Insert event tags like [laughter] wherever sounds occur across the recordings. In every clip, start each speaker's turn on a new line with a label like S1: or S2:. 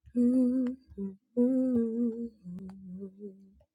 S1: Da-da-da-da-da-da.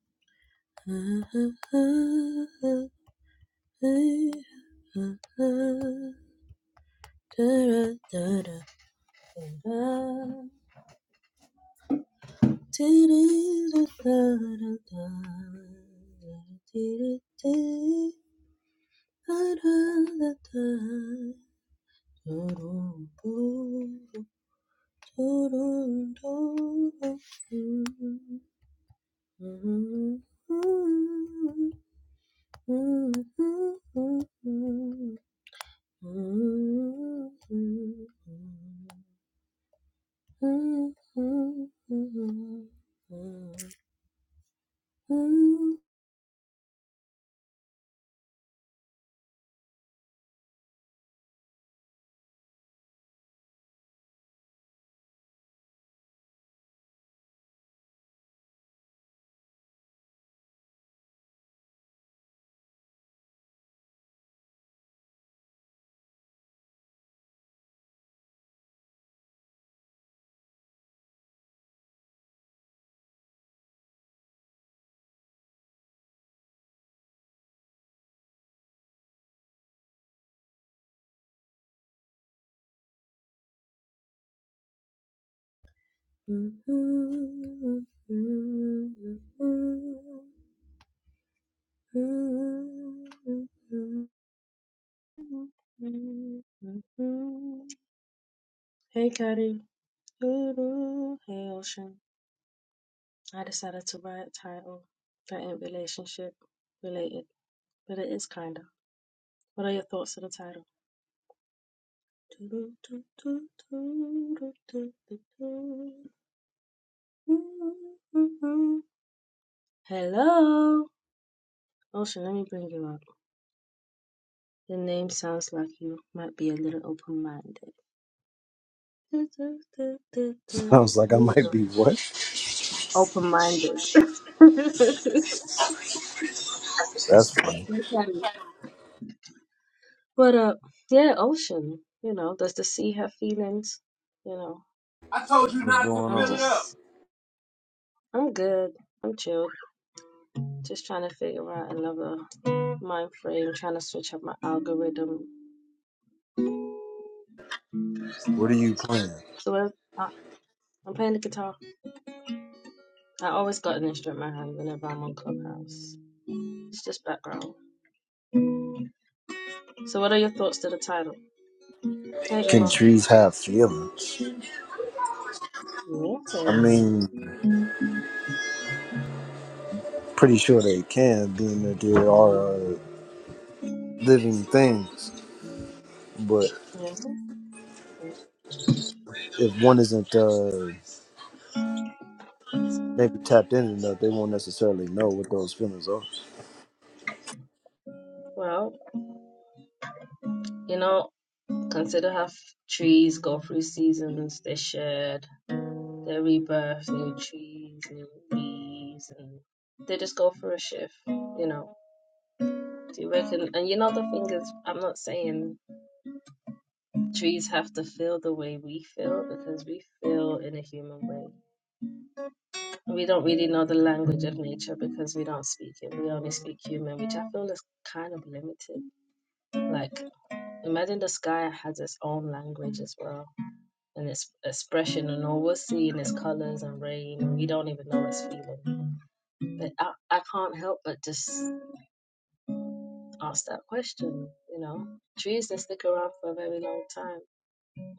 S1: Hey, Cuddy. Ooh, Hey Ocean. I decided to write a title that ain't relationship related, but it is kinda. What are your thoughts on the title? Hello, Ocean. Let me bring you up. The name sounds like you might be a little open-minded.
S2: [laughs] I was like, I might be what?
S1: Open-minded. [laughs]
S2: That's funny.
S1: But uh, yeah, ocean. You know, does the sea have feelings? You know,
S2: I told you What's not to going fill
S1: I'm
S2: it on? it up.
S1: just, I'm good. I'm chilled. Just trying to figure out another mind frame. Trying to switch up my algorithm.
S2: What are you playing?
S1: So I, I, I'm playing the guitar. I always got an instrument in my hand whenever I'm on Clubhouse. It's just background. So what are your thoughts to the title? Hey,
S2: Can
S1: Uma.
S2: trees have feelings? I
S1: Nothing.
S2: mean, pretty sure they can, being that they are uh, living things. But
S1: Yeah.
S2: if one isn't uh, maybe tapped in enough, they won't necessarily know what those feelings are.
S1: Well, you know, consider how f- trees go through seasons. They shed. They rebirth new trees, new bees, and they just go for a shift, you know. Do you reckon? And you know, the thing is, I'm not saying trees have to feel the way we feel because we feel in a human way. We don't really know the language of nature because we don't speak it. We only speak human, which I feel is kind of limited. Like, imagine the sky has its own language as well and its expression, and all we're seeing is colors and rain, and we don't even know it's feeling. But I, I can't help but just ask that question, you know. Trees that stick around for a very long time.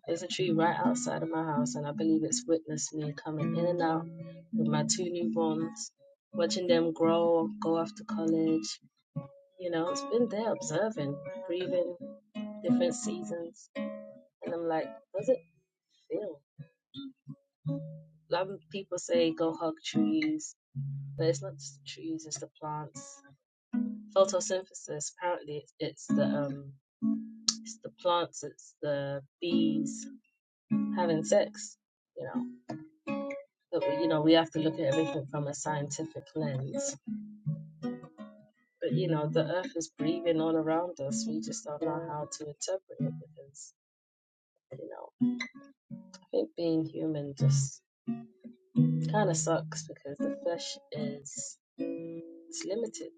S1: There's a tree right outside of my house, and I believe it's witnessed me coming in and out with my two newborns, watching them grow, go off to college. You know, it's been there observing, breathing different seasons. And I'm like, does it feel? A lot of people say go hug trees, but it's not just the trees, it's the plants. Photosynthesis, apparently, it's, it's the um, It's the plants, it's the bees having sex, you know. But, you know, we have to look at everything from a scientific lens. But, you know, the earth is breathing all around us. We just don't know how to interpret it because, you know, I think being human just kind of sucks because the flesh is it's limited,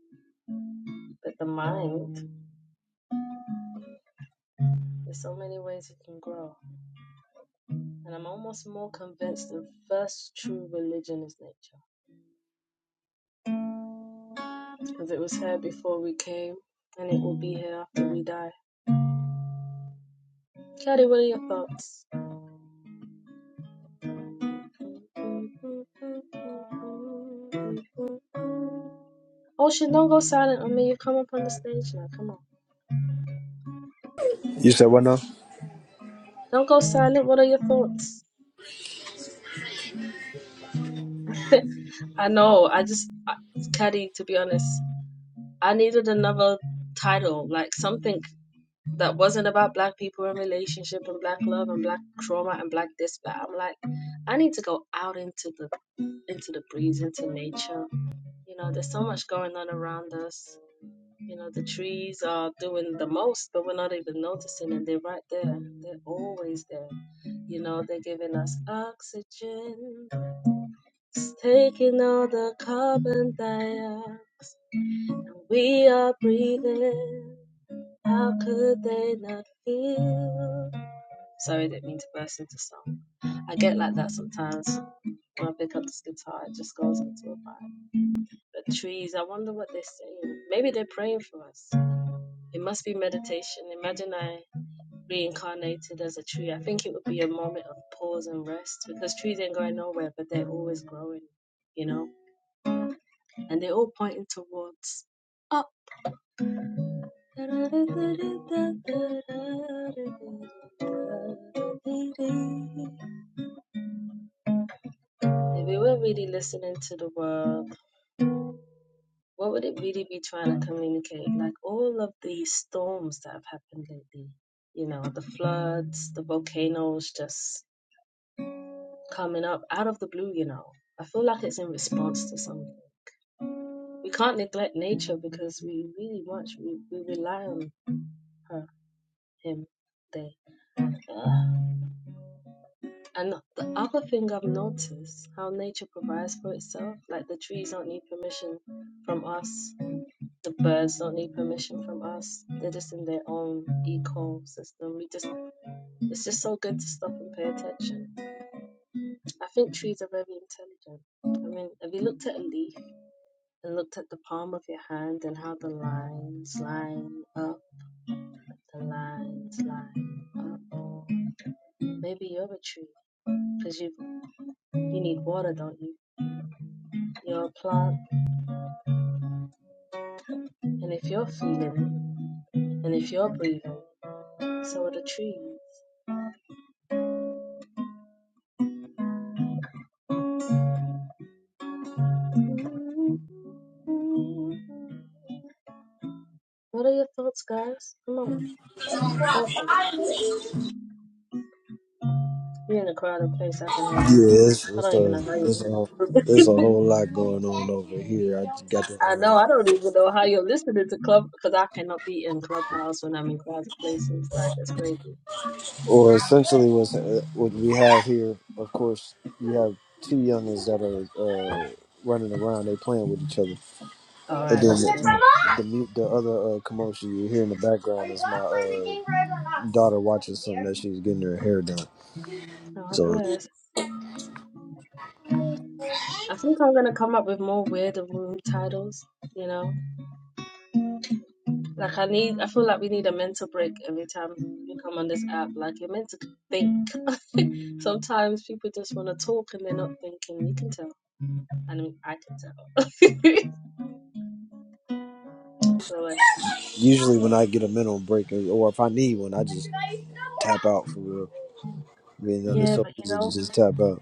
S1: but the mind, there's so many ways it can grow. And I'm almost more convinced the first true religion is nature. as it was here before we came, and it will be here after we die. Caddy, what are your thoughts? Ocean, don't go silent on me. You come up on the stage now. Come on.
S2: You said what now?
S1: Don't go silent. What are your thoughts? I know. I just, I, Caddy, to be honest, I needed another title, like something that wasn't about black people and relationship and black love and black trauma and black this, that. I'm like, I need to go out into the into the breeze, into nature, You know, there's so much going on around us. You know, the trees are doing the most, but we're not even noticing, and they're right there. They're always there. You know, they're giving us oxygen, it's taking all the carbon dioxide. and We are breathing. How could they not feel? Sorry, didn't mean to burst into song. I get like that sometimes when I pick up this guitar. It just goes into a vibe. the trees. I wonder what they're saying. Maybe they're praying for us. It must be meditation. Imagine I reincarnated as a tree. I think it would be a moment of pause and rest because trees ain't going nowhere, but they're always growing, you know? And they're all pointing towards up. If we were really listening to the world, what would it really be trying to communicate? Like all of the storms that have happened lately, you know, the floods, the volcanoes just coming up out of the blue, you know. I feel like it's in response to something. We can't neglect nature because we really much we, we rely on her, him, they. Ugh. And the other thing I've noticed how nature provides for itself, like the trees don't need permission from us The birds don't need permission from us. They're just in their own ecosystem. We just it's just so good to stop and pay attention. I think trees are very intelligent. I mean, have you looked at a leaf and looked at the palm of your hand and how the lines line up, the lines line up? Maybe you're a tree because you you need water, don't you? You're a plant, and if you're feeling and if you're breathing, so are the trees. What are your thoughts, guys? Come on, open. You're in a crowded place. I can hear that.
S2: Yeah, it's,
S1: I
S2: it's
S1: don't even
S2: a
S1: know how
S2: it's
S1: you.
S2: a
S1: [laughs]
S2: it's a whole lot going on over here. I just got
S1: I know.
S2: that.
S1: I don't even know how you're listening to club because I cannot be in clubhouse when I'm in crowded places. Like it's crazy.
S2: or essentially what's, uh, what we have here of course you have two youngins that are uh, running around they playing with each other
S1: All
S2: and then
S1: right, that's cool.
S2: the, the, mu- the other uh, commotion you hear in the background is my uh, daughter watching something that she's getting her hair done
S1: God
S2: so
S1: bless. I think I'm gonna come up with more weird and rude titles. You know, like I need. I feel like we need a mental break every time you come on this app. Like you're meant to think. [laughs] Sometimes people just want to talk and they're not thinking. You can tell. I mean, I can tell. [laughs] so it's
S2: usually when i get a mental break or or if i need one i just tap out for real you know it's
S1: yeah,
S2: so
S1: but you
S2: easy to
S1: know.
S2: just tap out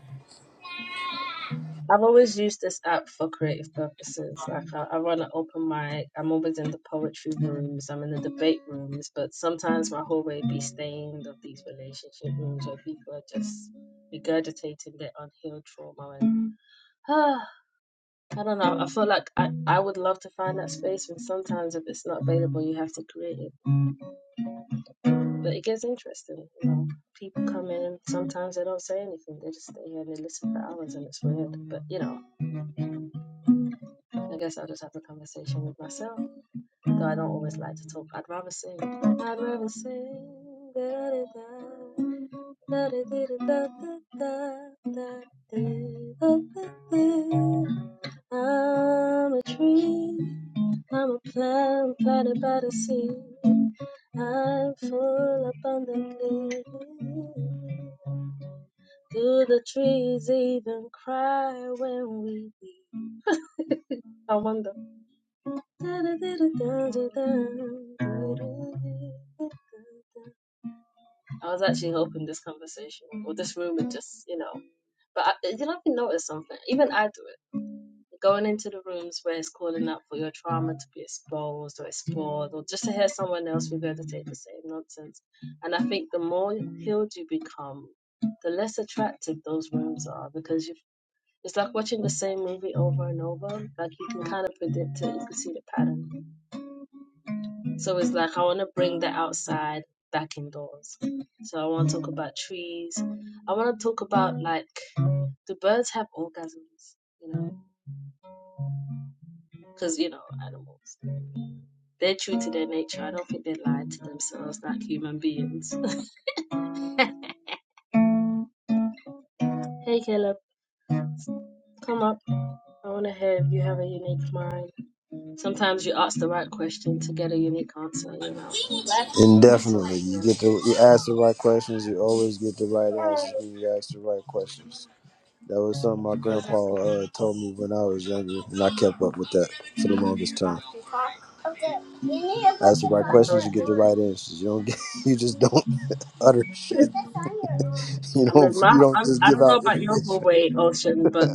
S1: I've always used this app for creative purposes. Like I, I run an open mic. I'm always in the poetry rooms. I'm in the debate rooms. But sometimes my hallway be stained of these relationship rooms where people are just regurgitating their unhealed trauma. And [sighs] ah, I don't know. I feel like I, I would love to find that space. And sometimes if it's not available, you have to create it. But it gets interesting. You know, people come in. Sometimes they don't say anything. They just stay here and they listen for hours, and it's weird. But you know, I guess I'll just have a conversation with myself. Though I don't always like to talk, I'd rather sing. I'd rather sing. I'm a tree. I'm a plant planted by the sea. I'm full abundantly. Do the trees even cry when we weep? I wonder. I was actually hoping this conversation or this room would just, you know. But I, you know, I've noticed something. Even I do it. Going into the rooms where it's calling out for your trauma to be exposed or explored, or just to hear someone else regurgitate the same nonsense. And I think the more healed you become, the less attractive those rooms are because you it's like watching the same movie over and over. Like you can kind of predict it, you can see the pattern so it's like I want to bring the outside back indoors. So I want to talk about trees. I want to talk about like do birds have orgasms? You know, because you know animals, they're true to their nature. I don't think they lie to themselves like human beings. [laughs] hey Caleb, come up. I want to hear if you have a unique mind. Sometimes you ask the right question to get a unique answer. You know, not so
S2: Indefinitely. You get
S1: obvious.
S2: the you ask the right questions, you always get the right answers when you ask the right questions. That was something my grandpa
S1: Exactly.
S2: uh, told me when I was younger, and I kept up with that for the longest time. Ask the right
S1: That's
S2: questions, you get
S1: totally
S2: the right answers. You don't get, [laughs] you just don't utter shit. [laughs] You
S1: I
S2: don't,
S1: mean, my,
S2: you don't
S1: I,
S2: just
S1: I
S2: give
S1: don't know
S2: out
S1: about your whole
S2: information.
S1: way, Ocean, but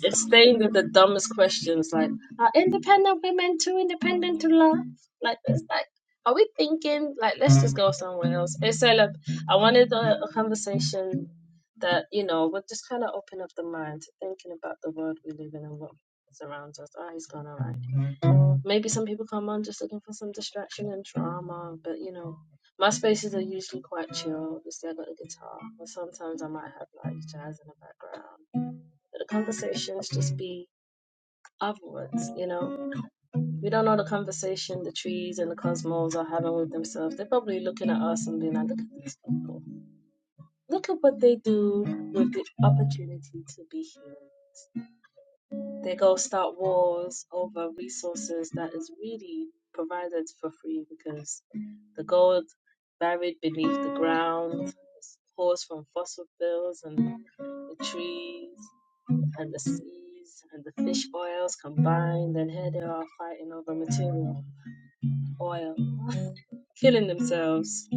S1: it's staying with the dumbest questions like, are independent women too independent to love? Like, it's like, are we thinking, like, let's just go somewhere else? It's like, look, I wanted a, a conversation that, you know, would just kind of open up the mind to thinking about the world we live in and what surrounds us. Oh, he's gone, all right. Maybe some people come on just looking for some distraction and drama, but you know, my spaces are usually quite chill. Just there, got a guitar, or sometimes I might have like jazz in the background. But the conversations just be afterwards, you know. We don't know the conversation the trees and the cosmos are having with themselves. They're probably looking at us and being like, look at these people. Look at what they do with the opportunity to be here. They go start wars over resources that is really provided for free because the gold buried beneath the ground is caused from fossil fuels and the trees and the seas and the fish oils combined. And here they are fighting over material, oil, [laughs] killing themselves.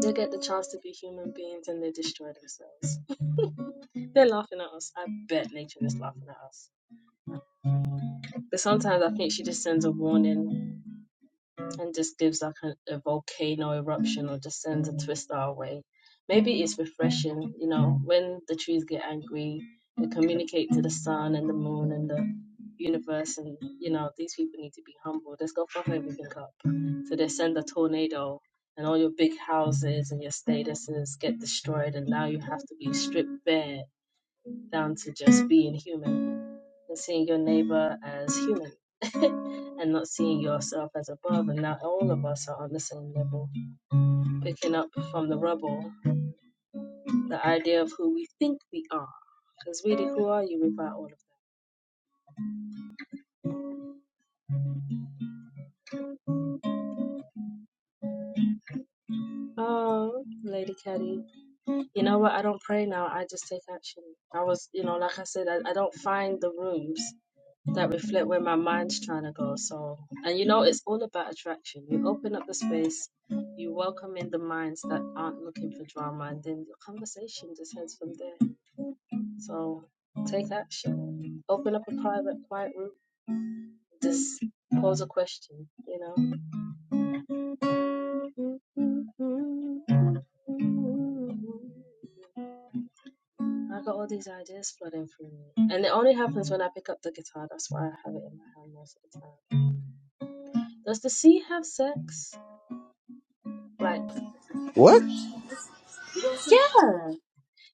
S1: They get the chance to be human beings and they destroy themselves. They're laughing at us. I bet nature is laughing at us. But sometimes I think she just sends a warning and just gives like a, a volcano eruption or just sends a twist our way. Maybe it's refreshing, you know, when the trees get angry, they communicate to the sun and the moon and the universe, and you know, these people need to be humble. Let's go fuck everything up. So they send a tornado, and all your big houses and your statuses get destroyed, and now you have to be stripped bare down to just being human and seeing your neighbor as human [laughs] and not seeing yourself as above. And now all of us are on the same level, picking up from the rubble the idea of who we think we are. Because really, who are you without all of that? Oh, Lady Caddy, you know what? I don't pray now. I just take action. I was, you know, like I said, I, I don't find the rooms. that reflect where my mind's trying to go. So, and you know, it's all about attraction. You open up the space, you welcome in the minds that aren't looking for drama, and then the conversation just heads from there. So, take action. Open up a private, quiet room. Just pose a question. You know. I got all these ideas flooding through me, and it only happens when I pick up the guitar. That's why I have it in my hand most of the time. Does the sea have sex? Like,
S2: What?
S1: yeah.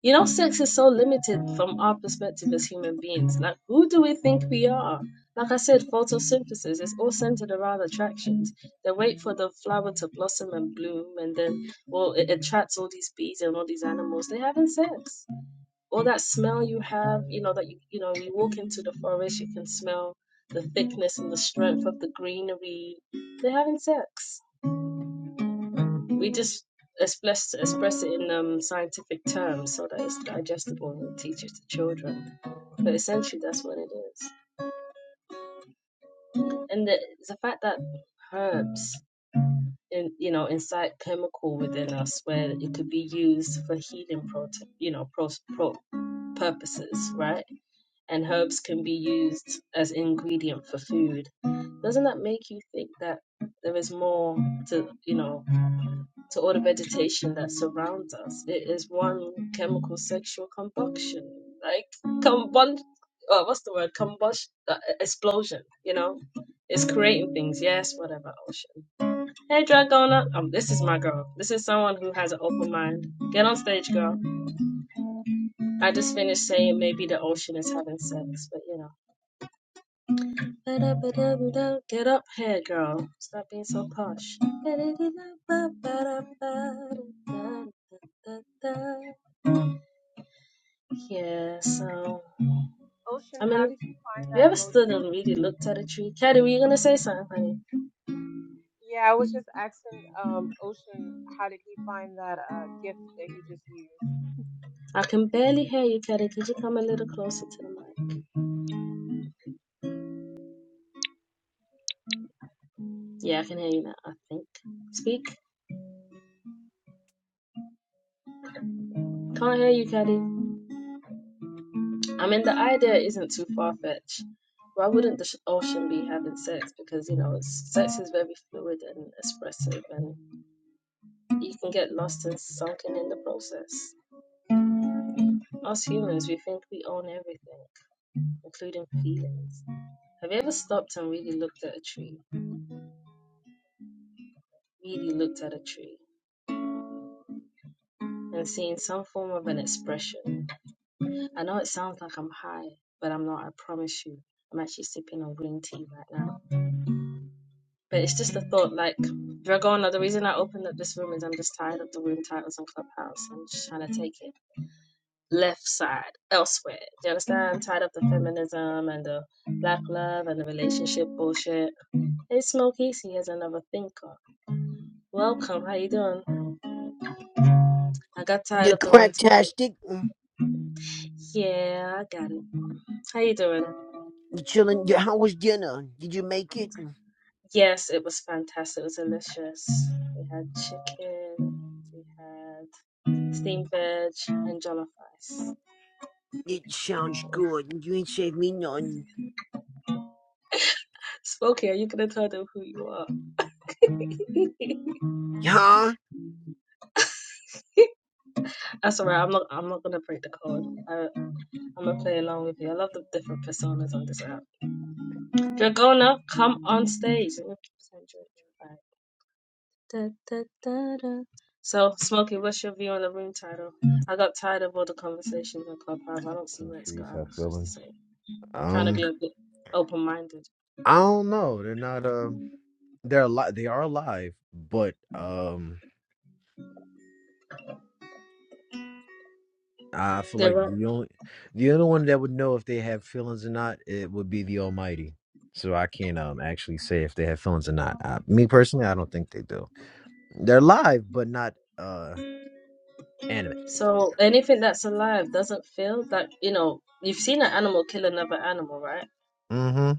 S1: You know, sex is so limited from our perspective as human beings. Like, who do we think we are? Like I said, photosynthesis is all centered around attractions. They wait for the flower to blossom and bloom, and then, well, it attracts all these bees and all these animals. They're having sex. All that smell you have, you know, that you, you know, you walk into the forest, you can smell the thickness and the strength of the greenery. They're having sex we just express express it in um, scientific terms so that it's digestible and teach it to children. But essentially, that's what it is. And the, the fact that herbs, in, you know, incite chemical within us where it could be used for healing, prote- you know, pro, pro, purposes, right? And herbs can be used as ingredient for food. Doesn't that make you think that there is more to, you know? to all the vegetation that surrounds us. It is one chemical sexual combustion, like combun, uh, what's the word? Combustion, uh, explosion. You know, it's creating things. Yes, whatever. Ocean. Hey, Dragona. Um, this is my girl. This is someone who has an open mind. Get on stage, girl. I just finished saying maybe the ocean is having sex, but you know. Ba-da-ba-da-ba-da. Get up here, girl. Stop being so posh. ba da da da ba ba da ba da da da Yeah, so
S3: Ocean,
S1: I
S3: how
S1: mean,
S3: did you find
S1: we
S3: that
S1: ever stood
S3: emoji?
S1: and really looked at a tree? Caddy, were you gonna say something, honey?
S3: Yeah, I was just asking um Ocean, how did he find that uh gift that he just used?
S1: I can barely hear you, Caddy. Could you come a little closer to the mic? Yeah, I can hear you now. I think. Speak. Can't hear you, Caddy. I mean, the idea isn't too far fetched. Why wouldn't the sh- ocean be having sex? Because you know, it's, sex is very fluid and expressive, and you can get lost and sunken in the process. Us humans, we think we own everything, including feelings. Have you ever stopped and really looked at a tree? Really looked at a tree and seen some form of an expression. I know it sounds like I'm high, but I'm not, I promise you. I'm actually sipping on green tea right now. But it's just the thought like, Dragona, the reason I opened up this room is I'm just tired of the room titles on Clubhouse. I'm just trying to take it left side, elsewhere. Do you understand? I'm tired of the feminism and the black love and the relationship bullshit. Hey, Smokey, he is another thinker. Welcome, how you doing? I got tired
S4: You're
S1: of the room title.
S4: craptastic. Mm.
S1: Yeah, I got it. How you doing?
S4: You chilling. Yeah, How was dinner? Did you make it? Mm.
S1: Yes, it was fantastic. It was delicious. We had chicken, we had steamed veg, and jollof rice.
S4: It sounds good. You ain't saved me none.
S1: Spooky, are you gonna tell them who you are?
S4: Huh?
S1: That's alright. I'm not. I'm not gonna break the code. I, I'm gonna play along with you. I love the different personas on this app. Dragona, come on stage. Let me send you an invite. Da, da, da, da. So, Smokey, what's your view on the room title? I got tired of all the conversations on Clubhouse. I don't see
S4: Some
S1: where it's
S4: trees
S1: going.
S4: have
S1: It's just the
S4: feelings.
S1: same. Trying to
S4: Um,
S1: be a bit open minded.
S4: I don't know. They're not. Uh, they're alive. They are alive, but um, I feel
S1: They're
S4: like the
S1: right.
S4: only the only one that would know if they have feelings or not it would be the Almighty. So I can't um actually say if they have feelings or not. I, me personally, I don't think they do. They're alive, but not uh animate.
S1: So, anything that's alive doesn't feel like, you know, you've seen an animal kill another animal, right?
S4: Mm-hmm.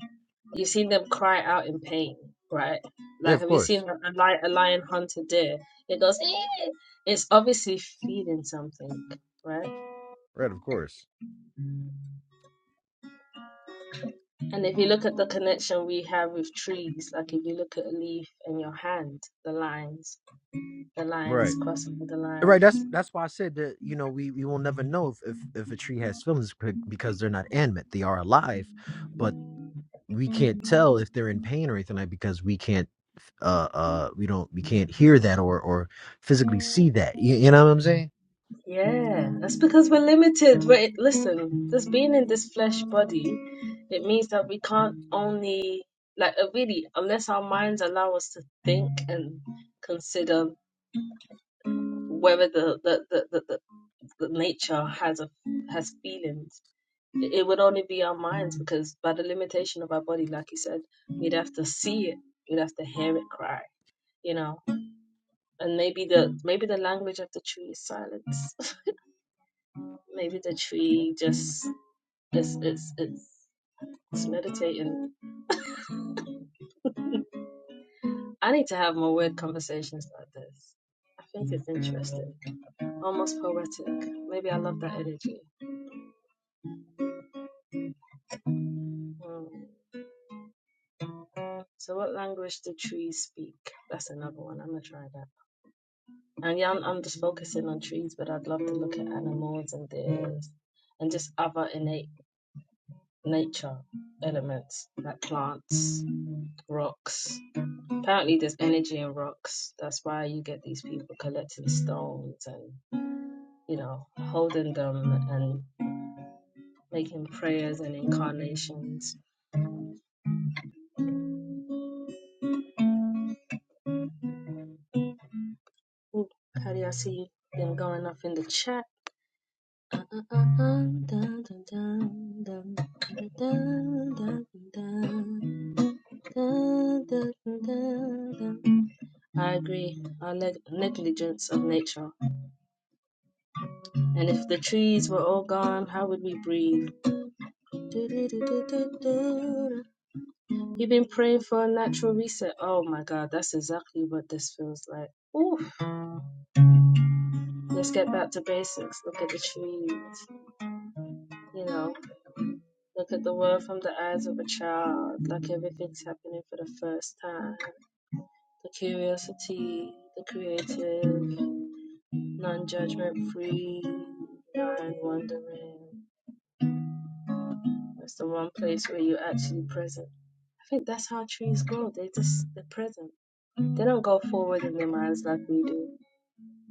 S1: You've seen them cry out in pain, right?
S4: Yeah,
S1: Like,
S4: of
S1: have you
S4: course.
S1: seen a, a lion, a lion hunt a deer? It goes, "Eh." it's obviously feeding something, right?
S4: Right, of course.
S1: And if you look at the connection we have with trees, like if you look at a leaf in your hand, the lines, the lines
S4: Right.
S1: crossing the
S4: Right,
S1: lines.
S4: that's that's why I said that, you know, we, we will never know if, if if a tree has feelings be- because they're not animate. They are alive, but we can't tell if they're in pain or anything like because we can't uh uh we don't we can't hear that or or physically see that. You, you know what I'm saying?
S1: Yeah, that's because we're limited. We're, listen, just being in this flesh body, it means that we can't only, like, uh, really, unless our minds allow us to think and consider whether the, the, the, the, the, the nature has a has feelings it would only be our minds because by the limitation of our body, like you said, we'd have to see it, we'd have to hear it cry, you know. And maybe the maybe the language of the tree is silence. [laughs] maybe the tree just it's it's it's it's meditating. I need to have more weird conversations like this. I think it's interesting, almost poetic. Maybe I love that energy. Mm. So, what language do trees speak? That's another one. I'm gonna try that. And yeah, I'm, I'm just focusing on trees, but I'd love to look at animals and the and just other innate nature elements like plants, rocks. Apparently, there's energy in rocks. That's why you get these people collecting stones and you know holding them and making prayers and incarnations. Ooh, how do I see them going up in the chat? Uh, uh, uh, uh, dun, dun, dun, dun, dun, dun, dun, dun, Dun, dun, dun, dun. I agree. Our neg- negligence of nature. And if the trees were all gone, how would we breathe? Do, do, do, do, do, do. You've been praying for a natural reset. Oh my god, that's exactly what this feels like. Oof. Let's get back to basics. Look at the trees. You know, look at the world from the eyes of a child. Like everything's happening for the first time. The curiosity, the creative. non judgment free, non wondering. That's the one place where you're actually present. I think that's how trees grow. They just they're present. They don't go forward in their minds like we do.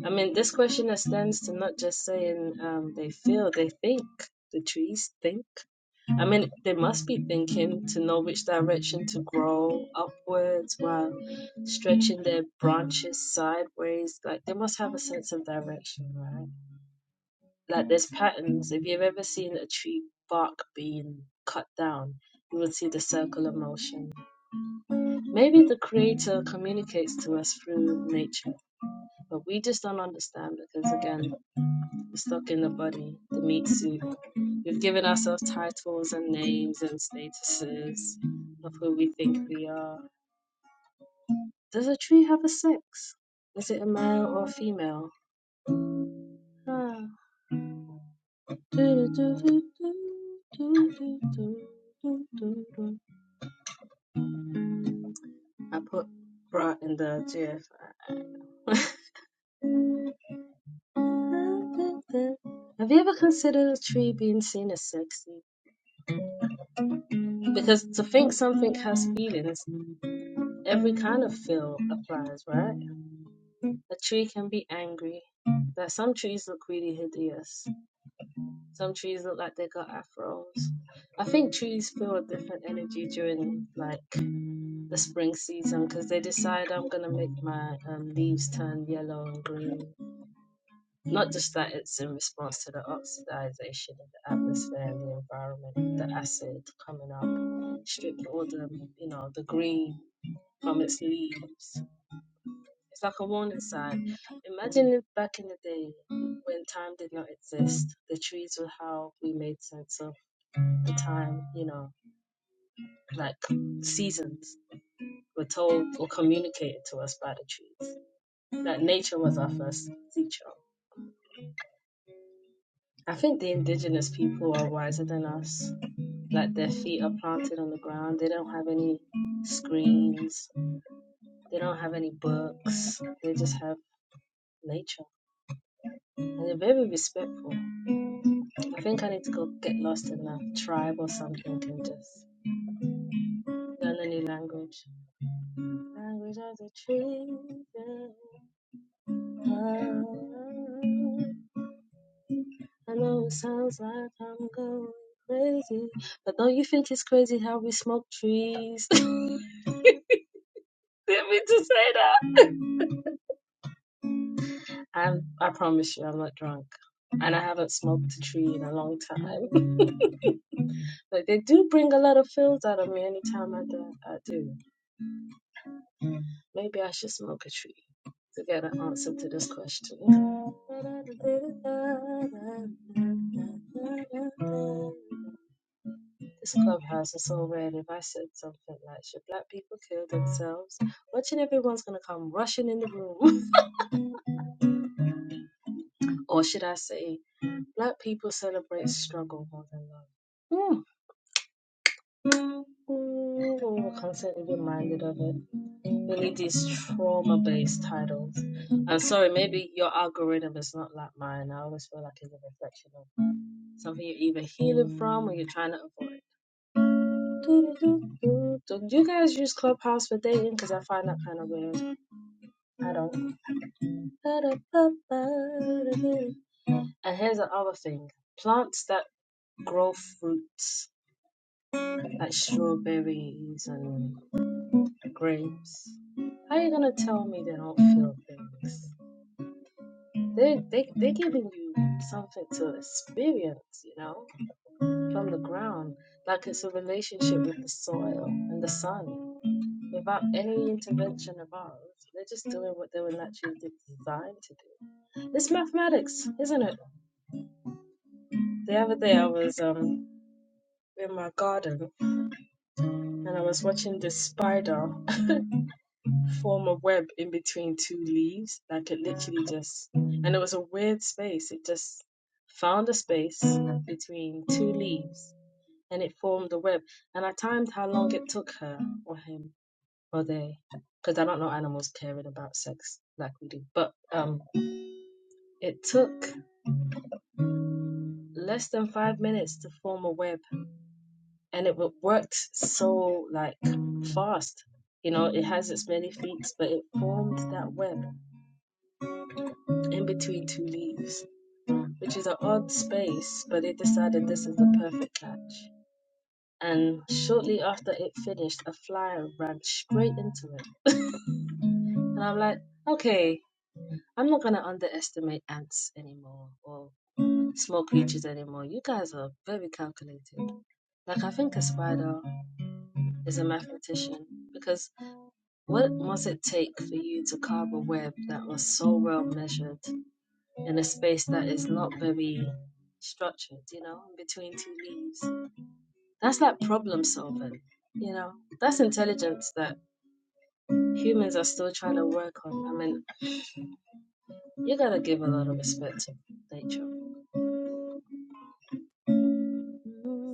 S1: I mean, this question extends to not just saying um, they feel, they think. The trees think. I mean, they must be thinking to know which direction to grow upwards while stretching their branches sideways. Like, they must have a sense of direction, right? Like there's patterns. If you've ever seen a tree bark being cut down, you will see the circle of motion. Maybe the creator communicates to us through nature, but we just don't understand because again, we're stuck in the body, the meat suit. We've given ourselves titles and names and statuses of who we think we are. Does a tree have a sex? Is it a male or a female? Ah. Do, do, do, do, do, do, do, do, do, do. I put bra in the GFI. [laughs] Have you ever considered a tree being seen as sexy? Because to think something has feelings, every kind of feel applies, right? A tree can be angry. That some trees look really hideous. Some trees look like they got afros. I think trees feel a different energy during like the spring season because they decide I'm gonna make my um, leaves turn yellow and green Not just that, it's in response to the oxidization of the atmosphere and the environment, the acid coming up, stripping all the, you know, the green from its leaves. It's like a warning sign. Imagine if back in the day when time did not exist, the trees were how we made sense of the time, you know, like seasons were told or communicated to us by the trees. That nature was our first teacher. I think the indigenous people are wiser than us like their feet are planted on the ground. They don't have any screens. They don't have any books. They just have nature. And they're very respectful. I think I need to go get lost in a tribe or something and just learn a new language. Language of the tree. I know it sounds like I'm going crazy, but don't you think it's crazy how we smoke trees? [laughs] Didn't mean to say that. I I promise you, I'm not drunk, and I haven't smoked a tree in a long time. [laughs] but they do bring a lot of feels out of me anytime I do. I do. Maybe I should smoke a tree to get an answer to this question. [laughs] This clubhouse is so red. If I said something like, "Should black people kill themselves?" Watching everyone's gonna come rushing in the room, [laughs] or should I say, "Black people celebrate struggle more than love." Hmm. Ooh, I'm constantly reminded of it. Really, these trauma based titles. I'm sorry, maybe your algorithm is not like mine. I always feel like it's a reflection of something you're either healing from or you're trying to avoid. Do-do-do-do-do. Do you guys use Clubhouse for dating? Because I find that kind of weird. I don't. And here's the other thing plants that grow fruits, like strawberries and. grapes. How are you gonna tell me they don't feel things? They they they giving you something to experience, you know, from the ground. Like it's a relationship with the soil and the sun. Without any intervention of ours, they're just doing what they were naturally designed to do. It's mathematics, isn't it? The other day I was um in my garden and I was watching this spider form a web in between two leaves. Like it literally just, and it was a weird space. It just found a space between two leaves and it formed a web. And I timed how long it took her or him or they, because I don't know animals caring about sex like we do. But um, it took less than five minutes to form a web and it wo- worked so like fast. You know, it has its many feats, but it formed that web in between two leaves which is an odd space, but they decided this is the perfect catch. And shortly after it finished, a fly ran straight into it. And I'm like, okay, I'm not gonna underestimate ants anymore or small creatures anymore. You guys are very calculated. Like I think a spider is a mathematician because what must it take for you to carve a web that was so well measured in a space that is not very structured, you know, in between two leaves? That's like problem solving. You know, that's intelligence that humans are still trying to work on. I mean, you gotta give a lot of respect to nature.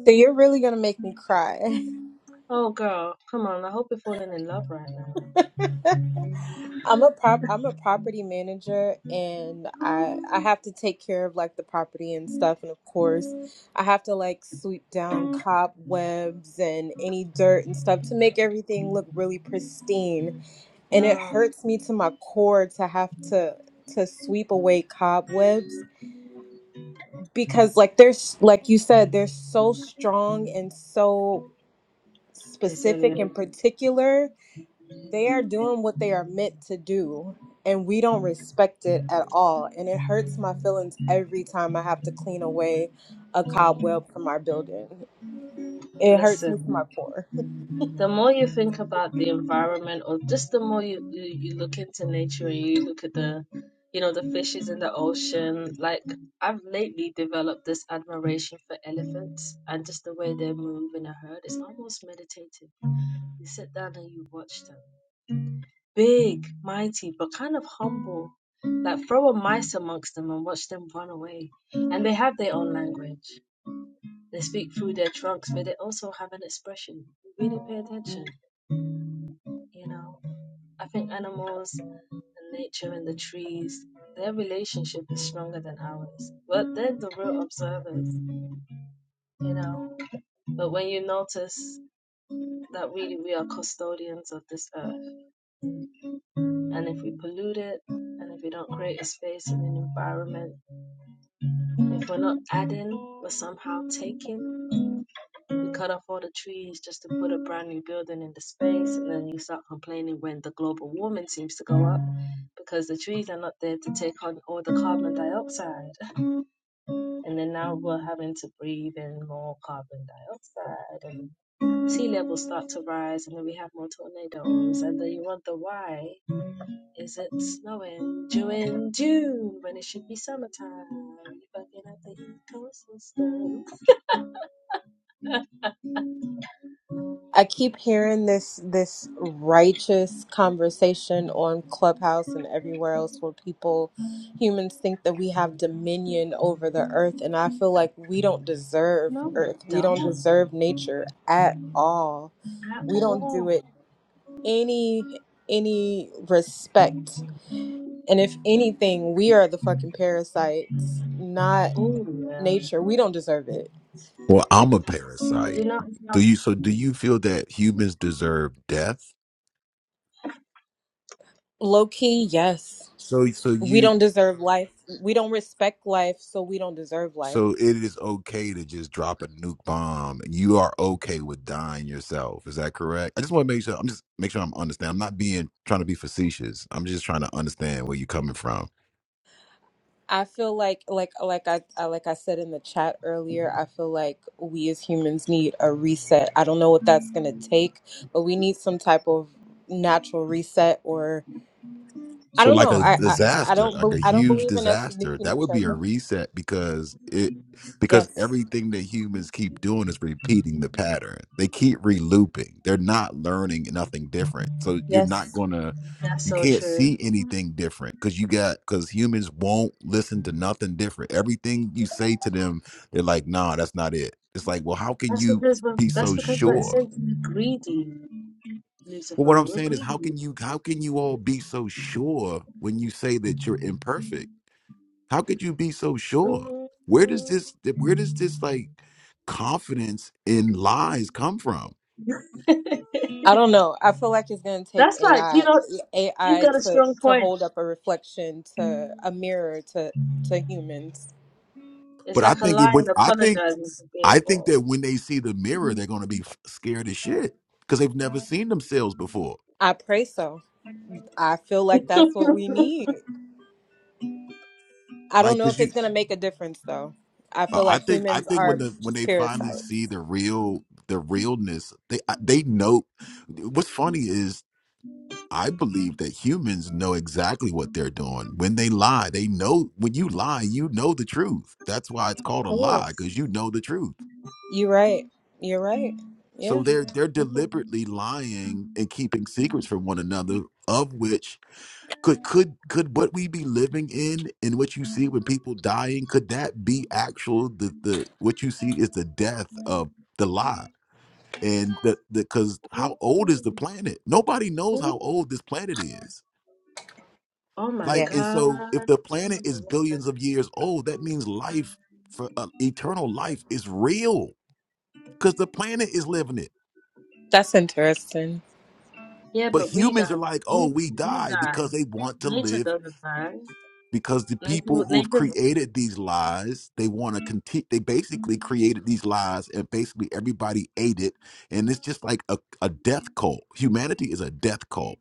S3: So you're really gonna make me cry.
S1: Oh, girl, come on. I hope you're falling in love right now.
S3: [laughs] I'm a prop I'm a property manager and I I
S1: Oh,
S3: have to take care of like the property and stuff and of course I have to like sweep down cobwebs and any dirt and stuff to make everything look really pristine and it
S1: God.
S3: hurts me to my core to have to to sweep away cobwebs because like there's like you said they're so strong and so specific and
S1: Listen,
S3: particular they are doing what they are meant to do and we don't respect it at all and it hurts my feelings every time i have to clean away a cobweb from our building it hurts me to
S1: listen.
S3: my core
S1: the more you think about the environment or just the more you, you, you look into nature and you look at the you know the fishes in the ocean like i've lately developed this admiration for elephants and just the way they move in a herd it's almost meditative you sit down and you watch them big mighty but kind of humble like throw a mice amongst them and watch them run away and they have their own language they speak through their trunks but they also have an expression really pay attention you know I think animals and nature and the trees, their relationship is stronger than ours. But they're the real observers, you know. But when you notice that really we are custodians of this earth, and if we pollute it, and if we don't create a space and an environment, if we're not adding but somehow taking, we cut off all the trees just to put a brand new building in the space, and then you start complaining when the global warming seems to go up because the trees are not there to take on all the carbon dioxide And then now we're having to breathe in more carbon dioxide and sea levels start to rise and then we have more tornadoes. And then you wonder why is it snowing during June when it should be summertime? You are fucking up the ecosystem.
S3: I keep hearing this this righteous conversation on Clubhouse and everywhere else where people humans think that we have dominion over the earth and I feel like we don't deserve
S1: No, you
S3: earth. We don't
S1: don't
S3: deserve nature at all.
S1: at
S3: We don't do
S1: all.
S3: it any any respect. And if anything, we are the fucking parasites, not
S1: Oh yeah.
S3: nature. We don't deserve it.
S5: Well, I'm a
S1: Did you
S5: parasite.
S1: not know
S5: Do you so do you feel that humans deserve death?
S3: Low key, yes.
S5: So so
S3: we
S5: you
S3: don't deserve life we don't respect life so we don't deserve life
S5: so it is okay to just drop a nuke bomb and you are okay with dying yourself. Is that correct? I just want to make sure I'm just make sure I'm understanding. I'm not being trying to be facetious. I'm just trying to understand where you're coming from.
S3: i feel like like like I, I like i said in the chat earlier i feel like we as humans need a reset i don't know what that's going to take but we need some type of natural reset or i
S5: So
S3: don't
S5: like
S3: know
S5: a
S3: i i, I
S5: disaster,
S3: don't be,
S5: like a
S3: i don't
S5: huge
S3: believe in us
S5: disaster,
S3: nuking
S5: that
S3: each
S5: would
S3: other
S5: be a reset because it because
S3: yes
S5: everything that humans keep doing is repeating the pattern. They keep relooping. They're not learning nothing different. So you're not
S3: yes
S5: gonna
S1: that's
S5: you
S1: so
S5: can't
S1: true?
S5: see anything different because you got because humans won't listen to nothing different. Everything you say to them, they're like, nah, that's not it. It's like, well, how can
S1: That's
S5: you
S1: because we're
S5: be
S1: that's
S5: so
S1: because we're
S5: sure?
S1: essentially greedy,
S5: Well, what
S1: Lucifer.
S5: I'm
S1: We're
S5: saying is, how
S1: greedy.
S5: can you how can you all be so sure when you say that you're imperfect? How could you be so sure? Where does
S1: Mhm.
S5: this where does this like confidence in lies come from?
S1: [laughs]
S3: i don't know i feel like it's going to take
S1: That's like you
S3: ai
S1: know He's
S3: ai
S1: got a
S3: to
S1: strong
S3: to
S1: point.
S3: hold up a reflection to a mirror to to humans
S1: It's
S5: But I
S1: like a
S5: think it
S1: lion
S5: would I think
S1: apologizing for
S5: I
S1: being
S5: think
S1: wrong.
S5: that when they see the mirror, they're gonna be f- scared as shit. Cause they've never seen themselves before.
S3: i pray so I feel like that's what we need. I don't
S5: Like
S3: know if
S5: cause
S3: it's
S5: you
S3: going to make a difference, though. I
S5: uh,
S3: feel
S5: I
S3: like
S5: think I
S3: humans
S5: think when
S3: are
S5: the when
S3: just
S5: they finally see
S3: parasites.
S5: the real the realness, they I- they know what's funny is I believe that humans know exactly what they're doing. When they lie, they know when you lie, you know the truth. That's why it's
S1: Of
S5: called a lie
S1: course.
S5: because you know the truth.
S3: You're right. You're right.
S5: So
S3: Yeah.
S5: they're they're
S1: Ooh,
S5: deliberately lying and keeping secrets from one another of which could could could what we be living in and what you see when people dying could that be actual the the what you see is the death of the lie and the because
S1: ooh,
S5: how old is the planet nobody knows how old this planet is
S1: Oh my
S5: Like,
S3: Yeah.
S5: and so if
S1: God.
S5: the planet
S1: Into the
S5: is
S1: water.
S5: billions of years old, that means life for uh, eternal life is real because the planet is living it.
S3: That's interesting.
S1: Yeah,
S5: But
S1: but we
S5: humans are
S1: die.
S5: like,
S1: We,
S5: oh, we
S1: we
S5: die
S1: die.
S5: because they want to
S1: Nature
S5: live
S1: doesn't die.
S5: because the people
S1: Nature,
S5: who have
S1: nature.
S5: created these lies, they want to continue. They basically created these lies and basically everybody ate it. And it's just like a, a death cult. Humanity is a death cult.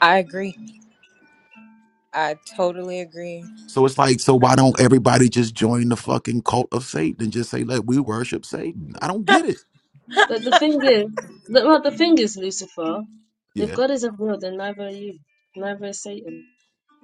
S3: I agree. I totally agree.
S5: So it's like, so why don't everybody just join the fucking cult of Satan and just say, like, we worship Satan? I don't get it.
S1: But the thing is, the, well, the thing is, Lucifer, if
S5: Yeah.
S1: God isn't real, then neither are you. Neither is Satan.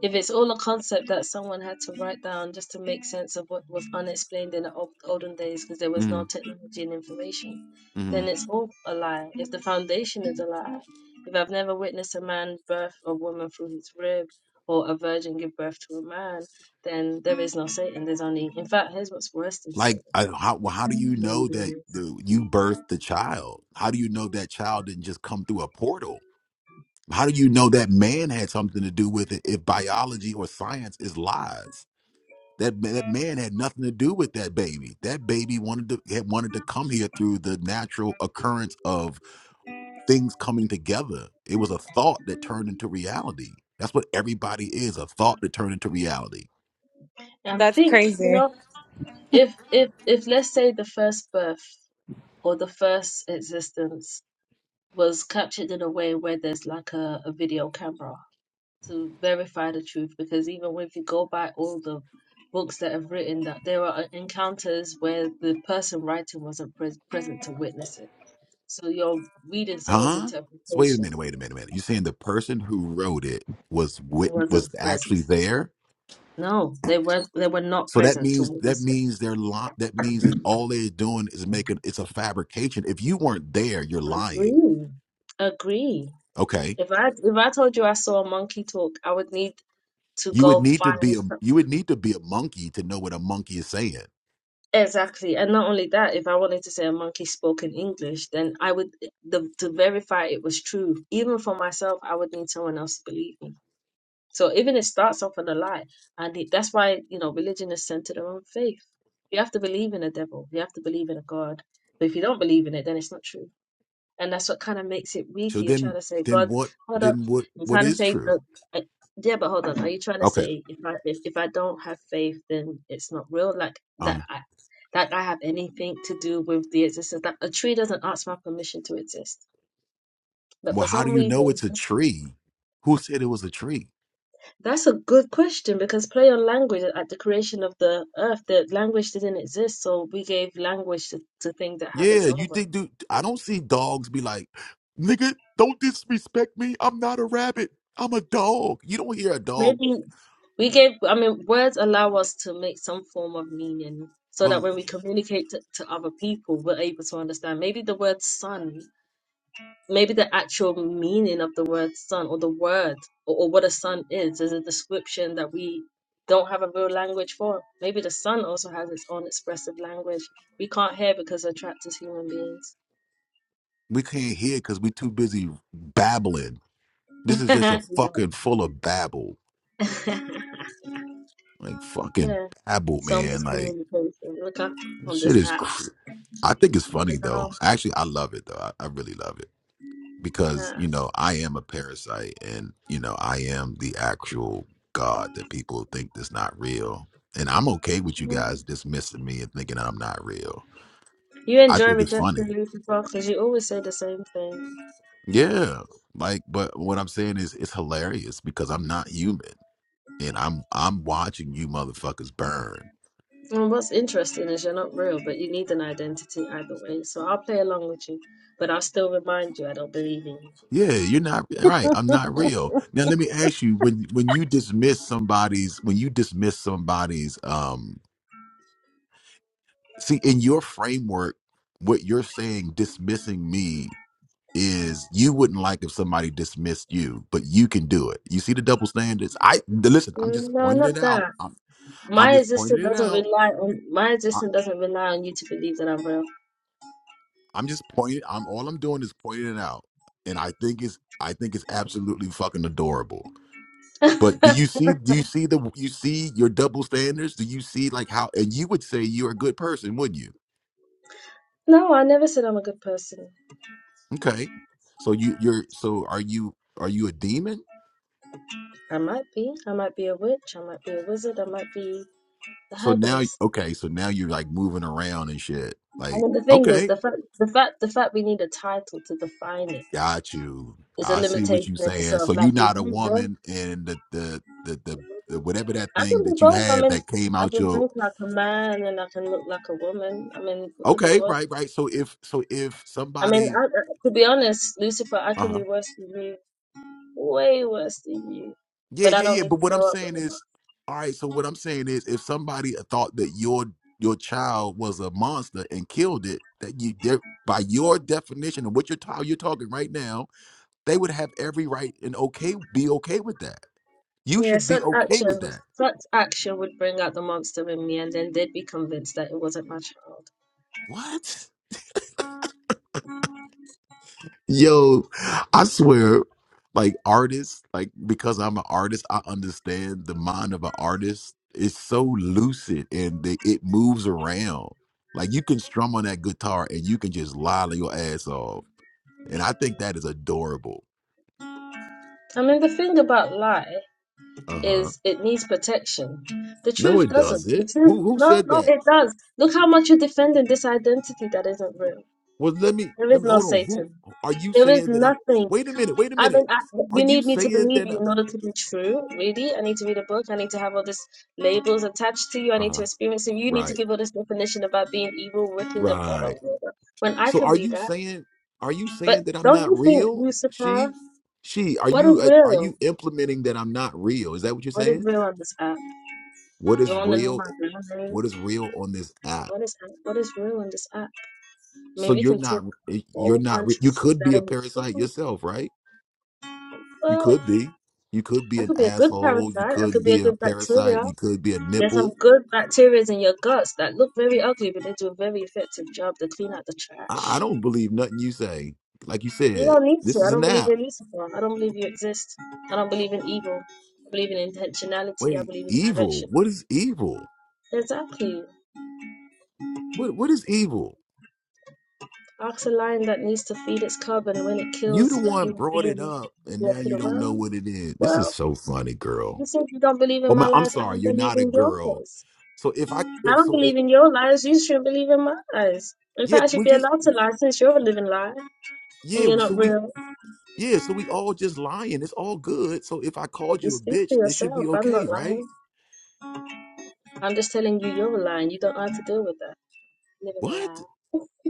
S1: If it's all a concept that someone had to write down just to make sense of what was unexplained in the old, olden days because there was
S5: hmm
S1: no technology and information,
S5: hmm
S1: then it's all a lie. If the foundation is a lie, if I've never witnessed a man birth a woman through his rib or a virgin give birth to a man, then there is no Satan. There's only, in fact, here's what's worse than Satan
S5: Like, I, how well, how do you
S1: human
S5: know that
S1: beings.
S5: the, you birthed the child? How do you know that child didn't just come through a portal? How do you know that man had something to do with it? If biology or science is lies, that ma- that man had nothing to do with that baby. That baby wanted to had wanted to come here through the natural occurrence of things coming together. It was a thought that turned into reality. That's what everybody is—a thought that turned into reality.
S1: And
S3: That's
S1: think, you
S3: crazy.
S1: know, if if if let's say the first birth or the first existence was captured in a way where there's like a, a video camera to verify the truth because even if you go by all the books that have written that there are encounters where the person writing wasn't pres present to witness it so you're reading someone's
S5: Huh? So wait a
S1: interpretation
S5: minute, wait a minute, minute. You're saying the person who wrote it was
S1: who
S5: wit- was
S1: wasn't present
S5: actually there?
S1: no they were they were not
S5: So that
S1: present to
S5: means that
S1: witness it
S5: means they're li- that means that all they're doing is making it's a fabrication. If you weren't there, you're lying.
S1: agree agree
S5: Okay.
S1: if i if i told you i saw a monkey talk i would need to
S5: You would
S1: go
S5: need to
S1: find
S5: be a you would need to be a monkey to know what a monkey is saying.
S1: Exactly. And not only that, if I wanted to say a monkey spoke in English, then I would the, to verify it was true. Even for myself, I would need someone else to believe me. So even it starts off with a lie, and it, that's why you know religion is centered around faith. You have to believe in a devil. You have to believe in a god. But if you don't believe in it, then it's not true. And that's what kind of makes it weak.
S5: So
S1: You're trying
S5: then
S1: to say,
S5: then
S1: God,
S5: what
S1: hold up.
S5: then what
S1: You're
S5: what
S1: trying to
S5: is
S1: say,
S5: true?
S1: look, I- yeah, but hold on. Are you trying to
S5: Okay.
S1: say if I if, if I don't have faith, then it's not real? Like that,
S5: Um
S1: I, like I have anything to do with the existence? That a tree doesn't ask my permission to exist. But
S5: well
S1: for
S5: how
S1: some
S5: do you know
S1: reason,
S5: it's a
S1: that's
S5: tree? Who said it was a tree?
S1: that's a good question because play on language at the creation of the earth, the language didn't exist, so we gave language to, to things that have its
S5: Yeah, you
S1: own way.
S5: think, dude? I don't see dogs be like, nigga, don't disrespect me. I'm not a rabbit. I'm a dog. You don't hear a dog.
S1: Maybe we gave, I mean, words allow us to make some form of meaning so that
S5: Well,
S1: when we communicate to, to other people, we're able to understand. Maybe the word "sun," maybe the actual meaning of the word "sun" or the word or, or what a sun is, is a description that we don't have a real language for. Maybe the sun also has its own expressive language we can't hear because we're trapped as human beings.
S5: we can't hear because we too busy babbling. This
S1: [laughs]
S5: is just a
S1: yeah.
S5: fucking full of babble.
S1: [laughs]
S5: Like fucking
S1: yeah.
S5: babble,
S1: So much
S5: man. Like
S1: communication. Look up
S5: this
S1: on
S5: shit
S1: this
S5: is.
S1: app.
S5: Cr- I think it's
S1: You
S5: funny though.
S1: know.
S5: Actually, I love it though. I, I really love it. because you know I am a parasite, and you know I am the actual God that people think is not real, and I'm okay with you
S1: Mm.
S5: guys dismissing me and thinking I'm not real.
S1: You
S5: I
S1: enjoy
S5: think it's
S1: rejection,
S5: funny,
S1: Lucifer, because you always say the same thing.
S5: yeah. Like, but what I'm saying is it's hilarious because I'm not human, and I'm I'm watching you motherfuckers burn.
S1: And what's interesting is you're not real, but you need an identity either way. So I'll play along with you, but I'll still remind you I don't believe in you.
S5: Yeah, you're not right. I'm not real. Now let me ask you when when you dismiss somebody's when you dismiss somebody's um. see in your framework what you're saying dismissing me is you wouldn't like if somebody dismissed you but you can do it you see the double standards i the- listen i'm
S1: Mm,
S5: just
S1: No,
S5: pointing
S1: not
S5: it out
S1: that.
S5: i'm i'm
S1: My
S5: just
S1: existence
S5: pointing it
S1: doesn't
S5: out
S1: rely on my
S5: I,
S1: existence doesn't rely on you to believe that I'm real.
S5: i'm just pointing i'm all i'm doing is pointing it out and i think it's i think it's absolutely fucking adorable but do you see do you see the you see your double standards do you see like how and you would say you're a good person wouldn't you
S1: No, I never said I'm a good person.
S5: okay so you you're so are you are you a demon
S1: I might be. I might be a witch. I might be a wizard. I might be a
S5: So now,
S1: herbalist.
S5: okay, so now you're like moving around and shit.
S1: I
S5: Like,
S1: mean, the thing is,
S5: okay,
S1: the fact, the fact, the fact we need a title to define it
S5: got you.
S1: It's a
S5: I see what
S1: limitation
S5: you
S1: in
S5: saying.
S1: itself.
S5: So
S1: Like
S5: you're
S1: if
S5: not a
S1: you drink,
S5: woman, and the the the the, the whatever that
S1: I
S5: thing
S1: can be
S5: that you
S1: both. I
S5: have
S1: mean,
S5: that came
S1: I
S5: out
S1: can
S5: your
S1: drink like a man and I can look like a woman. I mean, look at the
S5: okay,
S1: world.
S5: right, right. So if so if
S1: I mean,
S5: somebody,
S1: I, I- to be honest, Lucifer, I
S5: uh
S1: can
S5: huh,
S1: be worse than you, way worse than you.
S5: yeah,
S1: But I
S5: yeah,
S1: don't
S5: yeah.
S1: need
S5: But
S1: to
S5: what I'm
S1: show up
S5: saying
S1: with a mask.
S5: is, all right. So what I'm saying is, if somebody thought that your your child was a monster and killed it, that you there by your definition of what you're ta- you're talking right now They would have every right and okay be okay with that. You
S1: Yeah,
S5: should be
S1: such
S5: okay
S1: action,
S5: with that.
S1: such action would bring out the monster in me, and then they'd be convinced that it wasn't my child.
S5: What? Yo, I swear, like artists, like because I'm an artist, I understand the mind of an artist is so lucid and they, it moves around. Like you can strum on that guitar and you can just lolly your ass off. And I think that is adorable.
S1: I mean, the thing about life.
S5: Uh-huh.
S1: is it needs protection. The
S5: No,
S1: truth
S5: it
S1: doesn't. The
S5: doesn't.
S1: truth,
S5: Who who
S1: no,
S5: said
S1: no,
S5: that?
S1: it does. Look how much you're defending this identity that isn't real.
S5: Well, let me
S1: There is
S5: let me
S1: no
S5: hold on. Who
S1: Satan.
S5: are you
S1: There is
S5: saying that I'm?
S1: nothing.
S5: Wait a minute. Wait a
S1: I
S5: minute.
S1: mean, I,
S5: Are
S1: you
S5: you
S1: need me to
S5: saying
S1: believe
S5: that?
S1: you in order to be true. Really, I need to read a book. I need to have all these labels attached to you. I
S5: Uh
S1: need to
S5: huh.
S1: experience you. You need to
S5: Right.
S1: give all this definition about being evil, wicked, and blah blah
S5: Right.
S1: blah. blah. When I
S5: So
S1: can
S5: are
S1: be
S5: you
S1: that,
S5: saying are you
S1: but
S5: saying that I'm
S1: don't
S5: not
S1: you think,
S5: real?
S1: Lucifer?
S5: She, she. Are
S1: What is
S5: you uh, are you
S1: real?
S5: implementing that I'm not real? Is that what you're
S1: What is
S5: saying?
S1: real on this app?
S5: What
S1: you
S5: is
S1: want to know
S5: real?
S1: my real name?
S5: What is real on this app?
S1: What is what is real in this app? I
S5: So
S1: mean, we
S5: you're
S1: can
S5: not
S1: talk
S5: eh,
S1: a
S5: you're
S1: whole
S5: not
S1: bunch
S5: re-
S1: of
S5: you
S1: shit
S5: could
S1: that
S5: be a
S1: ain't
S5: parasite
S1: cool.
S5: yourself, right? You
S1: Well,
S5: could be. You could be
S1: I
S5: an
S1: could be a good
S5: asshole. You
S1: parasite. I could
S5: could
S1: be a
S5: be a
S1: good
S5: parasite.
S1: bacteria.
S5: You could be a
S1: There's some
S5: nipple.
S1: good bacteria in your guts that look very ugly, but they do a very effective job to clean out the trash.
S5: I, I don't believe nothing you say. Like you
S1: You
S5: said,
S1: don't need to.
S5: this
S1: I
S5: is an
S1: don't believe
S5: app.
S1: in Lucifer. I don't believe you exist. I don't believe in evil. I believe in intentionality. I
S5: Wait,
S1: believe in
S5: evil.
S1: direction.
S5: What is evil?
S1: Exactly.
S5: What what is evil?
S1: Ask a lion that needs to feed its cub, and when it
S5: You
S1: kills
S5: the
S1: a
S5: one
S1: human
S5: brought it
S1: being,
S5: up and
S1: you walk
S5: now
S1: it
S5: you don't know
S1: around.
S5: what it is. This is
S1: Well,
S5: so funny,
S1: You
S5: girl.
S1: said you don't believe in
S5: Oh
S1: my
S5: my I'm
S1: lies. I
S5: sorry,
S1: don't
S5: you're
S1: believe
S5: not a
S1: in
S5: girl.
S1: yours.
S5: So if I
S1: I
S5: if
S1: don't
S5: so if,
S1: believe in your lies. You shouldn't believe in my lies. In
S5: yeah,
S1: fact, I should
S5: we
S1: be
S5: just
S1: allowed to lie since you're a living lie and
S5: yeah,
S1: you're
S5: so
S1: not
S5: we
S1: real.
S5: yeah, so we all just lying. It's all good. So if I called
S1: You
S5: you a
S1: speak
S5: bitch,
S1: for
S5: this should
S1: yourself.
S5: be
S1: I'm not
S5: okay, right?
S1: lying. I'm just telling you you're lying. you don't know how to deal with that. Living a
S5: What?
S1: lie.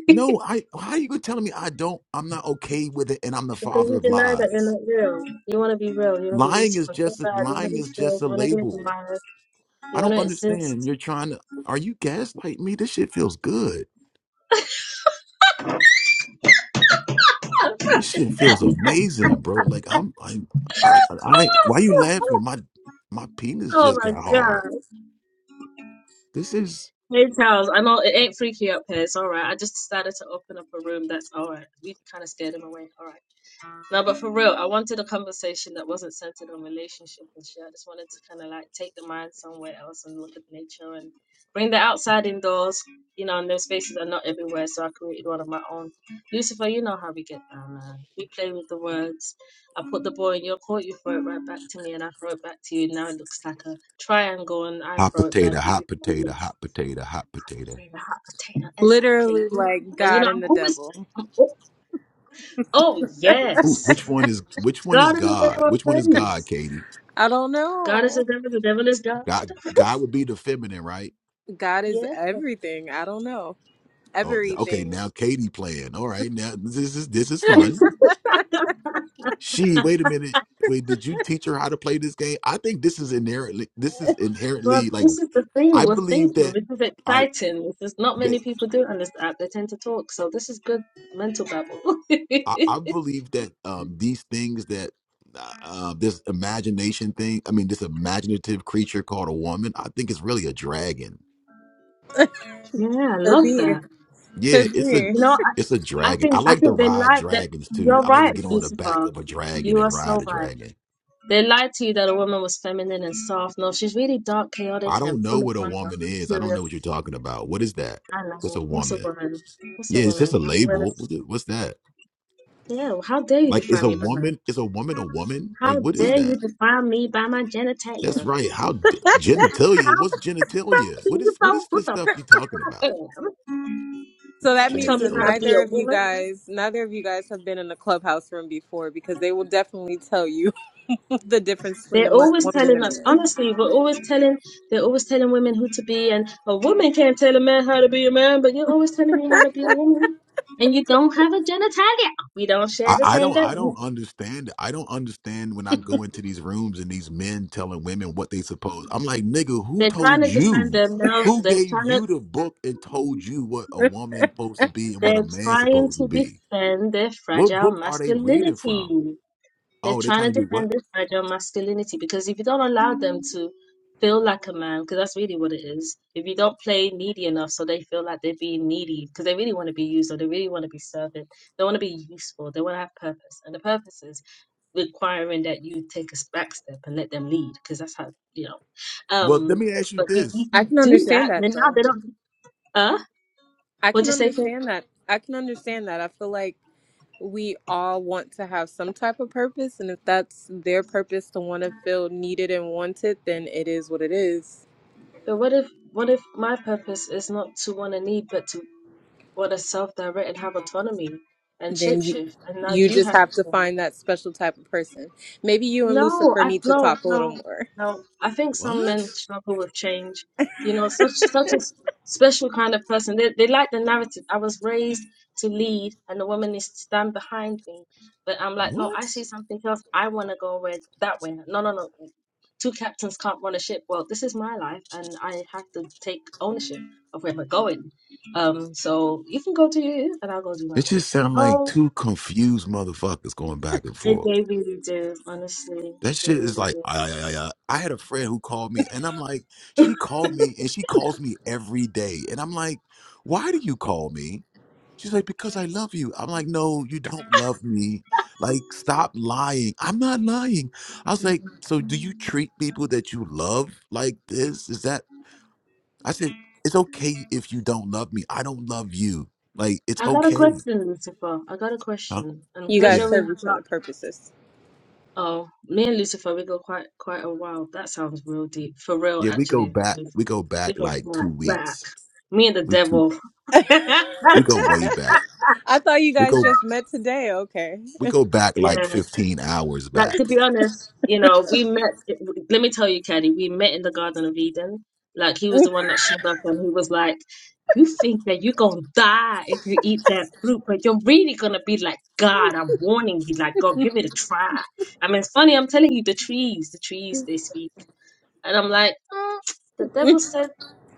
S5: No, I how you gonna tell me I don't I'm not okay with it and I'm the
S1: Because
S5: father
S1: you
S5: of
S1: deny that you're
S5: lies?
S1: not real. You want to be real. You want to be
S5: Lying is
S1: Lucifer. Feel
S5: just a,
S1: bad. You want
S5: lying
S1: to be
S5: is
S1: feared.
S5: just a
S1: You want to be
S5: label.
S1: admired. You
S5: I
S1: want
S5: don't
S1: to
S5: understand.
S1: exist.
S5: You're trying to are you gaslighting me? This shit feels good.
S1: [laughs]
S5: This shit feels amazing, bro. Like I'm I I, I why you laughing? My my penis
S1: oh
S5: just
S1: my
S5: got hard.
S1: God.
S5: This is
S1: Hey Charles, I know it ain't freaky up here. It's all right. I just decided to open up a room. That's all right. We kind of scared him away. All right. No, but for real, I wanted a conversation that wasn't centered on relationship and shit. I just wanted to kind of like take the mind somewhere else and look at nature and bring the outside indoors. You know, and those spaces are not everywhere, so I created one of my own. Lucifer, you know how we get down, man. We play with the words. I put the ball in your court, you throw it right back to me, and I throw it back to you. Now it looks like a triangle, and I
S5: hot
S1: throw it back,
S5: potato,
S1: and
S5: hot potato,
S1: you
S5: hot potato, hot potato.
S1: dream a hot potato exactly.
S3: Literally, like
S1: And you
S3: God
S1: know,
S3: and
S1: I'm
S3: the
S1: always,
S3: devil.
S1: I'm, al- oh
S5: Ooh,
S1: yes,
S5: which one is which one is
S1: God is the
S5: God?
S1: devil of
S5: Which one is God,
S1: things.
S5: Katie?
S3: I don't
S1: God is the
S3: know.
S1: devil. The devil is God.
S5: God God would be the feminine, right?
S3: God is
S1: Yeah.
S3: everything. I don't know.
S5: Oh, okay.
S3: Everything.
S5: Now Katie playing. All right. Now this is this is fun.
S1: [laughs]
S5: She, wait a minute. Wait, did you teach her how to play this game? I think this is inherently this is
S1: But
S5: inherently like
S1: this is the thing
S5: I
S1: we're
S5: believe
S1: thinking.
S5: that
S1: This is
S5: I
S1: exciting. This is not
S5: that
S1: many people do, it, and this app they tend to talk. So this is good mental babble. [laughs] yeah,
S5: I, I believe that um these things that uh, uh, this imagination thing, I mean this imaginative creature called a woman, I think it's really a dragon.
S1: I
S3: Could
S1: love
S3: be.
S1: that.
S5: Yeah,
S3: Could
S5: it's a
S3: be.
S1: You know,
S5: it's a
S1: I, I
S5: dragon. I
S1: think I
S5: like to
S1: think they
S5: ride
S1: like that.
S5: dragons too.
S1: You're
S5: I like to
S1: right,
S5: get on the back
S1: Lucifer.
S5: of a dragon
S1: You
S5: and
S1: are
S5: ride
S1: so
S5: a
S1: right.
S5: dragon.
S1: They lied to you that a woman was feminine and soft. No, she's really dark, chaotic,
S5: I don't
S1: and
S5: know
S1: full of
S5: what a
S1: wonder
S5: woman
S1: and
S5: is. I don't
S1: curious.
S5: know what you're talking about. What is that?
S1: I
S5: What's a
S1: know. What's a
S5: woman?
S1: woman? What's a
S5: Yeah, it's just
S1: woman?
S5: a
S1: I'm really...
S5: label. What the- What's that?
S1: Yeah, well, how dare you
S5: Like, is
S1: define
S5: a
S1: me by my...
S5: woman is a woman a woman? Like,
S1: How
S5: what is
S1: dare
S5: that?
S1: you define me by my
S5: That's
S1: genitalia?
S5: right. How d- genitalia?
S1: How
S5: What's
S1: the fuck
S5: genitalia?
S1: do
S5: What
S1: you
S5: is what
S1: know
S5: is this
S1: what the fuck
S5: stuff you talking
S1: I
S5: about?
S1: am?
S3: So that
S1: Don't
S3: means
S1: tell
S3: that
S1: me how to
S5: Genitalia.
S1: be
S3: neither
S1: a
S3: of you
S1: woman.
S3: guys, neither of you guys have been in a clubhouse room before because they will definitely tell you [laughs] the difference between a
S1: They're
S3: mo-
S1: always
S3: woman and
S1: telling us,
S3: a
S1: honestly, we're always telling, they're always telling women who to be, and a woman can't tell a man how to be a man, but you're always telling me how to be a woman. And you don't have a genitalia. We don't share
S5: I,
S1: the
S5: I
S1: same
S5: don't
S1: gut.
S5: I don't understand. I don't understand when I go into these rooms and these men telling women what they suppose. I'm like, nigga, who
S1: They're trying
S5: told
S1: to defend
S5: you?
S1: them now.
S5: Who
S1: They're
S5: gave
S1: trying to,
S5: you the book and told you what a
S3: man.
S5: woman supposed to be and what a
S1: they're
S5: man
S1: trying
S5: supposed to
S1: to
S5: be?
S1: defend their
S5: What
S1: fragile
S5: book are they reading from?
S1: masculinity. They're
S5: Oh, they
S1: trying
S5: trying to
S1: to
S5: do what?
S1: defend this fragile masculinity because if you don't allow them to feel like a man, because that's really what it is, if you don't play needy enough so they feel like they're being needy because they really want to be used or they really want to be servant, they want to be useful, they want to have purpose. And the purpose is requiring that you take a s- back step and let them lead because that's how, you know.
S5: Well, let
S1: Um,
S5: me ask you
S1: but you,
S5: this.
S1: you,
S3: [laughs] I
S1: you
S3: can
S1: do
S3: understand
S1: that,
S3: that
S1: then now
S3: though.
S1: they don't, uh,
S3: I
S1: what do
S3: can
S1: you say? Kim?
S3: understand that. I can understand that. I feel like we all want to have some type of purpose, and if that's their purpose to want to feel needed and wanted, then it is what it is.
S1: But what if, what if my purpose is not to want to need, but to What a self and have autonomy and
S3: Then you,
S1: shapeshift, and now
S3: you
S1: you
S3: just
S1: have
S3: have
S1: to
S3: to
S1: kill
S3: find that special type of person. Maybe you and
S1: no,
S3: Lucifer
S1: I
S3: need to
S1: no,
S3: talk a little
S1: no,
S3: more.
S1: no. I think some
S5: What?
S1: men struggle with change. You know, such such a s- special kind of person. They they like the narrative. I was raised to lead, and the woman is to stand behind me. But I'm like, no,
S5: What?
S1: I see something else. I want to go where that way. No, no, no. Two captains can't run a ship. Well, this is my life, and I have to take ownership of where we're going. Um, so you can go do you, and I'll go do my
S5: It
S1: way.
S5: just sound like
S1: Oh,
S5: two confused motherfuckers going back and
S1: they,
S5: forth.
S1: they really do. Honestly,
S5: That
S1: they
S5: shit
S1: really
S5: is like
S1: do.
S5: I, I, I, I had a friend who called me, and I'm like, she called me, and she calls me every day, and I'm like, why do you call me? She's like, because I love you. I'm like, no, you don't love me. Like, stop lying. I'm not lying. I was like, so do you treat people that you love like this? Is that? I said, it's okay if you don't love me. I don't love you. Like, it's
S1: I got a
S5: okay.
S1: question, Lucifer. I got a
S5: Huh?
S1: question. And
S3: You
S1: because
S3: guys
S5: Yeah.
S1: you're in
S3: serve
S1: your
S3: each
S1: block,
S3: other purposes.
S1: oh, me and Lucifer, we go quite quite a while. That sounds real deep. For real,
S5: Yeah, we go
S1: actually.
S5: back
S1: Lucifer.
S5: we go
S1: We
S5: back
S1: go
S5: like
S1: back,
S5: two
S1: back.
S5: weeks.
S1: Me and the
S5: We two
S1: devil.
S3: [laughs]
S1: [laughs]
S5: we go way back.
S3: I thought you
S5: We
S3: guys
S5: go
S3: just met today. Okay.
S5: we go back like
S1: yeah.
S5: fifteen hours
S1: Like
S5: back.
S1: to be honest, you know, we met. Let me tell you, Caddy, we met in the Garden of Eden. Like he was the one that showed up, and he was like, "You think that you're gonna die if you eat that fruit, but you're really gonna be like God. I'm warning you. Like God, give it a try. I mean, it's funny. I'm telling you, the trees, the trees, they speak. And I'm like, mm, the
S3: [laughs]
S1: devil said,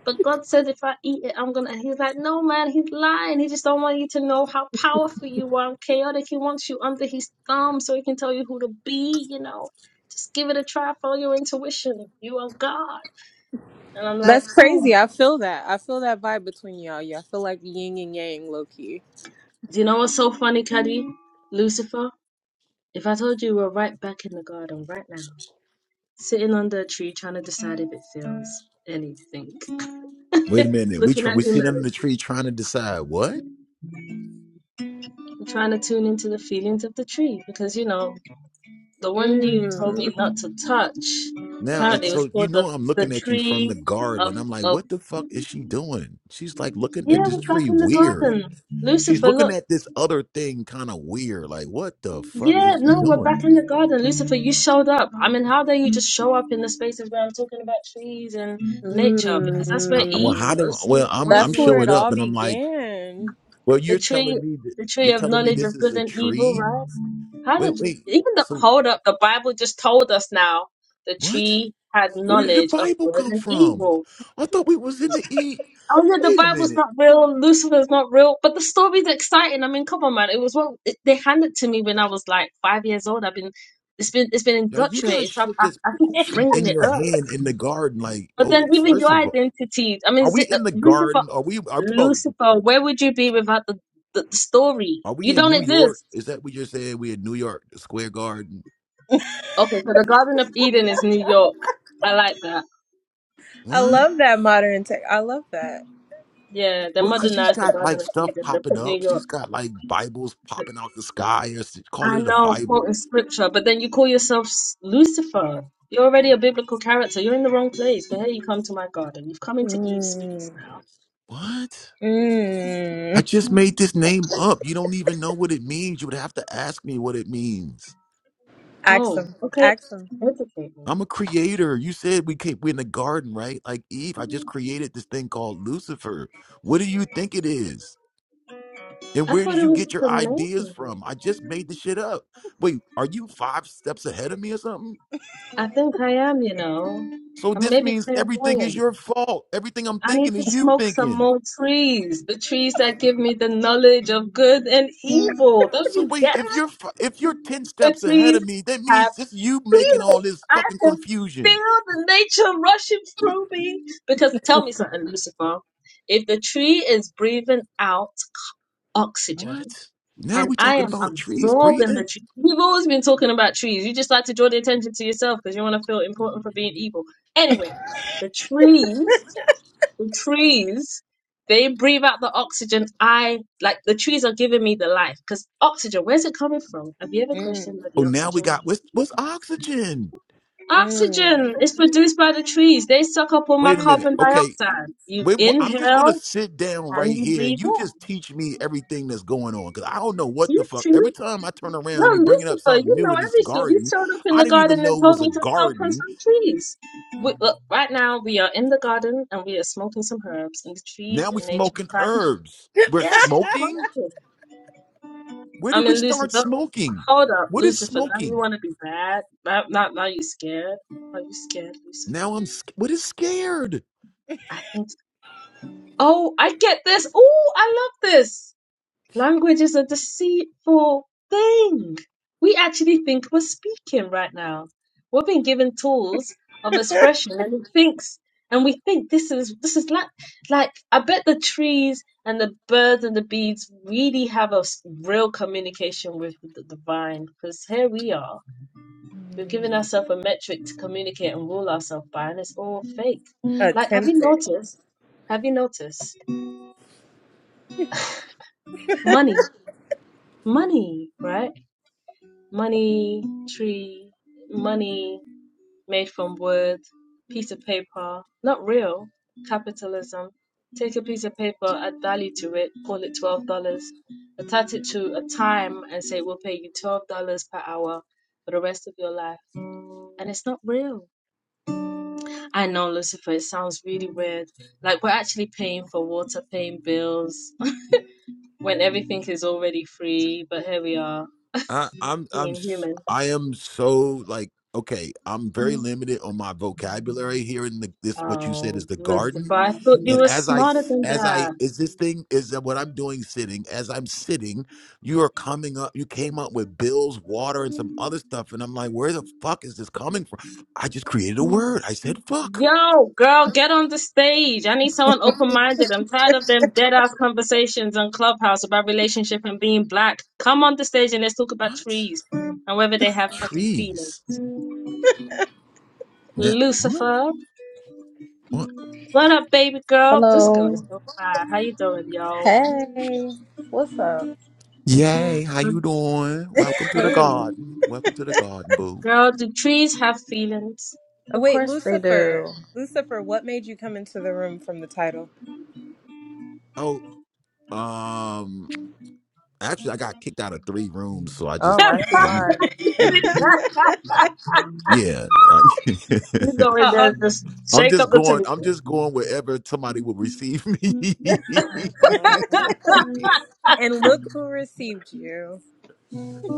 S1: but God said, if I eat it, I'm gonna. And he's like, no, man, he's lying. He just don't want you to know how powerful you are. And chaotic. He wants you under his thumb so he can tell you who to be. You know, just give it a try. Follow your intuition. You are God. And I'm like,
S3: That's
S1: mm.
S3: crazy. I feel that. I feel that vibe between y'all. Yeah, I feel like yin and yang, low key.
S1: do you know what's so funny, Cuddy? Lucifer. If I told you we're right back in the garden right now, sitting under a tree trying to decide if it feels anything,
S5: Wait a
S1: [laughs]
S5: minute. We
S1: looking
S5: try we
S1: at
S5: sit under the
S1: humanity.
S5: tree trying to decide what?
S1: I'm trying to tune into the feelings of the tree because you know the one you told
S3: Mm.
S1: me not to touch.
S5: Now and
S1: Apparently, it was
S5: so you
S1: called the
S5: know I'm
S1: the
S5: looking at you from the
S1: tree
S5: garden
S1: of
S5: and I'm like,
S1: of
S5: what the fuck is she doing? She's like looking at
S1: yeah.
S5: this
S1: We're back
S5: tree
S1: in the
S5: weird.
S1: garden,
S5: She's
S1: Lucifer.
S5: looking
S1: Look,
S5: at this other thing kind of weird. Like, what the fuck
S1: yeah,
S5: is she
S1: no, we're
S5: doing?
S1: back in the garden, Lucifer. You showed up. I mean, how dare you just show up in the spaces where I'm talking about trees and nature because that's where
S5: I, well,
S1: Eve
S3: Mm.
S5: how do
S1: was
S5: well I'm I'm
S1: wandering
S3: That's
S1: in the
S3: where it
S5: showing
S3: all
S5: up
S1: garden.
S5: and I'm like,
S3: began.
S5: well,
S1: The
S5: you're
S1: tree,
S5: telling me that
S1: the tree
S5: you're
S1: of
S5: telling me
S1: knowledge
S5: this
S1: of
S5: is
S1: good
S5: a
S1: and evil,
S5: tree
S1: right? How did
S5: Wait, wait.
S1: even the
S5: So
S1: hold up? The Bible just told us now the
S5: what?
S1: tree had
S5: Where did the
S1: knowledge of
S5: Bible
S1: good
S5: come
S1: and
S5: from?
S1: evil.
S5: I thought we was in the E.
S1: Oh yeah, the
S5: Wait a
S1: Bible's
S5: minute.
S1: not real. Lucifer's not real, but the story's exciting. I mean, come on, man. It was what it, they handed to me when I was like five years old. I've been it's been it's been
S5: Now you guys
S1: indoctrinated. So I,
S5: shit
S1: I,
S5: just
S1: I keep
S5: poofing
S1: bringing
S5: in
S1: it
S5: your
S1: up.
S5: hand in the garden. Like,
S1: But
S5: oh,
S1: then even
S5: first
S1: your
S5: of all,
S1: identity. I mean,
S5: are we
S1: Zi- uh,
S5: in the
S1: Lucifer,
S5: garden? Are we? I'm talking about.
S1: Lucifer, where would you be without the, the, the story?
S5: Are we
S1: You
S5: in
S1: don't
S5: New York?
S1: exist.
S5: Is that what you're saying? We in New York, the Square Garden?
S1: Okay, so the Garden of Eden is New York. I like that.
S3: I
S5: What?
S3: love that modern tech. I love that.
S1: Yeah, the
S5: Well, cause she's
S1: modernized the
S5: got
S1: Garden
S5: like
S1: of
S5: stuff
S1: Eden. They
S5: popping
S1: put New
S5: up.
S1: York.
S5: She's got like Bibles popping out the sky, or s- call
S1: I
S5: it a
S1: know, quoting
S5: Bible.
S1: scripture, but then you call yourself S- Lucifer. You're already a biblical character. You're in the wrong place. But here you come to my garden. You've come into Eve's
S3: Mm.
S1: space now.
S5: What? I
S3: Mm.
S5: just made this name up. You don't even know what it means. You would have to ask me what it means.
S3: Ask
S1: Oh,
S3: them.
S1: okay.
S3: Ask them.
S1: Educate me.
S5: I'm a creator. You said we came, we're in the garden, right? Like Eve, I just created this thing called Lucifer. What do you think it is? And
S1: I
S5: where
S1: thought
S5: did
S1: it
S5: you
S1: was
S5: get
S1: just
S5: your
S1: a name.
S5: ideas from? I just made the shit up. Wait, are you five steps ahead of me or something?
S1: I think I am, you know.
S5: So
S1: I'm
S5: this
S1: maybe
S5: means everything is
S1: clairvoyant.
S5: your fault. Everything I'm
S1: I need
S5: thinking
S1: to
S5: is you
S1: smoke some
S5: thinking.
S1: more trees. The trees that give me the knowledge of good and evil. Don't
S5: So
S1: you
S5: wait,
S1: get
S5: if
S1: it?
S5: you're fi- if you're ten
S1: The
S5: steps ahead
S1: trees
S5: of me, that means it's you making
S1: feelings.
S5: all this
S1: I
S5: fucking
S1: can
S5: confusion.
S1: feel the nature rushing through me. Because tell me something, Lucifer. If the tree is breathing out oxygen
S5: What? Now
S1: and
S5: we
S1: I
S5: talking
S1: am
S5: about trees
S1: absorbing the
S5: breathing?
S1: tree, we've always been talking about trees. You just like to draw the attention to yourself because you want to feel important for being evil. Anyway, the trees, the trees. They breathe out the oxygen. I like the trees are giving me the life because oxygen. Where's it coming from? Have you ever
S3: Mm.
S1: questioned where the
S5: Oh, now we
S1: oxygen?
S5: got what's what's oxygen?
S3: Mm.
S1: Oxygen is produced by the trees. They suck up all my
S5: Wait a minute.
S1: carbon
S5: Okay,
S1: dioxide. You
S5: wait. wha- I'm just gonna
S1: inhale
S5: sit down right
S1: and you
S5: here,
S1: breathe
S5: and you
S1: out.
S5: just teach me everything that's going on because I don't know what the
S1: You
S5: fuck.
S1: two,
S5: Every time I turn
S1: no,
S5: around, you bringing up
S1: Lucifer.
S5: something
S1: You
S5: new
S1: know
S5: in this
S1: everything. You
S5: garden.
S1: showed up in
S5: I
S1: the
S5: didn't even
S1: garden and
S5: know it
S1: told
S5: was a
S1: me to focus
S5: garden.
S1: on trees. We, look, right now we are in the garden and we are smoking some herbs, and the
S5: Now
S1: trees
S5: we
S1: and nature
S5: smoking
S1: are trying to
S5: herbs. We're
S1: Yes,
S5: smoking.
S1: smoking.
S5: Where
S1: I
S5: did we
S1: mean,
S5: start
S1: Lucifer.
S5: smoking?
S1: Hold up,
S5: What is
S1: Lucifer. Now you
S5: smoking?
S1: want to be bad? Now, now, now you scared? Are you scared, Lucifer?
S5: Now I'm. sc- What is scared?
S1: I think. Oh, I get this. Oh, I love this. Language is a deceitful thing. We actually think we're speaking right now. We're being given tools of expression and it thinks and we think this is this is like like I bet the trees and the birds and the bees really have a s- real communication with the, the divine because here we are. We've
S3: [laughs]
S1: given ourselves a metric to communicate and rule ourselves by and it's all fake. Like have you
S3: Attempted.
S1: noticed? Have you noticed? money, money, right? Money, tree, money made from wood, piece of paper, not real, capitalism. Take a piece of paper, add value to it, call it $12, attach it to a time and say, we'll pay you $12 per hour for the rest of your life. And it's not real. I know, Lucifer, it sounds really weird. Like we're actually paying for water, paying bills, [laughs] when everything is already free, but here we are
S5: I, I'm I'm
S1: being
S5: s-
S1: human.
S5: I am so like okay. I'm very limited on my vocabulary here in the, this. What you said
S1: Oh,
S5: is the
S1: Lucifer,
S5: garden,
S1: I thought you
S5: and
S1: were
S5: as I
S1: smarter
S5: s-
S1: than
S5: as I
S1: that.
S5: is this thing is that what I'm doing sitting as I'm sitting, you are coming up. You came up with bills, water, and some other stuff, and I'm like, where the fuck is this coming from? I just created a word. I said fuck.
S1: Yo, girl, get on the stage. I need someone open-minded. I'm tired of them dead-ass conversations on Clubhouse about relationship and being black. Come on the stage and let's talk about
S5: What
S1: trees and whether they have fucking feelings.
S5: trees? Ne- What?
S1: Lucifer,
S5: What?
S1: what up, baby girl? This girl is
S6: Hello.
S1: so fine. How you doing, yo?
S6: Hey. What's up?
S5: Yay! How you doing? Welcome to the
S6: Hey.
S5: garden. Welcome to the garden, boo.
S1: Girl, do trees have feelings?
S6: Of
S3: Wait,
S6: course they
S3: Lucifer.
S6: do.
S3: Lucifer, what made you come into the room from the title?
S5: oh. Um, actually, I got kicked out of three rooms, so I
S1: [laughs]
S5: just,
S6: Oh, I see
S5: I'm,
S6: why.
S5: yeah, I,
S1: you go in there
S3: How-
S1: and just
S5: [laughs] I'm
S1: shake up
S5: just
S1: the
S5: going, I'm
S1: table.
S5: just going wherever somebody will receive me. [laughs]
S6: Mhm.
S3: and look who received you,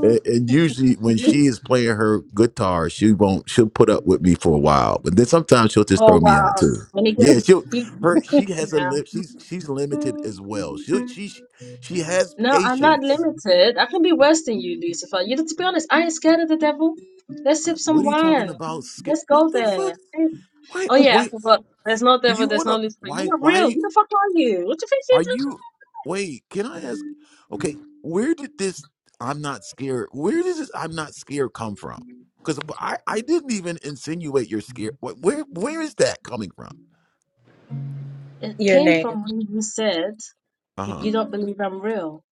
S5: and, and usually, when
S1: [laughs]
S5: she is playing her guitar, she won't, she'll put up with me for a while, but then sometimes she'll just
S1: Oh
S5: throw me out
S1: wow.
S5: too.
S1: When he
S5: Yeah,
S1: gets
S5: she'll
S1: he
S5: her she has a
S1: yeah.
S5: limp. She's she's limited as well. She she she has
S1: No, I'm not
S5: patience.
S1: limited. I can be worse than you, Lucifer. You know, to be honest, I ain't scared of the devil. Let's
S5: Uh,
S1: sip some
S5: What are you talking
S1: wine.
S5: about? Skip?
S1: Let's
S5: What
S1: go
S5: the fuck?
S1: there. Hey.
S5: Why?
S1: Oh yeah,
S5: Why?
S1: I forgot. There's no
S5: Do
S1: devil,
S5: you
S1: there's
S5: want
S1: no
S5: to?
S1: Lucifer. You're
S5: Why?
S1: not real.
S5: Why
S1: Who the fuck are you? What do you think
S5: are you?
S1: you're
S5: Wait, can I ask? Okay, where did this "I'm not scared"? Where does this "I'm not scared" come from? Because I I didn't even insinuate you're scared. Wh- Where where is that coming from?
S1: doing? It
S3: your
S1: came
S3: name.
S1: from when you said
S5: Uh huh.
S1: you don't believe I'm real.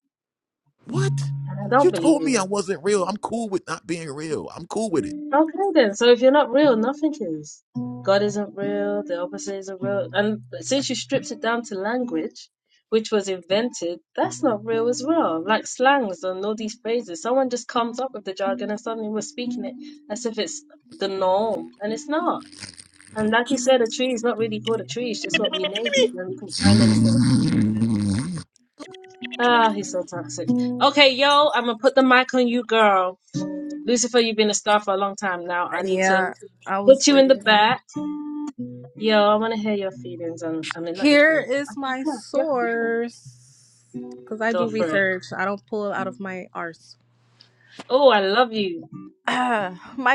S5: What?
S1: And I don't
S5: You
S1: believe
S5: told
S1: you're
S5: me I
S1: real.
S5: wasn't real. I'm cool with not being real. I'm cool with it.
S1: Okay then. So if you're not real, nothing is. God isn't real, the opposite isn't real. And since you stripped it down to language, which was invented, that's not real as well. Like slangs and all these phrases. Someone just comes up with the jargon and suddenly we're speaking it as if it's the norm. And it's not. And like you said, a tree is not really called a tree, it's just what we named it and we couldn't
S5: [laughs]
S1: find anything. Ah, he's so toxic. Okay, yo, I'm gonna put the mic on you, girl. Lucifer, you've been a star for a long time now. I need to
S6: Yeah, I was
S1: put you in the
S6: waiting.
S1: back. Yo, I want to hear your feelings. And I mean, not your
S6: Here
S1: feelings. I
S6: is
S1: think,
S6: my
S1: Yeah, your feelings.
S6: source. Because I
S1: Go
S6: do
S1: for it.
S6: research. I don't pull it out of my arse.
S1: Oh, I love you.
S6: [clears throat]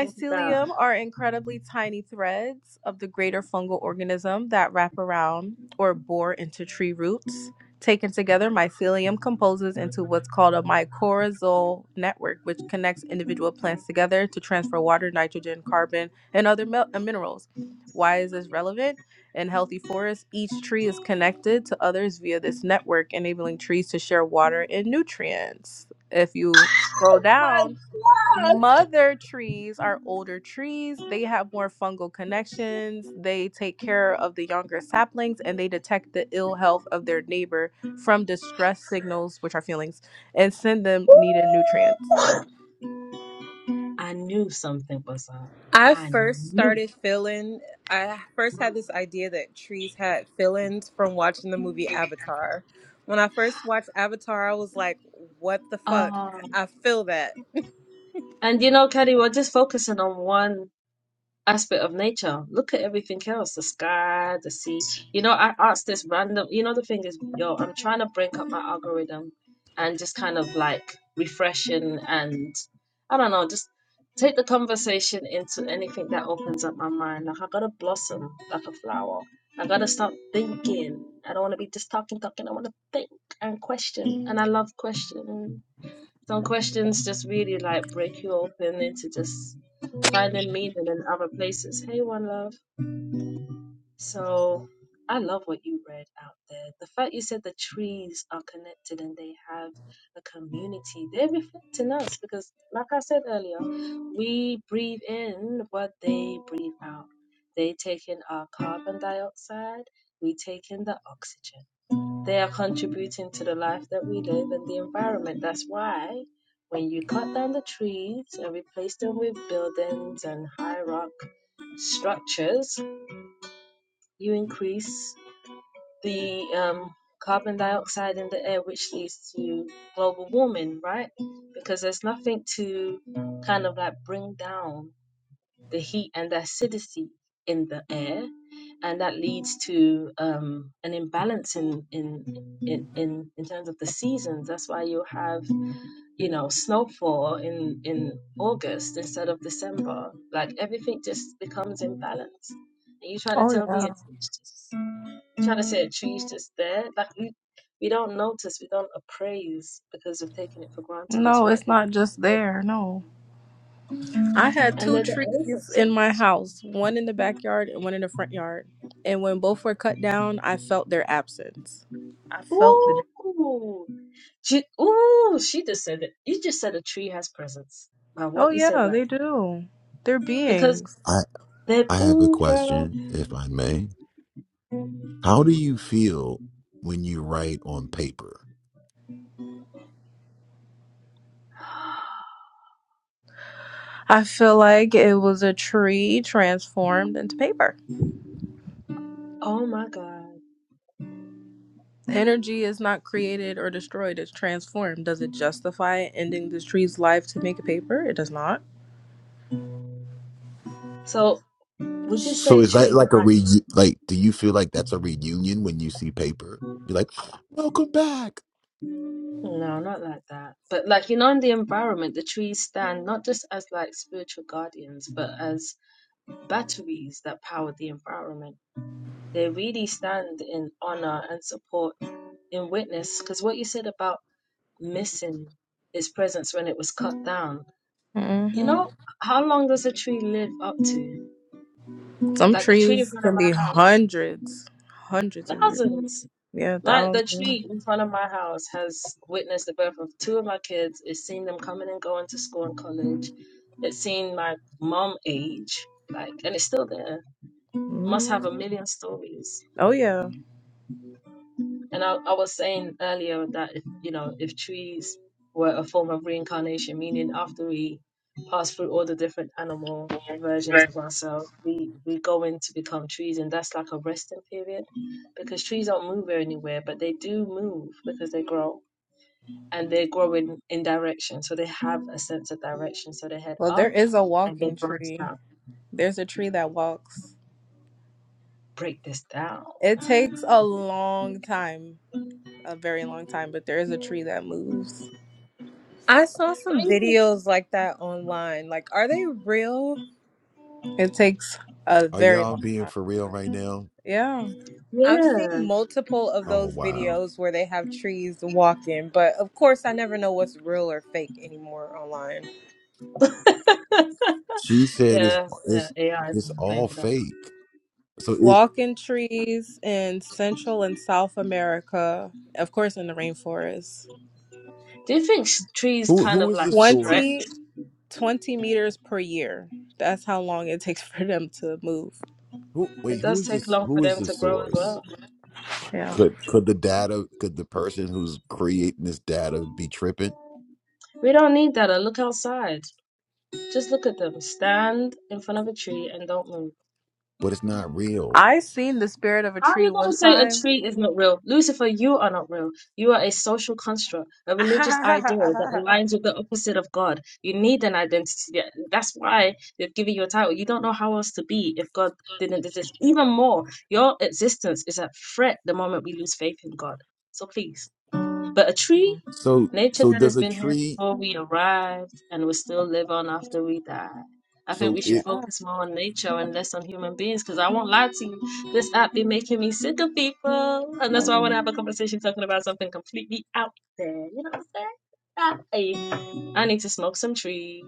S1: Look at that.
S6: are incredibly tiny threads of the greater fungal organism that wrap around or bore into tree roots. Taken together, mycelium composes into what's called a mycorrhizal network, which connects individual plants together to transfer water, nitrogen, carbon, and other mil- uh, minerals. Why is this relevant? In healthy forests, each tree is connected to others via this network, enabling trees to share water and nutrients. If you scroll
S1: My
S6: down,
S1: God.
S6: Mother trees are older trees. They have more fungal connections. They take care of the younger saplings and they detect the ill health of their neighbor from distress signals, which are feelings, and send them needed nutrients.
S1: I knew something was up.
S3: I
S1: I
S3: first
S1: knew.
S3: started feeling, I first had this idea that trees had feelings from watching the movie Avatar. When I first watched Avatar, I was like, what the fuck?
S1: Um,
S3: I feel that.
S1: and you know, Kelly, we're just focusing on one. aspect of nature. Look at everything else the sky, the sea. You know, I asked this random, you know, the thing is, yo, I'm trying to break up my algorithm and just kind of like refreshing and I don't know, just take the conversation into anything that opens up my mind. Like, I gotta blossom like a flower. I gotta start thinking. I don't wanna be just talking, talking. I wanna think and question. And I love questioning. Some questions just really like break you open into just finding meaning in other places. Hey, one love. So I love what you read out there. The fact you said the trees are connected and they have a community, they're reflecting us because, like I said earlier, we breathe in what they breathe out. They take in our carbon dioxide, we take in the oxygen. They are contributing to the life that we live and the environment. That's why when you cut down the trees and replace them with buildings and high rock structures, you increase the um, carbon dioxide in the air, which leads to global warming, right? Because there's nothing to kind of like bring down the heat and the acidity in the air, and that leads to um, an imbalance in in, in in in terms of the seasons. That's why you have you know snowfall in in August instead of December. Like everything just becomes imbalanced. And you try to
S6: Oh
S1: tell me
S6: yeah.
S1: it's, it's just trying to say a tree's just there. Like we we don't notice, we don't appraise because we've taken it for granted. It's
S6: No,
S1: right
S6: it's
S1: there.
S6: not just there. No. I had
S1: And
S6: two
S1: they're the oldest.
S6: trees in my house, one in the backyard and one in the front yard. And when both were cut down, I felt their absence. I felt the
S1: Ooh. She, ooh, she just said it. You just said a tree has presence by
S6: Oh
S1: what you said
S6: yeah,
S1: right
S6: they do. They're
S1: there. Because
S6: beings.
S5: I
S1: that,
S5: I have a
S1: ooh, girl.
S5: question, if I may. How do you feel when you write on paper?
S1: [gasps]
S6: I feel like it was a tree transformed into paper.
S1: Oh my God.
S6: Energy is not created or destroyed, it's transformed. Does it justify ending this tree's life to make a paper? It does not.
S1: So would you
S5: So
S1: say
S5: is that
S1: trees are
S5: like a
S1: like,
S5: re like do you feel like that's a reunion when you see paper? You're like, "Welcome back."
S1: no, not like that. But like, you know, in the environment, the trees stand not just as like spiritual guardians, but as batteries that power the environment. They really stand in honor and support in witness. Because what you said about missing its presence when it was cut down You
S6: hmm
S1: know, how long does a tree live up to?
S6: Some
S1: Like the tree in
S6: trees
S1: front of
S6: can be
S1: my house?
S6: hundreds, hundreds of years.
S1: Thousands.
S6: Yeah,
S1: Like the
S6: 1000s
S1: tree in front of my house has witnessed the birth of two of my kids. It's seen them coming and going to school and college. It's seen my mom age, like, and it's still there. Must have a
S6: mm
S1: million stories.
S6: Oh, yeah.
S1: And I, I was saying earlier that if, you know if trees were a form of reincarnation, meaning after we pass through all the different animal versions
S6: Right.
S1: of ourselves, we we go in to become trees, and that's like a resting period because trees don't move anywhere, but they do move because they grow and they grow in in direction, so they have a sense of direction, so they head
S6: Well,
S1: up
S6: there is a
S1: and they
S6: walking
S1: branch
S6: tree.
S1: out.
S6: There's a tree that walks.
S1: Break this down.
S6: It takes a long time, a very long time, but there is a tree that moves.
S3: I saw
S1: Don't
S3: some
S1: you think?
S3: videos like that online. Like, are they real?
S6: It takes a
S5: Are
S6: very
S5: y'all
S6: long
S5: being
S6: time.
S5: for real
S6: Yeah.
S5: right now?
S6: yeah.
S3: I've seen
S1: Yeah,
S3: multiple of
S5: Oh
S3: those
S5: wow.
S3: videos where they have trees walking, but of course, I never know what's real or fake anymore online.
S1: [laughs]
S5: She said it's
S1: yeah, yeah.
S5: it's
S1: AI is to
S5: it's
S1: blame
S5: all
S1: for that.
S5: fake. So is
S6: Walking trees in Central and South America, of course, in the rainforest.
S1: Do you think s- trees
S5: who
S1: kind
S5: who
S1: of
S5: is
S1: like
S5: the
S1: stretch?
S5: source?
S6: 20 20 meters per year. That's how long it takes [laughs] for them to move.
S5: Who wait,
S1: It
S5: who
S1: does
S5: is
S1: take
S5: this
S1: long for
S5: who is
S1: them
S5: the
S1: to grow as
S5: source?
S1: well.
S6: Yeah.
S5: Could could the data could the person who's creating this data be tripping?
S1: We don't need that. uh, Look outside. Just look at them. Stand in front of a tree and don't move.
S5: But it's not real.
S6: I seen the spirit of a
S1: How are
S6: tree
S1: you going
S6: one
S1: to say a
S6: time.
S1: tree is not real? Lucifer, you are not real. You are a social construct, a religious
S6: [laughs]
S1: ideal that aligns with the opposite of God. You need an identity. Yeah, That's why they've given you a title. You don't know how else to be if God didn't exist. Even more, your existence is at threat the moment we lose faith in God. So please. But a
S6: Mhm.
S1: tree,
S5: So
S1: nature
S5: so
S1: that has
S5: does a
S1: been here
S5: tree
S1: before we arrived and will still live on after we die. I think
S5: so
S1: we should
S5: it
S6: yeah.
S1: focus more on nature and less on human beings because I won't lie to you. This app be making me sick of people. And
S6: how
S1: that's why I want to have a conversation talking about something completely out there. You know what I'm saying? Ah, hey, I need to smoke some trees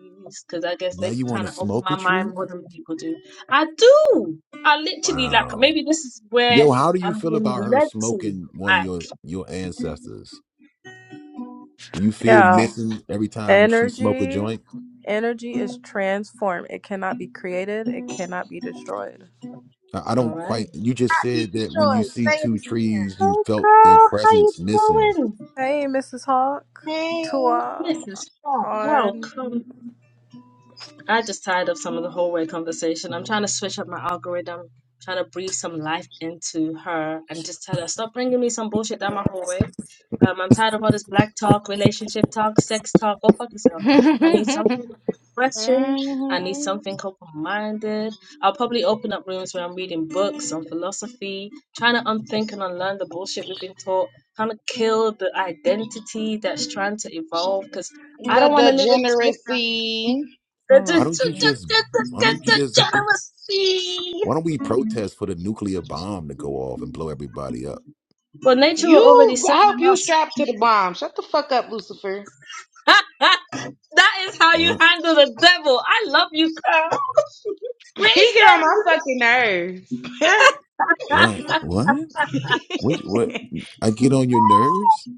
S1: because I guess
S5: now
S1: they
S5: you want to
S1: kind of open
S5: smoke a
S1: my mind
S5: tree?
S1: more than people do. I do. I literally like
S5: Wow.
S1: maybe this is where
S5: Yo, how do you
S1: I'm
S5: feel
S1: being
S5: about her
S1: led to.
S5: smoking one of
S1: Like,
S5: your your ancestors? Do you feel
S6: Yeah.
S5: missing every time she smoke a
S6: Energy.
S5: joint?
S6: Energy is transformed. It cannot be created. It cannot be destroyed.
S5: I I
S1: all
S5: don't
S1: right.
S7: It
S5: quite. You just
S7: cannot be
S5: said that when you
S7: destroyed.
S5: see
S7: Say it
S5: two trees, you
S1: Go
S5: felt their
S1: girl, how you
S5: presence missing.
S1: doing?
S6: Hey, Mrs. Hawk. Tua
S1: Mrs. Hawk, welcome.
S6: on.
S1: I just tired of some of the hallway conversation. I'm trying to switch up my algorithm, trying to breathe some life into her, and just tell her stop bringing me some bullshit down my hallway. Um, I'm tired of all this black talk, relationship talk, sex talk. Go fuck
S6: [laughs]
S1: yourself. I need something
S7: again.
S1: refreshing.
S7: Hey.
S1: I need
S7: hmm
S1: something open-minded. I'll probably open up rooms where I'm reading books on philosophy, trying to unthink and unlearn the bullshit we've been taught, trying to kill the identity that's trying to evolve. Because I
S7: The
S1: don't want to live in script
S7: degeneracy.
S6: Hold on.
S5: Why don't you just? Why don't you just?
S1: Generosity.
S5: Why don't we protest for the nuclear bomb to go off and blow everybody up?
S1: Well, nature will already
S7: You,
S1: set
S7: I hope
S1: one
S7: you
S1: us.
S7: strapped to the bomb. Shut the fuck up, Lucifer. [laughs]
S1: [laughs] that is how you
S5: What?
S1: handle the devil. I love you, girl. We ain't
S7: He get on
S1: scared of
S7: my
S1: you.
S7: fucking nerves.
S5: What? What? What? What? I get on your nerves.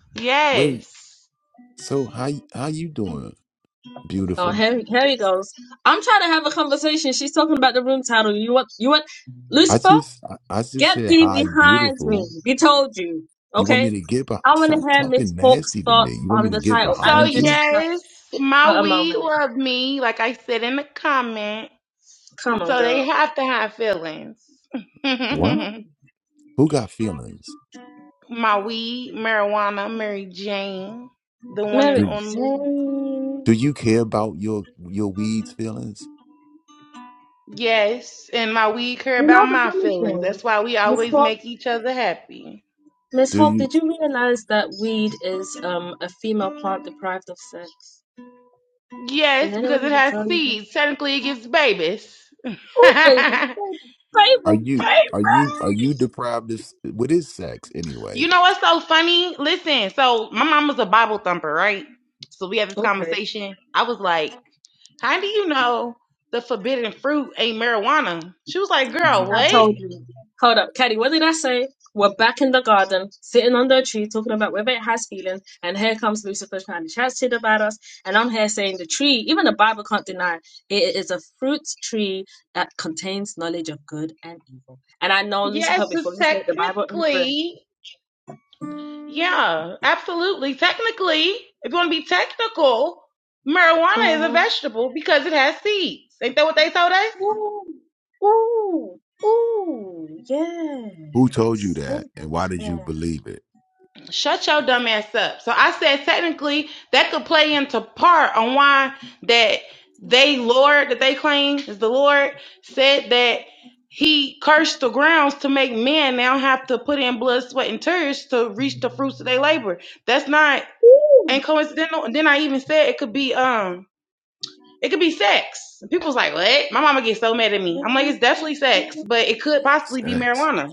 S7: [laughs]
S5: Wait.
S7: yes.
S5: So how y- how you doing?
S1: Oh,
S5: Beautiful.
S1: here, here he goes. I'm trying to have a conversation. She's talking about the room title. You want, you want,
S5: I
S1: Lucifer,
S5: just I, I just
S1: get
S5: said
S1: thee
S5: hi,
S1: behind me.
S5: beautiful.
S1: We told you,
S5: You want
S1: okay?
S5: me to get behind?
S1: I want to
S5: Stop
S1: hear Miss
S5: talking
S1: Hawk's
S5: nasty to me.
S1: thoughts
S5: You want
S1: on
S5: me to
S1: the
S5: get
S1: title. I
S7: So
S1: need
S5: behind
S1: you to
S5: you?
S1: stop
S7: yes,
S1: for
S7: my
S1: a
S7: weed
S1: moment.
S7: love me, like I said in the comments.
S1: Come on,
S7: So they
S1: girl.
S7: have to have feelings. [laughs]
S5: What?
S7: my
S5: Who got feelings?
S7: weed, marijuana, Mary Jane, the one
S1: Mary
S7: and
S5: Do,
S7: only.
S1: Jane.
S5: do you care about your your weeds feelings?
S7: Yes, and my weed care
S1: You
S7: about
S1: know the
S7: my
S1: funny
S7: feelings.
S1: thing,
S7: That's why we
S1: Miss
S7: always
S1: Hawk.
S7: make each other happy.
S1: Miss
S5: Do
S1: Hawk,
S5: you
S1: did you realize that weed is um a female plant deprived of sex? Did
S7: Yes,
S1: anyone
S7: because it
S1: ever
S7: has
S1: tell you that?
S7: seeds. Technically, it gives babies. [laughs] you
S1: Oh, baby, baby,
S5: are
S1: baby,
S5: you are you are
S1: baby.
S5: you deprived of s- what is sex anyway?
S7: know what's so funny? Listen, so my mom was a Bible thumper, right? So we had this
S1: Okay.
S7: conversation. I was like, How do you know the forbidden fruit ain't marijuana? She was like, Girl,
S1: I
S7: what?
S1: told you. Hold up, Caddy, what did I say? We're back in the garden, sitting under a tree, talking about whether it has feelings, and here comes Lucifer trying to chat shit about us. And I'm here saying the tree, even the Bible can't deny it is a fruit tree that contains knowledge of good and evil. And I know
S7: Yes,
S1: Lucifer before
S7: it's
S1: he's made the Bible in prayer.
S7: technically Yeah, absolutely. Technically, if you want to be technical, marijuana is a
S1: Mm-hmm.
S7: vegetable because it has seeds. Ain't that what they told us?
S1: Ooh, ooh, ooh, yes.
S5: Who told you
S1: Say
S5: that, and why did
S1: that,
S5: you believe it?
S7: Shut your dumb ass up. So I said technically that could play into part on why that they Lord that they claim is the Lord said that he cursed the grounds to make men now have to put in blood, sweat, and tears to reach the fruits of their labor. That's not
S1: Yeah.
S7: and coincidental. And then I even said it could be um It could be sex. And People's like, what? My mama gets so mad at me. I'm like, it's definitely
S1: Ooh.
S7: sex, but it could possibly be
S5: Sex,
S7: marijuana.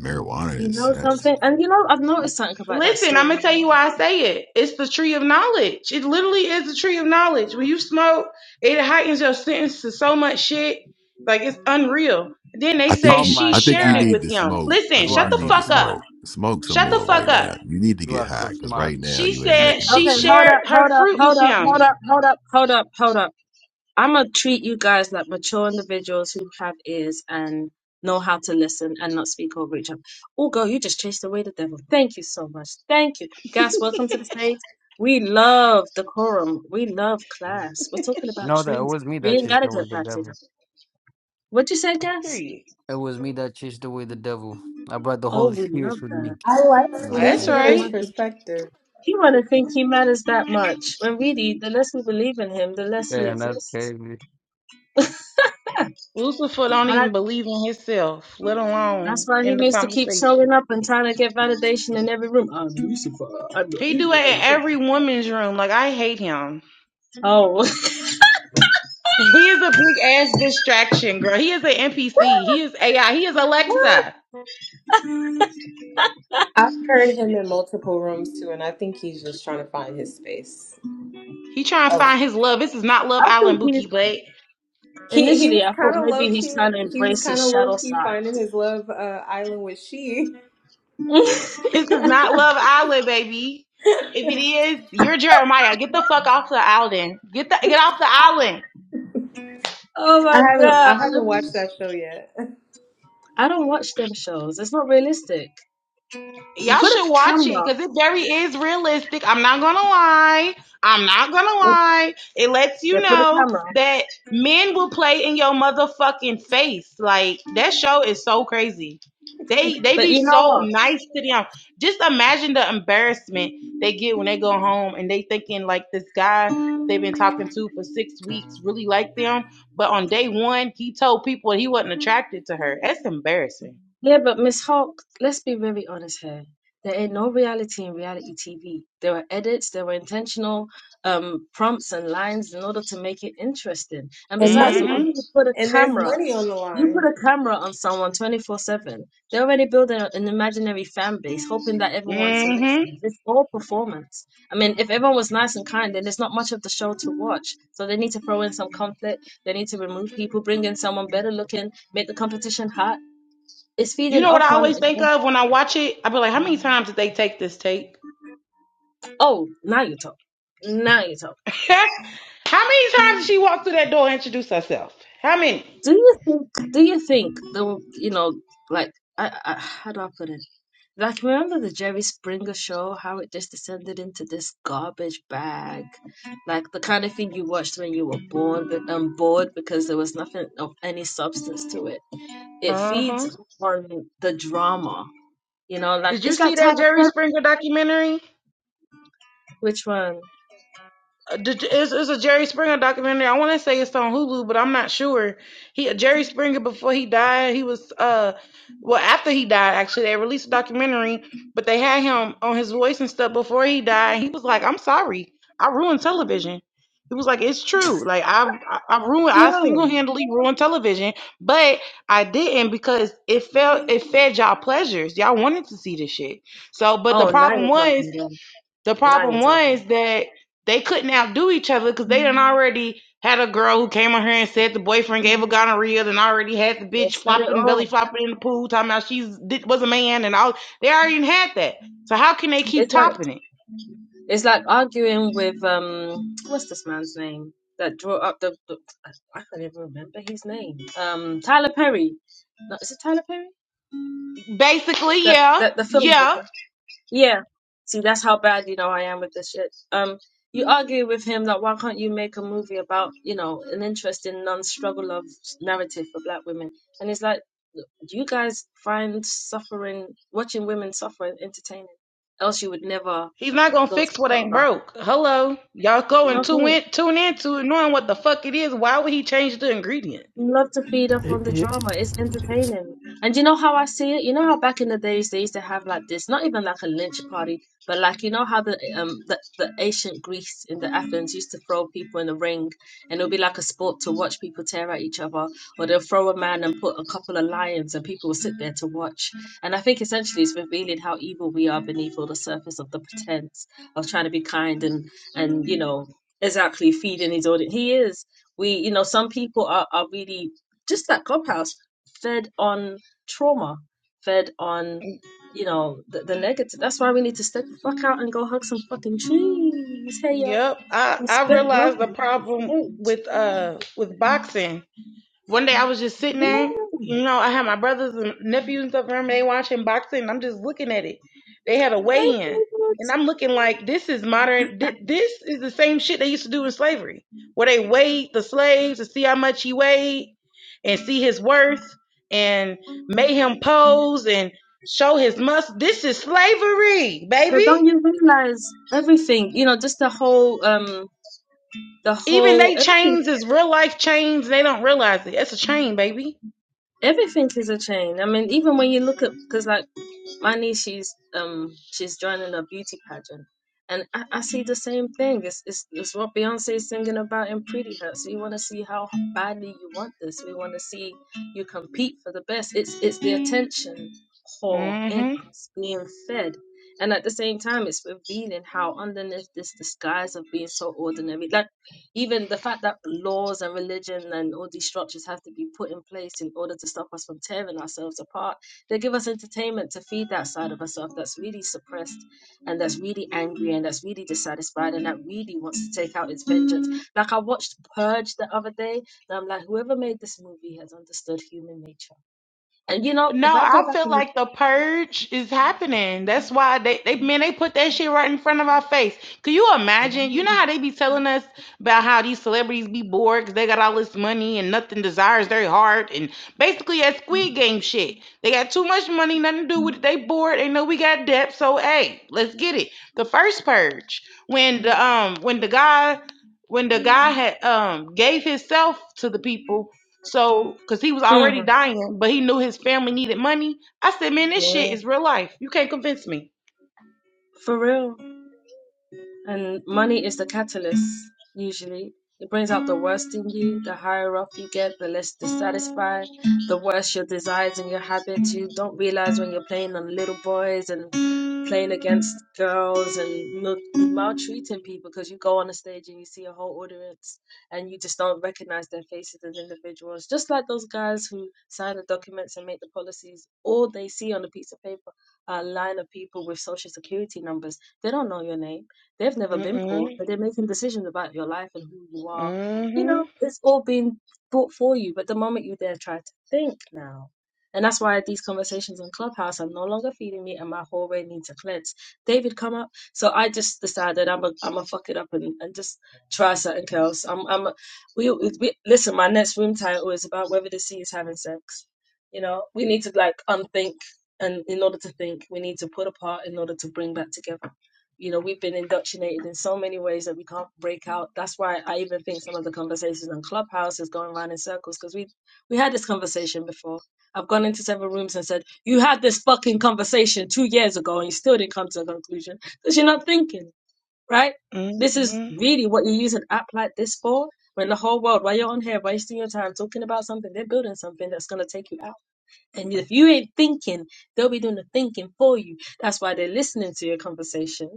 S5: marijuana
S1: You
S5: is
S1: know
S5: sex.
S1: something? And you know, I've noticed something about that
S7: Listen, I'm
S1: story.
S7: gonna tell you why I say it. It's the tree of knowledge. It literally is the tree of knowledge. When you smoke, it heightens your sentence to so much shit. Like it's unreal. Then they
S5: I think
S7: say
S8: Oh
S5: you
S7: she
S8: my
S5: I think you
S7: shared it
S8: God,
S5: need
S7: with
S5: to
S7: him.
S5: smoke. I
S7: Listen,
S8: you
S5: think
S8: are
S7: shut
S5: you
S7: the
S8: so
S5: need to
S7: fuck up.
S8: smart.
S5: smoke. Smoke some
S7: Shut the
S5: more
S7: fuck
S5: right
S8: You are,
S7: up.
S5: now. You need to
S8: you
S5: get
S8: are so
S5: high because
S8: smart.
S5: right now
S7: She
S5: you ain't
S7: said
S5: making no
S7: she
S1: Okay,
S5: sense.
S1: hold
S7: shared
S1: up, hold
S7: her
S1: up,
S7: fruit with
S1: hold up,
S7: him.
S1: hold up, hold up, hold up, hold up. I'm gonna treat you guys like mature individuals who have ears and know how to listen and not speak over each other. Oh, girl, you just chased away the devil. Thank you so much. Thank you. Guys, welcome to the stage. We love decorum. We love
S8: Mm.
S1: class. We're talking about
S8: No, that it
S1: trees.
S8: was me
S1: We
S8: that
S1: ain't
S8: chased
S1: gotta
S8: away
S1: get
S8: the
S1: back to them.
S8: devil.
S1: What'd you say, Gas?
S7: Period.
S8: It was me that chased away the devil. I brought the
S1: Oh,
S8: Holy
S1: we love
S8: Spirit with me.
S1: that.
S3: I like
S8: You know what I'm
S1: The
S7: That's
S8: saying?
S1: devil
S3: Lucifer's
S7: right.
S1: wants to
S3: perspective.
S1: You want to think he matters that much when really, the less we believe in him, the less he
S8: Yeah, and that's
S1: exists.
S8: crazy.
S7: Lucifer don't
S1: And I,
S7: even believe in himself, let
S1: that's
S7: alone
S1: why he
S7: in the
S1: needs to keep
S7: conversation.
S1: showing up and trying to get validation in every room. I'm Lucifer. I'm the
S7: He do it
S1: evil.
S7: in
S1: I'm the-
S7: every woman's room. Like I hate him.
S1: Oh, [laughs]
S7: He is a big ass distraction, girl. He is an NPC. He is AI. He is Alexa.
S3: I've heard him in multiple rooms too, and I think he's just trying to find his space.
S7: He trying to
S3: Oh.
S7: find his love. This is not
S1: I
S7: Love Island,
S1: think he's
S7: Bookie Blake.
S3: He he
S1: initially.
S3: was
S1: I thought
S3: kind of low
S1: maybe he's trying to
S3: key. He was
S1: embrace
S3: kind
S1: his
S3: of low
S1: shadow
S3: key
S1: side.
S3: finding his love uh, island with she.
S1: [laughs] oh
S7: This is not Love Island, baby. If it is, you're Jeremiah. Get the fuck off the island. Get the get off the island.
S3: I
S1: my
S3: haven't I
S1: god!
S3: haven't watched that show yet. [laughs]
S1: I don't watch them shows. It's not realistic. You
S7: Y'all
S1: put a
S7: should watch it
S1: camera.
S7: because it very is realistic. I'm not gonna lie. I'm not gonna
S1: They
S7: lie. It lets
S1: they
S7: you
S1: put a
S7: know
S1: camera.
S7: that men will play in your motherfucking face. Like that show is so crazy. They they
S1: But
S7: be
S1: you know
S7: so
S1: what?
S7: nice to them. Just imagine the embarrassment they get when they go home and they thinking like this guy they've been talking to for six weeks really like them, but on day one he told people he wasn't attracted to her. That's embarrassing.
S1: Yeah, but Miss Hawk, let's be very honest here. There ain't no reality in reality TV. There were edits, there were intentional um, prompts and lines in order to make it interesting. And
S3: And
S1: besides, the
S3: money,
S7: Mm-hmm.
S1: moment you put a
S3: and there's
S1: camera,
S3: money on the
S1: you put
S3: line.
S1: a camera on someone 24/7. They're already building a- an imaginary fan base, hoping that everyone selects
S7: Mm-hmm.
S1: them. It's all performance. I mean, if everyone was nice and kind, then there's not much of the show to watch. So they need to throw in some conflict. They need to remove people, bring in someone better looking, make the competition hot it's
S7: You
S1: feeding
S7: know what
S1: off
S7: I
S1: on.
S7: always think of when I watch it? I be like, how many times did they take this tape?
S1: Oh, now you talk. Now you talk.
S7: [laughs] how many times did she walk through that door and introduce herself? How many?
S1: Do you think? Do you think the you know like I, I how do I put it? Like remember the Jerry Springer show? How it just descended into this garbage bag, like the kind of thing you watched when you were born, but um bored because there was nothing of any substance to it. It
S7: Uh huh.
S1: feeds on the drama, you know. Like
S7: Did you
S1: it's like
S7: see that
S1: Tyler
S7: Jerry
S1: Perry.
S7: Springer documentary?
S1: Which one?
S7: Uh, did- It's, it's a Jerry Springer documentary. I want to say it's on Hulu, but I'm not sure. He Jerry Springer before he died, he was uh, well after he died actually they released a documentary, but they had him on his voice and stuff before he died. He was like, "I'm sorry, I ruined television." He was like, "It's true. Like I I, I ruined
S1: Yeah.
S7: I single handedly ruined television, but I didn't because it felt it fed y'all pleasures. Y'all wanted to see this shit. So, but the
S1: Oh, now
S7: problem
S1: you're
S7: was."
S1: talking, girl.
S7: The
S1: Now you're
S7: problem
S1: talking.
S7: was that they couldn't outdo each other because they done already had a girl who came on here and said the boyfriend gave her gonorrhea and already had the
S1: They
S7: bitch
S1: said it
S7: flopping, belly
S1: all.
S7: flopping in the pool, talking about she was a man and all. They already had that. So how can they keep
S1: It's like
S7: topping it?
S1: it's like arguing with um what's this man's name that drew up the, the I can't even remember his name. Um Tyler Perry. No, is it Tyler Perry?
S7: Basically,
S1: That
S7: yeah,
S1: that the
S7: yeah.
S1: filmmaker. Yeah. See, that's how bad you know I am with this shit. Um you argue with him like why can't you make a movie about, you know, an interesting non-struggle of narrative for black women? And it's like do you guys find suffering watching women suffer entertaining. Else you would never
S7: He's not gonna
S1: go to
S7: fix what
S1: the
S7: ain't broke. Hello, y'all go
S1: cinema.
S7: and tune
S1: Okay.
S7: in, tune into it, knowing what the fuck it is. Why would he change the ingredient?
S1: love to feed off on the drama. It's entertaining. And you know how I see it? You know how back in the days they used to have like this, not even like a lynch party, but like you know how the um the, the ancient Greece in the Athens used to throw people in a ring and it'll be like a sport to watch people tear at each other, or they'll throw a man and put a couple of lions and people will sit there to watch. And I think essentially it's revealing how evil we are beneath all the surface of the pretense of trying to be kind and and you know exactly feeding his audience. He is. We, you know, some people are, are really just that clubhouse fed on trauma, fed on, you know, the, the negative. That's why we need to step the fuck out and go hug some fucking trees. Hey, yo.
S7: Yep, I I
S1: Respect,
S7: realized
S1: welcome
S7: the
S1: to the
S7: problem
S1: stage.
S7: with uh with boxing One day I was just sitting there, you
S1: Yeah.
S7: know, I had my brothers and nephews and stuff around me, they watching boxing, and I'm just looking at it. They had a weigh
S1: Hey,
S7: in. And
S1: dudes.
S7: I'm looking like this is modern. thi- This is the same shit they used to do in slavery, where they weighed the slaves to see how much he weighed and see his worth and made him pose and show his muscle. This is slavery,
S1: But
S7: baby.
S1: don't you realize everything, you know, just the whole, um, the
S7: Even
S1: whole,
S7: they
S1: everything,
S7: chains is real life chains. They don't realize it. That's a chain, baby.
S1: everything is a chain. I mean, even when you look at, because like, my niece she's um she's joining a beauty pageant and I, I see the same thing it's, it's it's what beyonce is singing about in pretty hurts we want to see how badly you want this we want to see you compete for the best it's it's the attention whore
S7: Mm-hmm.
S1: in us being fed and at the same time it's revealing how underneath this disguise of being so ordinary like even the fact that laws and religion and all these structures have to be put in place in order to stop us from tearing ourselves apart they give us entertainment to feed that side of ourselves that's really suppressed and that's really angry and that's really dissatisfied and that really wants to take out its vengeance. Like I watched Purge the other day, and I'm like, whoever made this movie has understood human nature. And you know,
S7: No,
S1: if I
S7: I
S1: go back
S7: feel
S1: and
S7: like the purge is happening. That's why they, they man, they put that shit right in front of our face. Can you
S1: look,
S7: imagine? You know how they be telling us about how these celebrities be bored because they got all this money and nothing desires their heart and basically that Squid Game shit. They got too much money, nothing to do with it. They bored. They know we got debt, so hey, let's get it. The first purge when the um when the guy when the guy had um gave himself to the people so, because he was
S1: Mm,
S7: already dying, but he knew his family needed money. I said, man, this shit
S1: yeah,
S7: is real life. You can't convince me.
S1: for real. And money is the catalyst, usually. It brings out the worst in you. The higher up you get, the less dissatisfied, the worse your desires and your habits. You don't realize when you're playing on little boys and playing against girls and mil- maltreating people because you go on a stage and you see a whole audience and you just don't recognize their faces as individuals. Just like those guys who sign the documents and make the policies, all they see on a piece of paper are a line of people with social security numbers. They don't know your name They've never been poor,
S7: Mm-mm,
S1: but they're making decisions about your life and who you are. You know,
S7: mm-hmm,
S1: it's all been brought for you. But the moment you dare try to think now, and that's why these conversations on Clubhouse are no longer feeding me, and my hallway needs a cleanse. David, come up. So I just decided I'm a I'm a fuck it up and, and just try something else. I'm I'm a, we, we listen. My next room title is about whether the sea is having sex. You know, we need to like unthink and in order to think, we need to put apart in order to bring back together. You know, we've been indoctrinated in so many ways that we can't break out. That's why I even think some of the conversations on Clubhouse is going around in circles because we we had this conversation before. I've gone into several rooms and said, "You had this fucking conversation two years ago, and you still didn't come to a conclusion because you're not thinking, right? This is
S7: mm-hmm.
S1: really what you use an app like this for." When the whole world, while you're on here wasting your time talking about something, they're building something that's going to take you out. And if you ain't thinking, they'll be doing the thinking for you. That's why they're listening to your conversation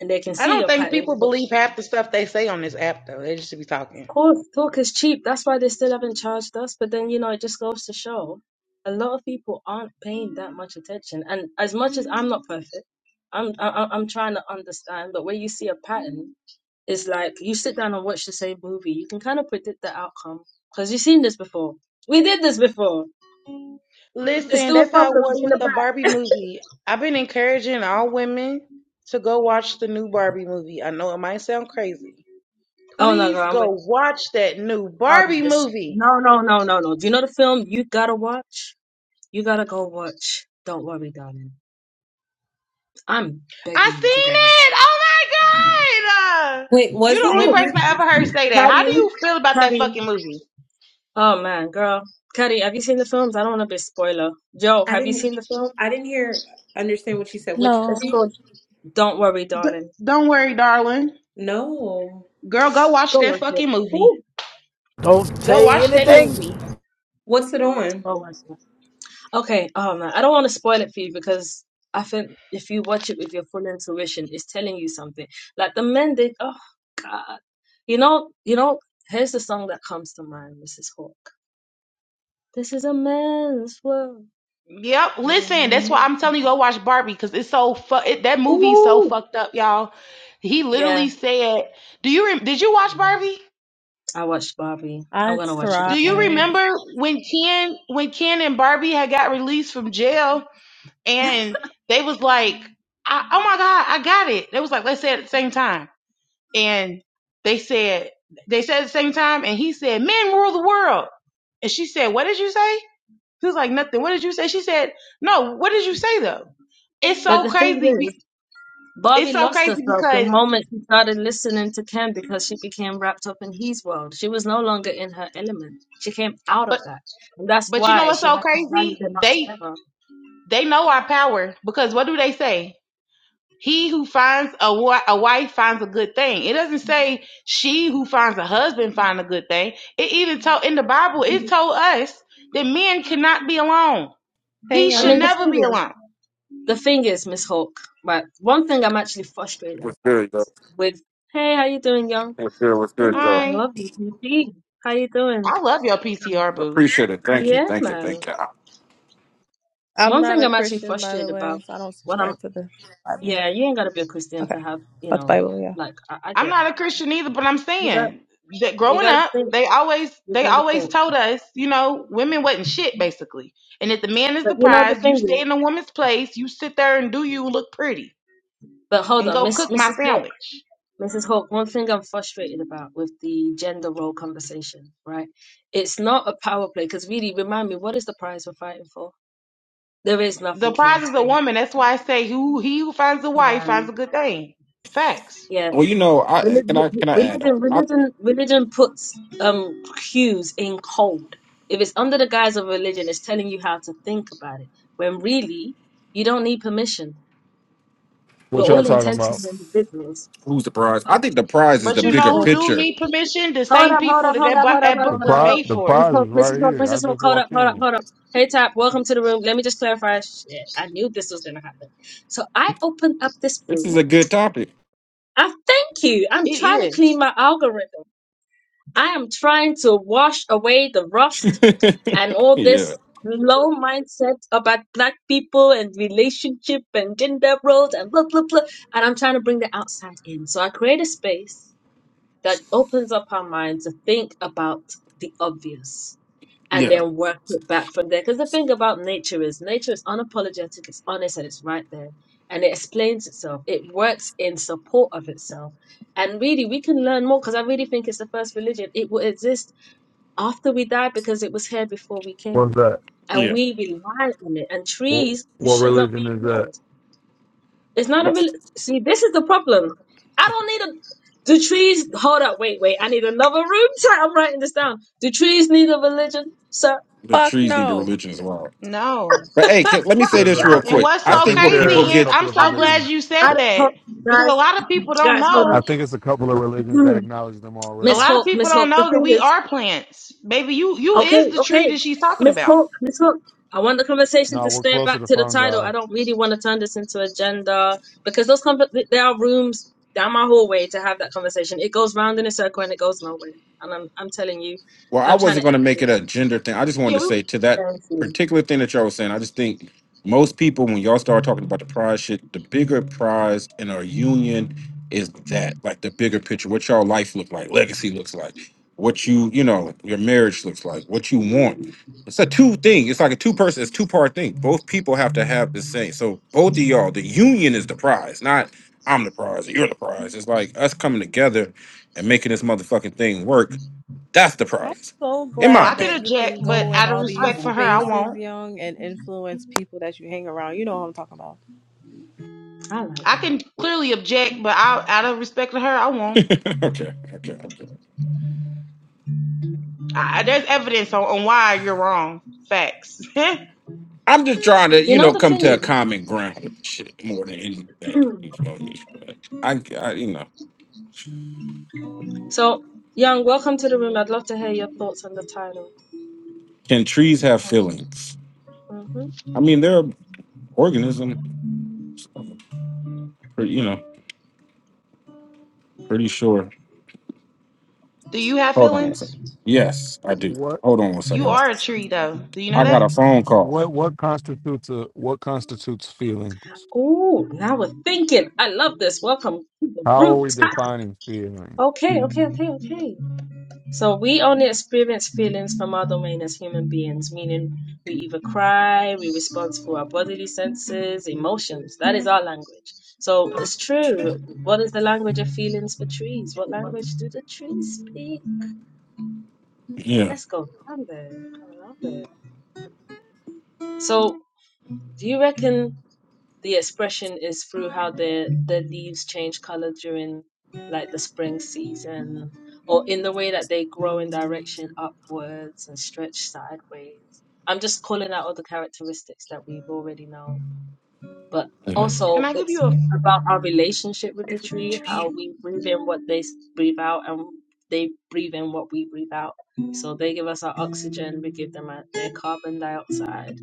S1: and they can
S7: I
S1: see
S7: don't
S1: your
S7: think
S1: pattern.
S7: people
S1: Of
S7: believe half the stuff they say on this app, though. They just be talking.
S1: course, talk is cheap. That's why they still haven't charged us. But then, you know, it just goes to show a lot of people aren't paying that much attention. And as much as I'm not perfect, I'm I, I- am trying to understand. But where you see a pattern, it's like you sit down and watch the same movie. You can kind of predict the outcome because you've seen this before. We did this before. It's
S7: Listen,
S1: still a
S7: that's how it
S1: problem
S7: was
S1: being
S7: with
S1: a
S7: the
S1: black.
S7: Barbie movie. I've been encouraging all women to go watch the new Barbie movie. I know it might sound crazy.
S1: Oh no,
S7: Please
S1: girl, I'm with
S7: go
S1: you.
S7: watch that new
S1: I'll do
S7: Barbie
S1: this.
S7: movie.
S1: No, no, no, no, no. Do you know the film you gotta watch? You gotta go watch. Don't worry, darling. I'm
S7: I
S1: begging you
S7: seen
S1: to go with.
S7: it. Oh my god! Uh,
S3: Wait,
S7: you
S3: was
S7: the only
S3: what
S1: Ooh,
S7: person
S3: movie
S7: I ever heard say that. How do
S1: Cuddy,
S7: you feel about that
S1: Cuddy.
S7: fucking movie?
S1: Oh man, girl, Cuddy, have you seen the films? I don't want to be a spoiler. Joe,
S3: I
S1: have you
S3: didn't.
S1: seen the film?
S3: I didn't hear. Understand what you said? Which
S6: No,
S1: It's
S3: movie?
S1: called Don't Worry, Darling.
S7: D- don't worry, darling.
S3: No.
S7: Girl, go watch
S1: Go
S7: that
S1: watch it.
S7: fucking movie.
S1: Ooh,
S9: Don't
S7: Go
S9: say
S7: watch that
S9: anything.
S7: movie.
S3: What's it on?
S1: go watch it. Okay. Oh man, I don't want to spoil it for you because I think if you watch it with your full intuition, it's telling you something. Like the men did. Oh God, you know, you know. Here's the song that comes to mind, Mrs. Hawk. This is a man's world.
S7: Yep. Listen, that's why I'm telling you go watch Barbie because it's so fu- it, that movie's so
S1: Ooh.
S7: fucked up, y'all. He
S1: Yeah,
S7: literally said, "Do you rem did you watch Barbie?
S1: I watched Barbie. I'm
S6: I
S1: gonna watch it
S7: Do you
S6: tried.
S1: again.
S7: remember when Ken when Ken and Barbie had got released from jail?" and they was like, I, "Oh my God, I got it." They was like, "Let's say it at the same time," and they said they said at the same time, and he said, "Men rule the world," and she said, "What did you say?" He was like, "Nothing." What did you say? She said, "No." What did you say though? It's
S1: But
S7: so
S1: the thing
S7: crazy.
S1: is,
S7: be- It's
S1: Barbie
S7: so
S1: lost
S7: crazy
S1: herself the
S7: because,
S1: moment she started listening to Ken because she became wrapped up in his world. She was no longer in her element. She came out of
S7: but
S1: that. And that's
S7: but you know
S1: why
S7: what's
S1: she
S7: so
S1: had to rally them
S7: crazy?
S1: up
S7: They
S1: together.
S7: they know our power because what do they say? He who finds a, wi- a wife finds a good thing. It doesn't say she who finds a husband finds a good thing. It even told in the Bible, it told us that men cannot be alone.
S6: Hey,
S7: He
S1: I
S7: should
S1: mean,
S6: y'all.
S1: the
S7: never
S1: thing
S7: be
S1: is,
S7: alone.
S1: the thing is, Miss Hawk, right? One thing I'm actually frustrated
S10: What's
S1: about
S10: good, yo?
S1: with, hey, how you doing, young?
S10: What's good? What's good,
S1: Ooh, I
S10: yo?
S7: Hi.
S1: love you, DP. How you doing?
S7: I love your
S1: Um,
S7: PCR boo.
S10: Appreciate it. Thank you.
S1: yeah,
S10: Thank you.
S1: man.
S10: Thank you.
S6: I'm
S1: One
S6: not
S1: thing
S6: a
S1: I'm actually
S6: Christian, by
S1: frustrated
S6: the
S1: about,
S6: way, so I don't
S1: what I'm,
S6: subscribe to the Bible.
S1: yeah, you ain't gotta be a Christian to
S6: Okay.
S1: have, you
S6: About the
S1: know,
S6: Bible, yeah.
S1: like I, I
S7: I'm
S1: get,
S7: not a Christian either, but I'm
S1: you got,
S7: saying that
S1: you
S7: growing
S1: gotta
S7: up,
S1: think,
S7: they always
S1: you
S7: they
S1: gotta
S7: always
S1: think.
S7: told us, you know, women wasn't shit basically. And that the man is
S1: But
S7: the
S1: you know the
S7: prize, you
S1: thing
S7: stay
S1: is,
S7: in the woman's place, you sit there and do you look pretty
S1: but hold
S7: and
S1: on,
S7: go
S1: Miss
S7: cook my
S1: Mrs. Hawk,
S7: sandwich.
S1: Mrs. Hawk. One thing I'm frustrated about with the gender role conversation, right? It's not a power play because really, remind me, what is the prize we're fighting for? There is
S7: The
S1: nothing here
S7: prize
S1: to
S7: is a
S1: gain.
S7: woman. That's why I say who he who finds a wife finds a good thing. Facts.
S1: Yeah,
S10: Well, you know, I
S1: Religion,
S10: can I can I add on.
S1: religion,
S10: I,
S1: religion, religion puts um cues in code. If it's under the guise of religion, it's telling you how to think about it. When really, you don't need permission. We're
S11: What y'all
S1: all
S7: hmm
S11: talking about?
S1: intentional individuals.
S10: who's the prize? I
S1: Hold
S10: think the prize is
S7: But
S10: the
S7: you
S6: What's
S7: know
S10: bigger
S6: up?
S7: who do
S10: picture.
S7: need permission? The same
S1: up, hold
S7: people
S1: up,
S7: that
S1: hold
S7: that,
S1: up, hold
S7: bu-
S1: up,
S7: that
S1: hold
S11: The
S7: book
S1: up, hold
S7: was
S1: up, hold
S11: prize,
S1: up.
S7: made
S11: the
S7: for.
S1: Miss
S11: prize
S7: It
S11: is
S1: Hope, Mrs.
S11: right
S1: Hope,
S11: here. I
S1: Mrs. Hope,
S11: just
S1: hold up,
S11: walked
S1: hold up,
S11: in.
S1: hold up. Hey, Tap, welcome to the room. Let me just clarify. Shit, I knew this was gonna happen. So I open up this
S10: This is
S1: room.
S10: a good topic.
S1: I thank you. I'm trying to clean
S7: is.
S1: my algorithm. I am trying to wash away the rust and
S10: [laughs]
S1: all
S10: yeah,
S1: this low mindset about black people and relationship and gender roles and blah blah blah. And I'm trying to bring the outside in. So I create a space that opens up our minds to think about the obvious and
S10: yeah,
S1: then work it back from there. Because the thing about nature is nature is unapologetic, it's honest, and it's right there. And it explains itself. It works in support of itself. And really, we can learn more because I really think it's the first religion. It will exist after we die because it was here before we came
S11: What's that?
S1: and
S10: yeah.
S1: we rely on it. And
S11: What,
S1: trees
S11: what
S1: should not be
S11: religion is that?
S1: ignored. It's not a
S10: But
S1: real. See, this is the problem. I don't need a. Do trees hold up? Wait, wait. I need another room. [laughs] I'm writing this down. Do trees need a religion? So
S10: the
S6: Fuck
S10: trees need a
S6: no.
S10: religion as well.
S7: No.
S10: But hey, can, let me say
S11: There's a,
S10: this
S11: I
S10: real
S7: And
S11: think,
S10: quick.
S7: what's
S10: I
S11: I
S7: so
S10: think
S11: think
S10: what
S7: crazy
S11: there
S10: people
S11: are a
S7: is
S10: get
S11: couple
S7: I'm
S11: of
S1: I
S7: so
S1: just,
S7: glad
S11: religions.
S7: you said
S1: I
S11: That,
S1: don't,
S7: that
S1: hold-
S7: because a
S1: guys,
S7: lot of people
S1: [clears throat]
S7: don't
S1: guys, hold
S11: I
S7: know.
S11: think it's a couple of religions that
S1: on.
S11: acknowledge them
S1: [clears throat]
S7: A
S11: already.
S1: Miss
S7: lot of
S1: Hawk,
S7: people
S1: Miss
S7: don't
S1: Hawk. The
S7: know that
S1: thing
S7: we
S1: is,
S7: are plants. Baby, you you
S1: Okay,
S7: is the
S1: okay.
S7: tree that she's talking
S1: Miss
S7: about.
S1: Hook, Miss Hook. I want the conversation
S11: No,
S1: to
S11: we're
S1: stay
S11: closer
S1: back
S11: to
S1: to the title.
S11: fungi.
S1: I don't really want to turn this into agenda because those conver- th- there are rooms down my hallway to have that conversation. It goes round in a circle and it goes nowhere. And I'm I'm telling you,
S10: Well, I
S1: I'm trying
S10: wasn't
S1: to
S10: going
S1: end
S10: to make
S1: it.
S10: it a gender thing. I just wanted
S7: Yeah,
S10: to say
S7: we,
S10: to that
S1: Thank you.
S10: particular thing that y'all was saying, I just think most people, when y'all start talking about the prize shit, the bigger prize in our union is that, like the bigger picture, what y'all life look like, legacy looks like, what you, you know, your marriage looks like, what you want. It's a two thing. It's like a two person, it's two part thing. Both people have to have the same. So both of y'all, the union is the prize, not I'm the prize or you're the prize. It's like us coming together and making this motherfucking thing work that's the
S6: I'm
S10: prize,
S6: so
S10: in
S7: well,
S10: my
S7: I
S6: glad
S10: opinion.
S7: can
S6: that you
S7: object,
S6: can
S7: but
S6: go in
S7: out of
S6: all
S1: I
S6: these
S1: like
S7: respect for her, I
S1: that.
S6: spaces,
S7: won't.
S6: young, and influence people that you hang around. You know what I'm talking
S1: I like
S7: I
S1: that.
S7: can clearly object, but I, out of respect for her, I won't.
S10: [laughs] okay, okay, okay.
S7: I, there's evidence on, on why you're wrong. Facts. [laughs]
S10: I'm just trying to,
S1: You
S10: you
S1: know
S10: know,
S1: the
S10: come
S1: thing
S10: to a
S1: is,
S10: common ground with shit more than anything. You know, but I, I, you know,
S1: so Young, welcome to the room. I'd love to hear your thoughts on the title.
S10: can trees have feelings?
S1: Mm-hmm.
S10: I mean, they're an organism. so, pretty- You know, pretty sure.
S7: Do you have
S10: Hold on one second.
S7: feelings?
S10: Yes, I do.
S11: What,
S10: Hold on one
S7: You
S10: second.
S7: are a tree, though. Do you know
S10: I got
S7: that?
S10: a phone call.
S11: what, what constitutes a, what constitutes feeling?
S1: Ooh, now we're thinking. I love this. Welcome to the
S11: How are
S1: room.
S11: we defining feeling?
S1: Okay, okay, okay, okay. So we only experience feelings from our domain as human beings, meaning we either cry, we respond to our bodily senses, emotions. That is our language. So it's true. What is the language of feelings for trees? What language do the trees speak?
S10: Yeah.
S1: Let's go around there. Go around there. So do you reckon? the expression is through how the the leaves change color during like the spring season or in the way that they grow in direction upwards and stretch sideways i'm just calling out all the characteristics that we've already known but
S10: you
S1: also
S7: Can I give
S1: it's
S7: you a
S1: about our relationship with the tree
S10: know.
S1: how we breathe in what they s- breathe out and they breathe in what we breathe out so they give us our oxygen we give them our, their carbon dioxide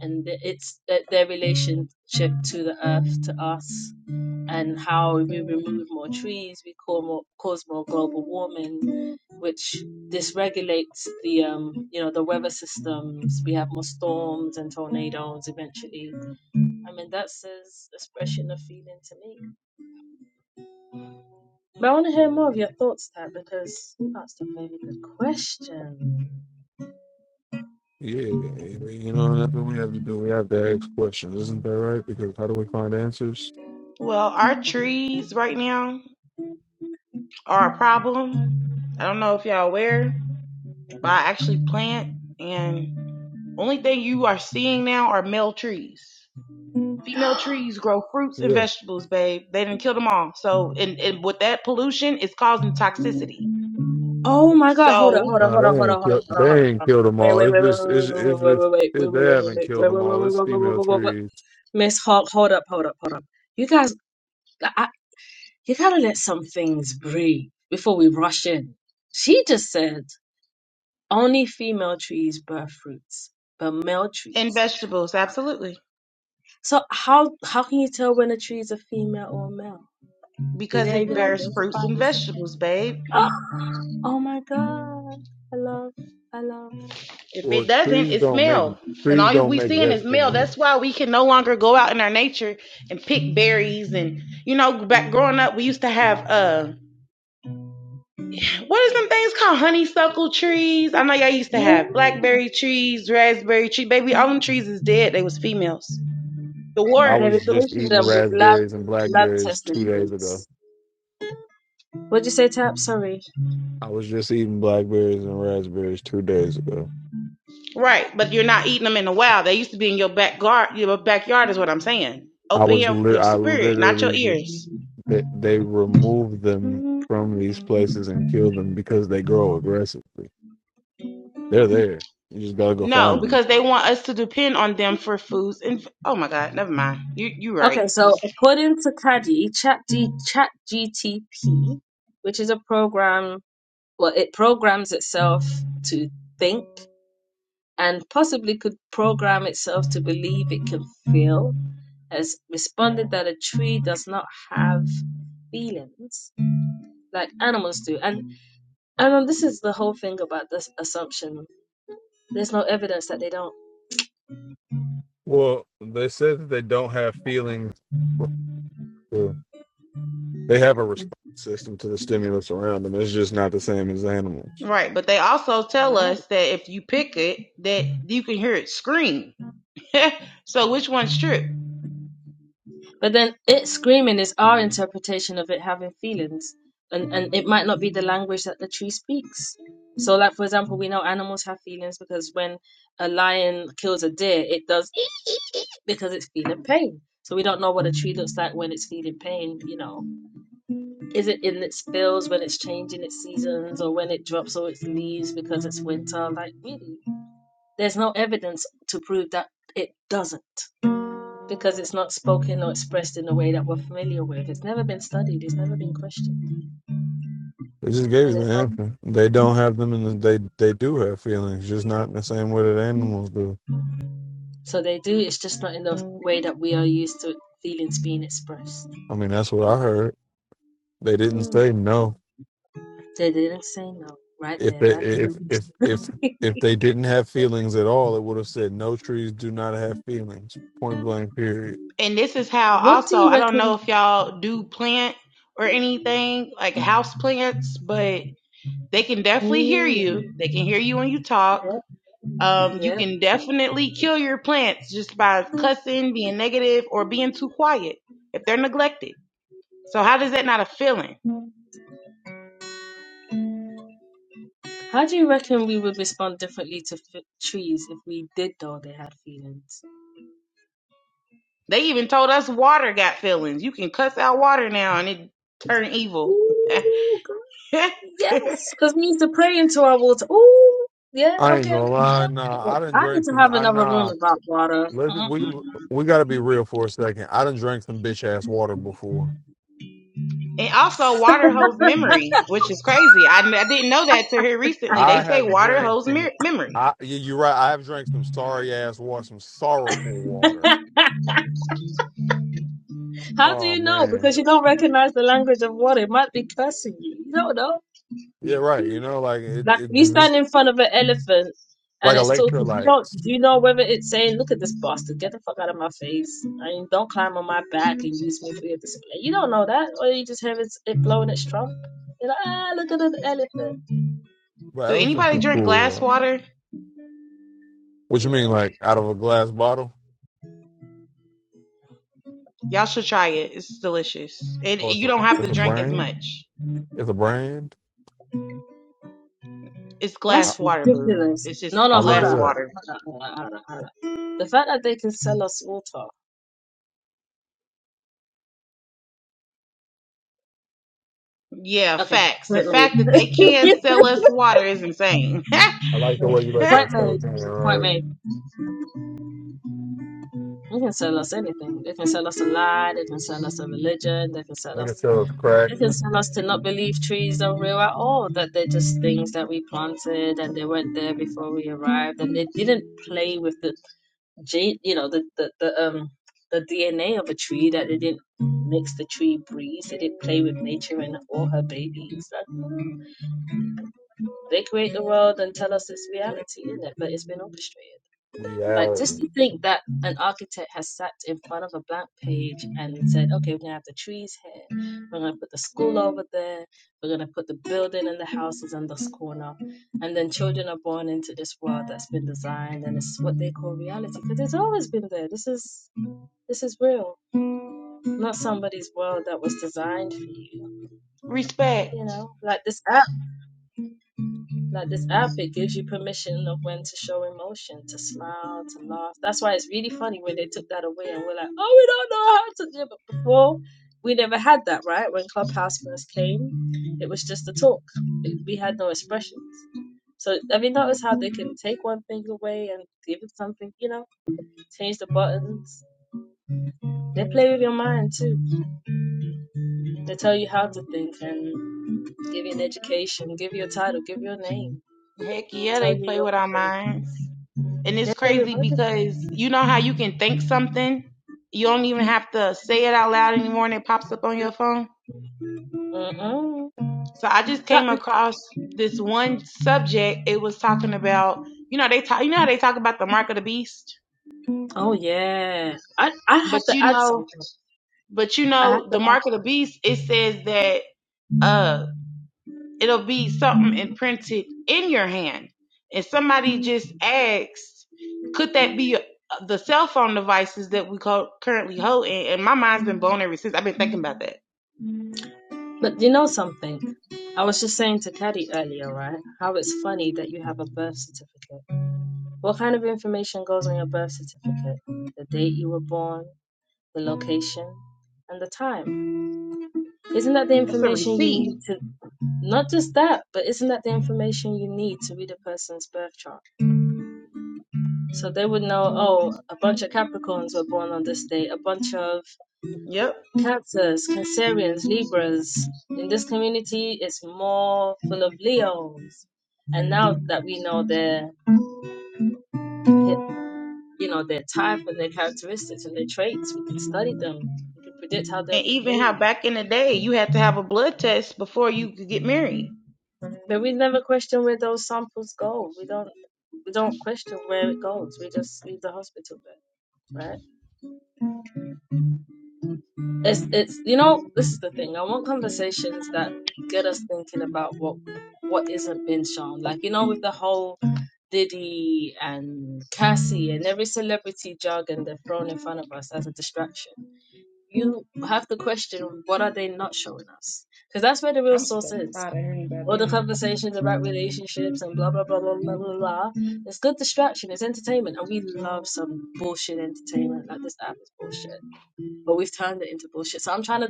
S1: and the- it's th- their relationship to the earth, to us, and how if we remove more trees, we cause more, cause more global warming, which dysregulates the um, you know the weather systems. We have more storms and tornadoes eventually. I mean, that's as expression of feeling to me. But I want to hear more of your thoughts, Tab, because that's a very good question.
S11: Yeah, you know, that's what we have to do. We have to ask questions, isn't that right? Because how do we find answers?
S7: well? Our trees right now are a problem. I don't know if y'all aware, but I actually plant, and only thing you are seeing now are male trees. Female trees grow fruits and
S11: Yeah.
S7: vegetables, babe. They didn't kill them all. So, and, and with that pollution, it's causing toxicity.
S1: Oh my god, hold up,
S7: So,
S1: hold up,
S11: No,
S1: hold up,
S11: they
S1: hold up,
S11: ain't
S1: hold up,
S11: killed.
S1: hold up, hold
S11: They
S1: up.
S11: ain't
S1: hold up.
S11: killed them
S1: Wait,
S11: all.
S1: wait,
S11: It's
S1: wait, wait, wait,
S11: just, it's, it's
S1: wait, wait,
S11: just,
S1: wait, wait,
S11: it,
S1: wait,
S11: they haven't
S1: wait, wait, wait, wait, wait, wait, wait, wait,
S11: killed them all. It's
S1: wait, wait,
S11: female
S1: wait. wait, wait.
S11: trees.
S1: Miss Hawk, hold up, hold up, hold up. You guys, I, you gotta let some things breathe before we rush in. She just said only female trees bear fruits, but male
S7: and
S1: trees.
S7: vegetables, absolutely.
S1: So how how can you tell when a tree is a female or a male? Did
S7: because
S1: they
S7: it
S1: even
S7: bears fruits
S1: identify
S7: and
S1: this?
S7: vegetables, babe.
S1: [gasps] oh my god, I love, I
S7: If it
S11: Well,
S7: doesn't,
S11: trees
S7: it's
S11: don't make
S7: male. And
S11: trees
S7: all
S11: don't
S7: we
S11: make
S7: seeing is male.
S11: vegetables.
S7: That's why we can no longer go out in our nature and pick berries. And you know, back growing up, we used to have uh, what is them things called? Honeysuckle trees. I know y'all used to have
S1: love.
S7: blackberry trees, raspberry tree. Baby, all them trees is dead. They was females. The
S11: I
S1: And
S7: war,
S1: they're
S11: was
S7: the,
S11: just
S1: replacing
S11: eating
S1: them with lab
S11: raspberries and
S1: lab
S11: blackberries
S1: tested
S11: two days ago.
S1: fruits. What'd you say, Tap? Sorry.
S11: I was just eating blackberries and raspberries two days ago.
S7: right? But you're not eating them in the wild. They used to be in your back gar- your backyard, is what I'm saying.
S11: I
S7: Open
S11: was
S7: your
S11: lit.
S7: your
S11: I
S7: spirit, not your
S11: literally ju-
S7: ears.
S11: they, they removed them
S1: Mm.
S11: from these places and killed them because they grow aggressively. They're there. You just gotta go
S7: No,
S11: find them.
S7: because they want us to depend on them for foods and oh my God, never mind. You you right.
S1: Okay, so
S7: Just
S1: according to Caddy, Chat GTP, which is a program, well, it programs itself to think and possibly could program itself to believe it can feel, has responded that a tree does not have feelings like animals do. And and this is the whole thing about this assumption. There's no evidence that they don't.
S11: Well, they said that they don't have feelings. They have a response system to the stimulus around them. It's just not the same as animals.
S7: right. But they also
S1: All
S7: tell
S1: right.
S7: us that if you pick it, that you can hear it scream. [laughs] so which one's true?
S1: But then it screaming is our interpretation of it having feelings, and and it might not be the language that the tree speaks. So, like for example, we know animals have feelings because when a lion kills a deer, it does eat because it's feeling pain. So we don't know what a tree looks like when it's feeling pain. You know, is it in its bills when it's changing its seasons, or when it drops all its leaves because it's winter? Like really, there's no evidence to prove that it doesn't because it's not spoken or expressed in a way that we're familiar with. It's never been studied, it's never been questioned.
S11: They just gave you
S1: And there's
S11: the
S1: no,
S11: answer. They don't have them, and the, they they do have feelings, just not in the same way that animals do.
S1: so they do, it's just not in the way that we are used to feelings being expressed.
S11: I mean, that's what I heard. They didn't
S1: Hmm.
S11: say no.
S1: They didn't say no. Right
S11: If
S1: there,
S11: they
S1: back to
S11: if if if
S1: the
S11: if they didn't have feelings at all, it would have said no. Trees do not have feelings. Point blank. Period.
S7: And this is
S1: [laughs]
S7: how
S1: What do
S7: also
S1: you
S7: I don't know if
S1: reckon?
S7: y'all do plant or anything, like house plants, but they can definitely hear
S1: Oh, yeah.
S7: you. They can hear you when you talk. Um, you
S1: Yeah.
S7: can definitely kill your plants just by cussing, being negative, or being too quiet if they're neglected. So how does that not a feeling?
S1: yeah. How do you reckon we would respond differently to f- trees if we did know they had feelings?
S7: They even told us water got feelings. You can cuss out water now and it turn evil.
S1: Ooh,
S7: [laughs] and
S1: Yes, because we need to pray into our water. Oh, yeah,
S11: I ain't
S1: okay,
S11: gonna
S1: okay.
S11: lie.
S1: yeah.
S11: Nah, I didn't
S1: I need
S11: drink
S1: to
S11: some.
S1: have
S11: I
S1: another room
S11: nah.
S1: about water.
S11: Let's, we
S1: Mm.
S11: we gotta be real for a second. I didn't drink some bitch ass water before.
S7: also water holds memory, which is crazy. I, I didn't know that till here recently. They
S11: I
S7: say
S11: have
S7: water
S11: drank
S7: holds
S11: some.
S7: mer- memory.
S11: I yeah, you're right. I have drank some sorry ass water, some sorrowful water.
S1: How do
S11: Oh
S1: you know?
S11: man,
S1: Because you don't recognize the language of water. It might be cursing you. You don't know.
S11: yeah, right. You know, like it,
S1: Like
S11: it
S1: you
S11: this,
S1: stand in front of an elephant and
S11: like
S1: it's talking. You don't.
S11: electrolytes.
S1: Do you know whether it's saying, "Look at this bastard, get the fuck out of my face," and don't climb on my back and use me for your display? You don't know that, or you just have it, it blowing its trump. You're like, ah, look at the elephant.
S11: But
S7: Do
S11: elephants
S7: anybody
S11: are
S7: drink
S11: cool.
S7: glass
S11: Though.
S7: water?
S11: What you
S1: Yeah.
S11: mean, like out of a glass bottle?
S7: Y'all should try it. It's delicious. And
S11: Oh, it's
S7: you
S11: a
S7: don't have
S11: it's
S7: to
S11: a
S7: drink as
S11: brand.
S7: much.
S11: It's a brand.
S7: It's
S11: I
S1: That's
S7: glass water, boo.
S1: ridiculous.
S7: It's
S1: No,
S7: just
S1: no,
S11: I look
S1: hold
S11: it
S7: glass
S1: on, hold on,
S11: up.
S7: water.
S1: hold on, hold on, hold on. The fact that they can sell us small talk.
S7: Yeah,
S1: Okay,
S7: facts. The
S1: point
S7: fact
S1: made.
S7: that they can sell us water is insane.
S11: I like the way you let that
S1: Point
S7: [laughs]
S11: stuff
S1: made.
S11: in. All
S1: Point
S11: right,
S1: made. They can sell us anything. They can sell us a lie. They can sell us a religion. They can sell
S11: make it
S1: us.
S11: show us crack
S1: They can sell us to not believe trees are real at all. That they're just things that we planted and they weren't there before we arrived. And they didn't play with the gene, you know, the, the, the um the DNA of a tree that they didn't mix the tree breeds, they didn't play with nature and all her babies. That- They create the world and tell us it's reality, isn't it? But it's been orchestrated. Like
S11: reality.
S1: just to think that an architect has sat in front of a blank page and said, Okay, we're gonna have the trees here, we're gonna put the school over there, we're gonna put the building and the houses in this corner and then children are born into this world that's been designed and it's what they call reality because it's always been there this is this is real, not somebody's world that was designed for you.
S7: Respect.
S1: You know, like this app, like this app, it gives you permission of when to show emotion, to smile, to laugh. That's why it's really funny when they took that away and we're like, oh, we don't know how to. Yeah, but before we never had that, right? When Clubhouse first came, it was just a talk. It- We had no expressions. So have you noticed how they can take one thing away and give it something, you know, change the buttons? They play with your mind too. They tell you how to think and Give you an education. Give you a title. Give you a name.
S7: Heck yeah,
S1: Tell
S7: they
S1: you
S7: play
S1: your
S7: with our
S1: woman.
S7: minds. And
S1: They
S7: it's
S1: play with
S7: crazy
S1: other
S7: because you know how you can think something, you don't even have to say it out loud anymore and it pops up on your phone.
S1: mm
S7: So I just
S1: That,
S7: came across this one subject. It was talking about, you know, they talk you know how they talk about the mark of the beast?
S1: oh yeah. I I
S7: But
S1: have to
S7: you
S1: add
S7: know,
S1: something.
S7: but you
S1: I have
S7: know,
S1: to
S7: the mark of the beast, it says that uh, it'll be something
S1: add.
S7: imprinted in your hand. And somebody just asked, could that be the cell phone devices that we call currently hold? And, my mind's been blown ever since. I've been thinking about that.
S1: But you know something? I was just saying to Caddy earlier, right? How it's funny that you have a birth certificate. What kind of information goes on your birth certificate? The date you were born, the location, and the time. Isn't that the
S7: It's a
S1: information you
S7: receipt.
S1: need to, not just that, but isn't that the information you need to read a person's birth chart? So they would know, oh, a bunch of Capricorns were born on this day, a bunch of
S7: Yep.
S1: Cancers, Cancerians, Libras. In this community, it's more full of Leos. And now that we know their, you know, their type and their characteristics and their traits, we can study them. We can predict how they'll
S7: And even how
S1: behave.
S7: back in the day you had to have a blood test before you could get married.
S1: But we never question where those samples go. We don't, we don't question where it goes. We just leave the hospital bed, right? It's it's you know this is the thing. I want conversations that get us thinking about what what isn't being shown. Like you know with the whole Diddy and Cassie and every celebrity jargon they're thrown in front of us as a distraction. You have to question what are they not showing us? Because that's where the real
S7: I'm
S1: source
S7: so
S1: is.
S7: tired of hearing about
S1: All the
S7: them.
S1: conversations about relationships and blah blah blah blah blah blah blah. It's good distraction, it's entertainment, and we love some bullshit entertainment. Like this app is bullshit. But we've turned it into bullshit. So I'm trying to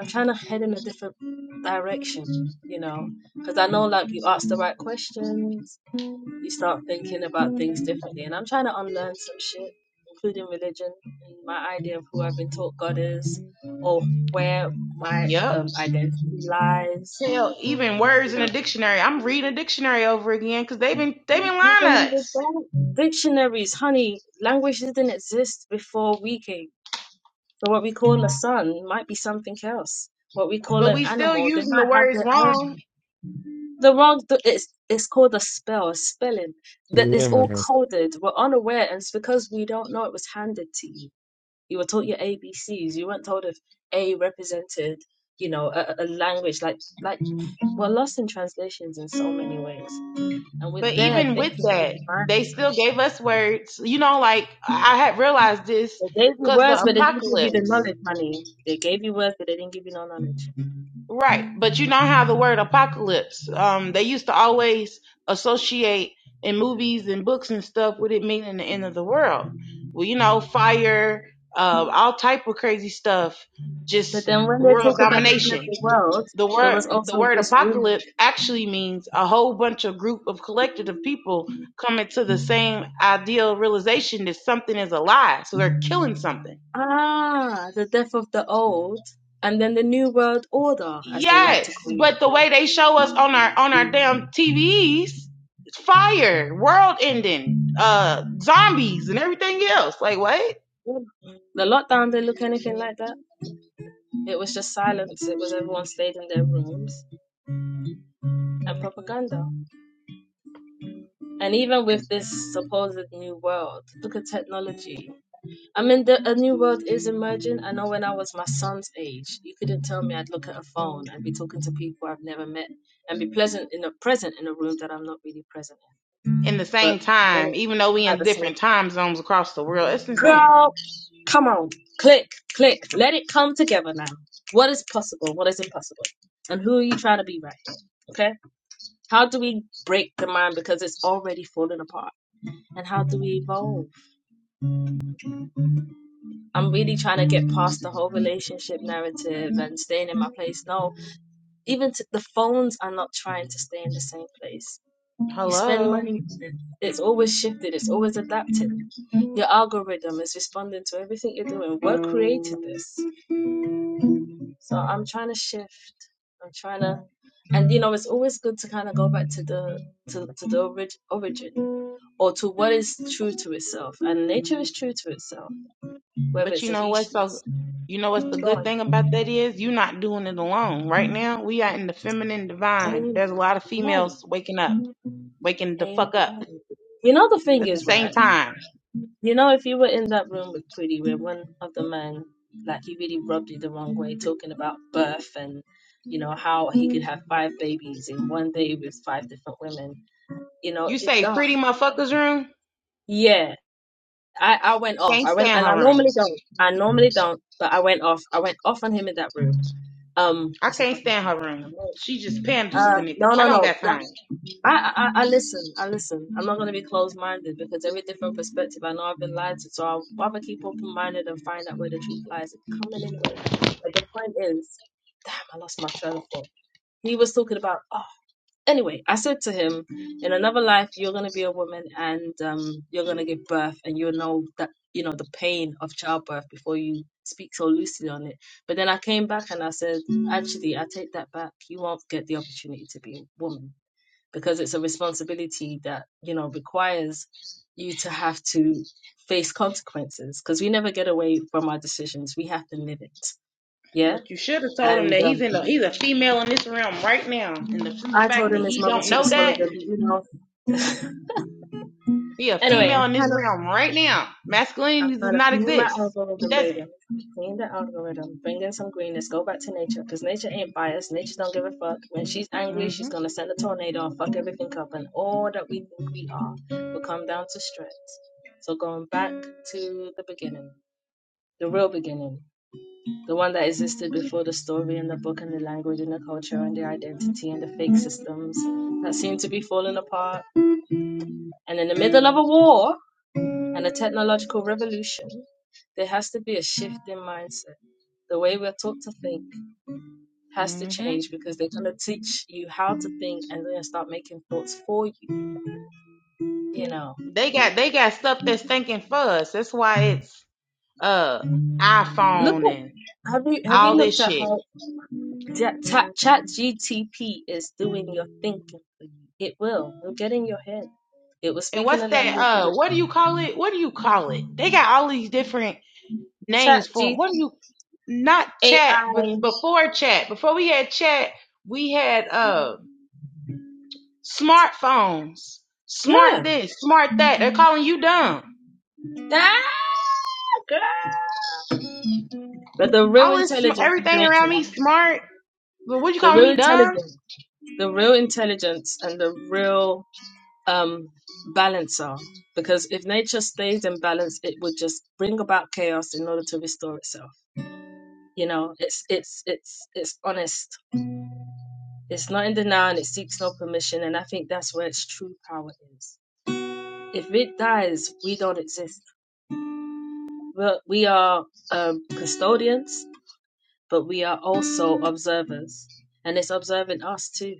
S1: I'm trying to head in a different direction, you know, because I know like you ask the right questions, you start thinking about things differently, and I'm trying to unlearn some shit, including religion and my idea of who I've been taught God is, or where my
S7: Yep.
S1: um, identity lies,
S7: Hell, even
S1: you
S7: words in a
S1: know.
S7: dictionary. I'm reading a dictionary over again because they've been they've been lying to
S1: Even with
S7: us,
S1: that, dictionaries, honey, language didn't exist before we came. So what we call a son might be something else. What we call
S7: but
S1: an
S7: we still
S1: animal, they
S7: using the
S1: might have
S7: words
S1: their own
S7: wrong.
S1: the wrong th- it's it's called a spell a spelling that
S11: Yeah,
S1: is all
S11: man.
S1: coded we're unaware and it's because we don't know it was handed to you you were taught your A B C's. you weren't told if a represented you know a, a a language like like we're lost in translations in so many ways and we're
S7: But
S1: there
S7: even with
S1: thinking we
S7: that,
S1: divine
S7: they still
S1: so
S7: gave us words. You know, like I had realized this
S1: they gave you
S7: because the
S1: words but they didn't give you the
S7: apocalypse,
S1: knowledge honey they gave you words but they didn't give you no knowledge
S7: right? But you know how the word apocalypse, um, they used to always associate in movies and books and stuff with it meaning the end of the world. Well, you know, fire, uh, all type of crazy stuff,
S1: but
S7: just
S1: then when they
S7: world
S1: talk about the end of
S7: domination.
S1: the world
S7: the
S1: there
S7: word
S1: was
S7: the
S1: also
S7: word
S1: this rumor
S7: apocalypse actually means a whole bunch of group of collective of people coming to the same ideal realization that something is a lie so they're killing something
S1: Ah, the death of the old and then the new world order, as they like to
S7: yes
S1: call
S7: but
S1: it.
S7: the way they show us on our on our damn tvs it's fire world ending uh zombies and everything else like what
S1: Mm. The lockdown didn't look anything like that. It was just silence. It was everyone stayed in their rooms and propaganda. And even with this supposed new world, look at technology. I mean, the, a new world is emerging. I know when I was my son's age, you couldn't tell me I'd look at a phone and be talking to people I've never met and be pleasant in a present in a room that I'm not really present in.
S7: in the
S1: But
S7: same
S1: when
S7: time
S1: it-
S7: even though we
S1: at
S7: in
S1: the same
S7: different time zones across the world it's insane
S1: Girl, come on. Click, click. Let it come together now. What is possible? What is impossible? And who are you trying to be right here? Okay? How do we break the mind because it's already falling apart? And how do we evolve? I'm really trying to get past the whole relationship narrative and staying in my place. No, even t- the phones are not trying to stay in the same place. You spend
S7: hello
S1: money, it's always shifted, it's always adapted. Your algorithm is responding to everything you're doing. What created this? So I'm trying to shift. I'm trying to, and you know, it's always good to kind of go back to the to, to the orig- origin or to what is true to itself. And nature is true to itself, whether
S7: But
S1: it's
S7: you
S1: a
S7: know
S1: he,
S7: what? So
S1: she's
S7: you know what's the good
S1: God.
S7: thing about that is you're not doing it alone. Right now, we are in the feminine divine. There's a
S1: Amen.
S7: lot of females waking up, waking the
S1: Amen.
S7: fuck up
S1: You know the thing
S7: at the
S1: is
S7: same
S1: right.
S7: time.
S1: You know if you were in that room with Pretty, where one of the men, like he really rubbed you the wrong way, talking about birth and you know how he could have five babies in one day with five different women. You know,
S7: You
S1: it,
S7: say
S1: ah,
S7: pretty motherfuckers room.
S1: Yeah, I, I went off.
S7: Can't
S1: I went,
S7: stand
S1: and I
S7: her room.
S1: normally don't. I normally don't, but I went off. I went off on him in that room. Um,
S7: I
S1: that's a
S7: can't
S1: fucking
S7: stand
S1: point.
S7: her room. She just panders
S1: Uh,
S7: to niggas.
S1: no,
S7: I
S1: no,
S7: don't
S1: no.
S7: got
S1: That,
S7: time.
S1: I, I, I listen. I listen. I'm not gonna be closed-minded because every different perspective. I know I've been lied to, so I'll rather keep open-minded and find out where the truth lies. It's coming anyway. But the point is, damn, I lost my trail of thought. He was talking about anyway, I said to him, in another life, you're going to be a woman and um, you're going to give birth and you'll know that, you know, the pain of childbirth before you speak so loosely on it. But then I came back and I said, actually, I take that back. You won't get the opportunity to be a woman because it's a responsibility that, you know, requires you to have to face consequences because we never get away from our decisions. We have to live it. Yeah.
S7: But you should have told him
S1: And
S7: that he's
S1: um,
S7: in the he's a female in this realm right now. And the simple
S1: I told
S7: fact that
S1: him his
S7: he
S1: mother
S7: don't
S1: should have
S7: know
S1: swallowed
S7: that,
S1: them, you know.
S7: he a
S1: Anyway,
S7: female in
S1: I'm
S7: this
S1: kind of
S7: realm right now.
S1: I'm
S7: Masculinity does
S1: trying to
S7: not
S1: clean my
S7: exist. It
S1: algorithm, baby. I'm
S7: doesn't.
S1: trying to clean the algorithm. Bring in some greenness. Go back to nature. Because nature ain't biased. Nature don't give a fuck. When she's angry,
S7: Mm-hmm.
S1: she's going to send a tornado and fuck everything up. And all that we think we are will come down to stress. So going back to the beginning, the real beginning, the one that existed before the story and the book and the language and the culture and the identity and the fake systems that seem to be falling apart. And in the middle of a war, and a technological revolution, there has to be a shift in mindset. The way we're taught to think has to
S7: hmm
S1: change because they're going to teach you how to think and then start making thoughts for you. You know,
S7: They got they got stuff that's thinking for us. That's why it's uh
S1: look
S7: iPhone and
S1: at have you have you
S7: all
S1: looked
S7: this
S1: at
S7: shit.
S1: how Ja- Ta- Chat GTP is doing your thinking for you? It will. It'll get in your head. It will
S7: And
S1: speak in
S7: what's
S1: a
S7: that?
S1: language
S7: Uh,
S1: that
S7: what do you call it? What do you call it? They got all these different
S1: Chat
S7: names for them.
S1: G
S7: What do you not chat? But
S1: AI.
S7: before chat, before we had chat, we had uh smartphones, smart
S1: Yeah,
S7: this, smart that. They're calling you dumb.
S1: that girl. But the real
S7: All this, sm-
S1: intelligence is
S7: everything around me
S1: later.
S7: smart. But what you
S1: The
S7: calling
S1: real
S7: me dumb?
S1: intelligence. the real intelligence and the real um, balancer. Because if nature stays in balance, it would just bring about chaos in order to restore itself. You know, it's it's it's it's honest. It's not in denial and it seeks no permission. And I think that's where its true power is. If it dies, we don't exist. We're, we are um, custodians, but we are also observers, and it's observing us too.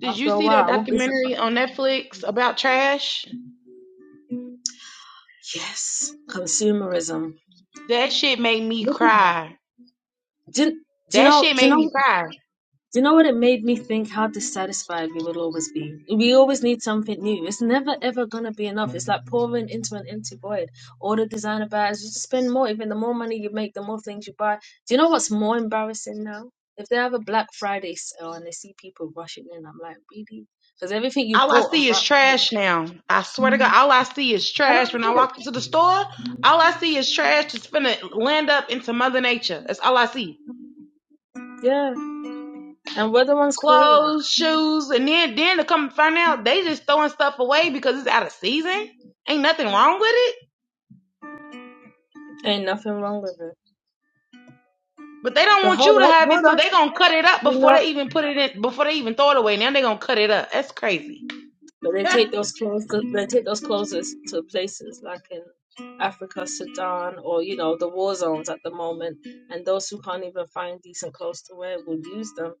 S7: Did
S1: After
S7: you
S1: a
S7: see
S1: while,
S7: that
S1: I won't be
S7: documentary
S1: surprised.
S7: on Netflix about trash?
S1: Yes, consumerism.
S7: That shit made me
S1: Look at that.
S7: cry.
S1: do, do you
S7: That
S1: know
S7: shit
S1: do you
S7: made me
S1: know
S7: cry.
S1: do you know what it made me think how dissatisfied we will always be we always need something new it's never ever gonna be enough it's like pouring into an empty void all the designer bags you just spend more even the more money you make the more things you buy do you know what's more embarrassing now if they have a black friday sale and they see people rushing in i'm like really because everything you
S7: All I
S1: bought on
S7: see is
S1: black friday
S7: trash now. I swear to God, all I see is
S1: i
S7: trash.
S1: don't
S7: When I
S1: get it
S7: walk into the store, all I see is trash that's finna land up into Mother Nature. That's all I see.
S1: yeah and we're the ones creating it
S7: Clothes, shoes, and then then to come find out they just throwing stuff away because it's out of season. Ain't nothing wrong with it.
S1: ain't nothing wrong with it
S7: But they don't
S1: but
S7: want
S1: hold
S7: you to
S1: up
S7: have it,
S1: hold
S7: so
S1: up
S7: they gonna cut it up
S1: you
S7: before
S1: know
S7: they even put it in before they even throw it away. Now they gonna cut it up. That's crazy.
S1: But they
S7: [laughs]
S1: take those clothes. They take those clothes to places like in Africa, Sudan, or you know the war zones at the moment. And those who can't even find decent clothes to wear will use them,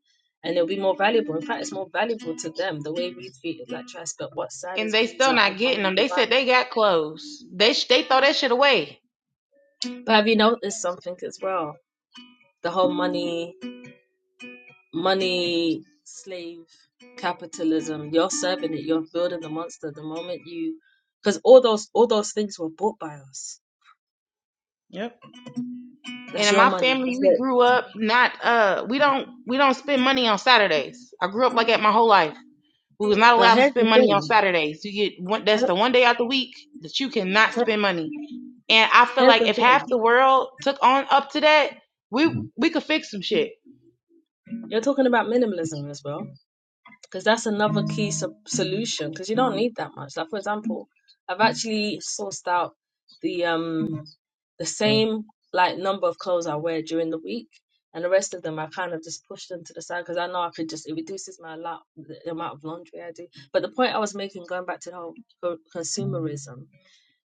S1: and it'll be more valuable. In fact, it's more valuable to them the way we treat it like trash. But what's sad
S7: and
S1: is we
S7: they
S1: use
S7: still
S1: our own
S7: not getting
S1: money
S7: them.
S1: to
S7: They
S1: buy.
S7: said they got clothes. They sh- they throw that shit away.
S1: But have you noticed something as well? The whole money, money slave capitalism. You're serving it. You're building the monster the moment you, because all those all those things were bought by us
S7: Yep. And
S1: That's
S7: in
S1: your
S7: my
S1: money.
S7: family,
S1: That's
S7: we
S1: it.
S7: grew up not uh we don't we don't spend money on Saturdays. I grew up like that my whole life. We was not
S1: But
S7: allowed to
S1: here's the
S7: spend money on
S1: thing.
S7: Saturdays. You get one that's
S1: Here-
S7: the one day out the week that you cannot
S1: here-
S7: spend money. And I feel
S1: Here's
S7: like
S1: the
S7: if half the
S1: thing.
S7: world took on up to that, we we could fix some shit.
S1: You're talking about minimalism as well, because that's another key so- solution. Because you don't need that much. Like for example, I've actually sourced out the um the same like number of clothes I wear during the week, and the rest of them I kind of just push them to the side because I know I could just it reduces my lot the amount of laundry I do. But the point I was making, going back to the whole co- consumerism,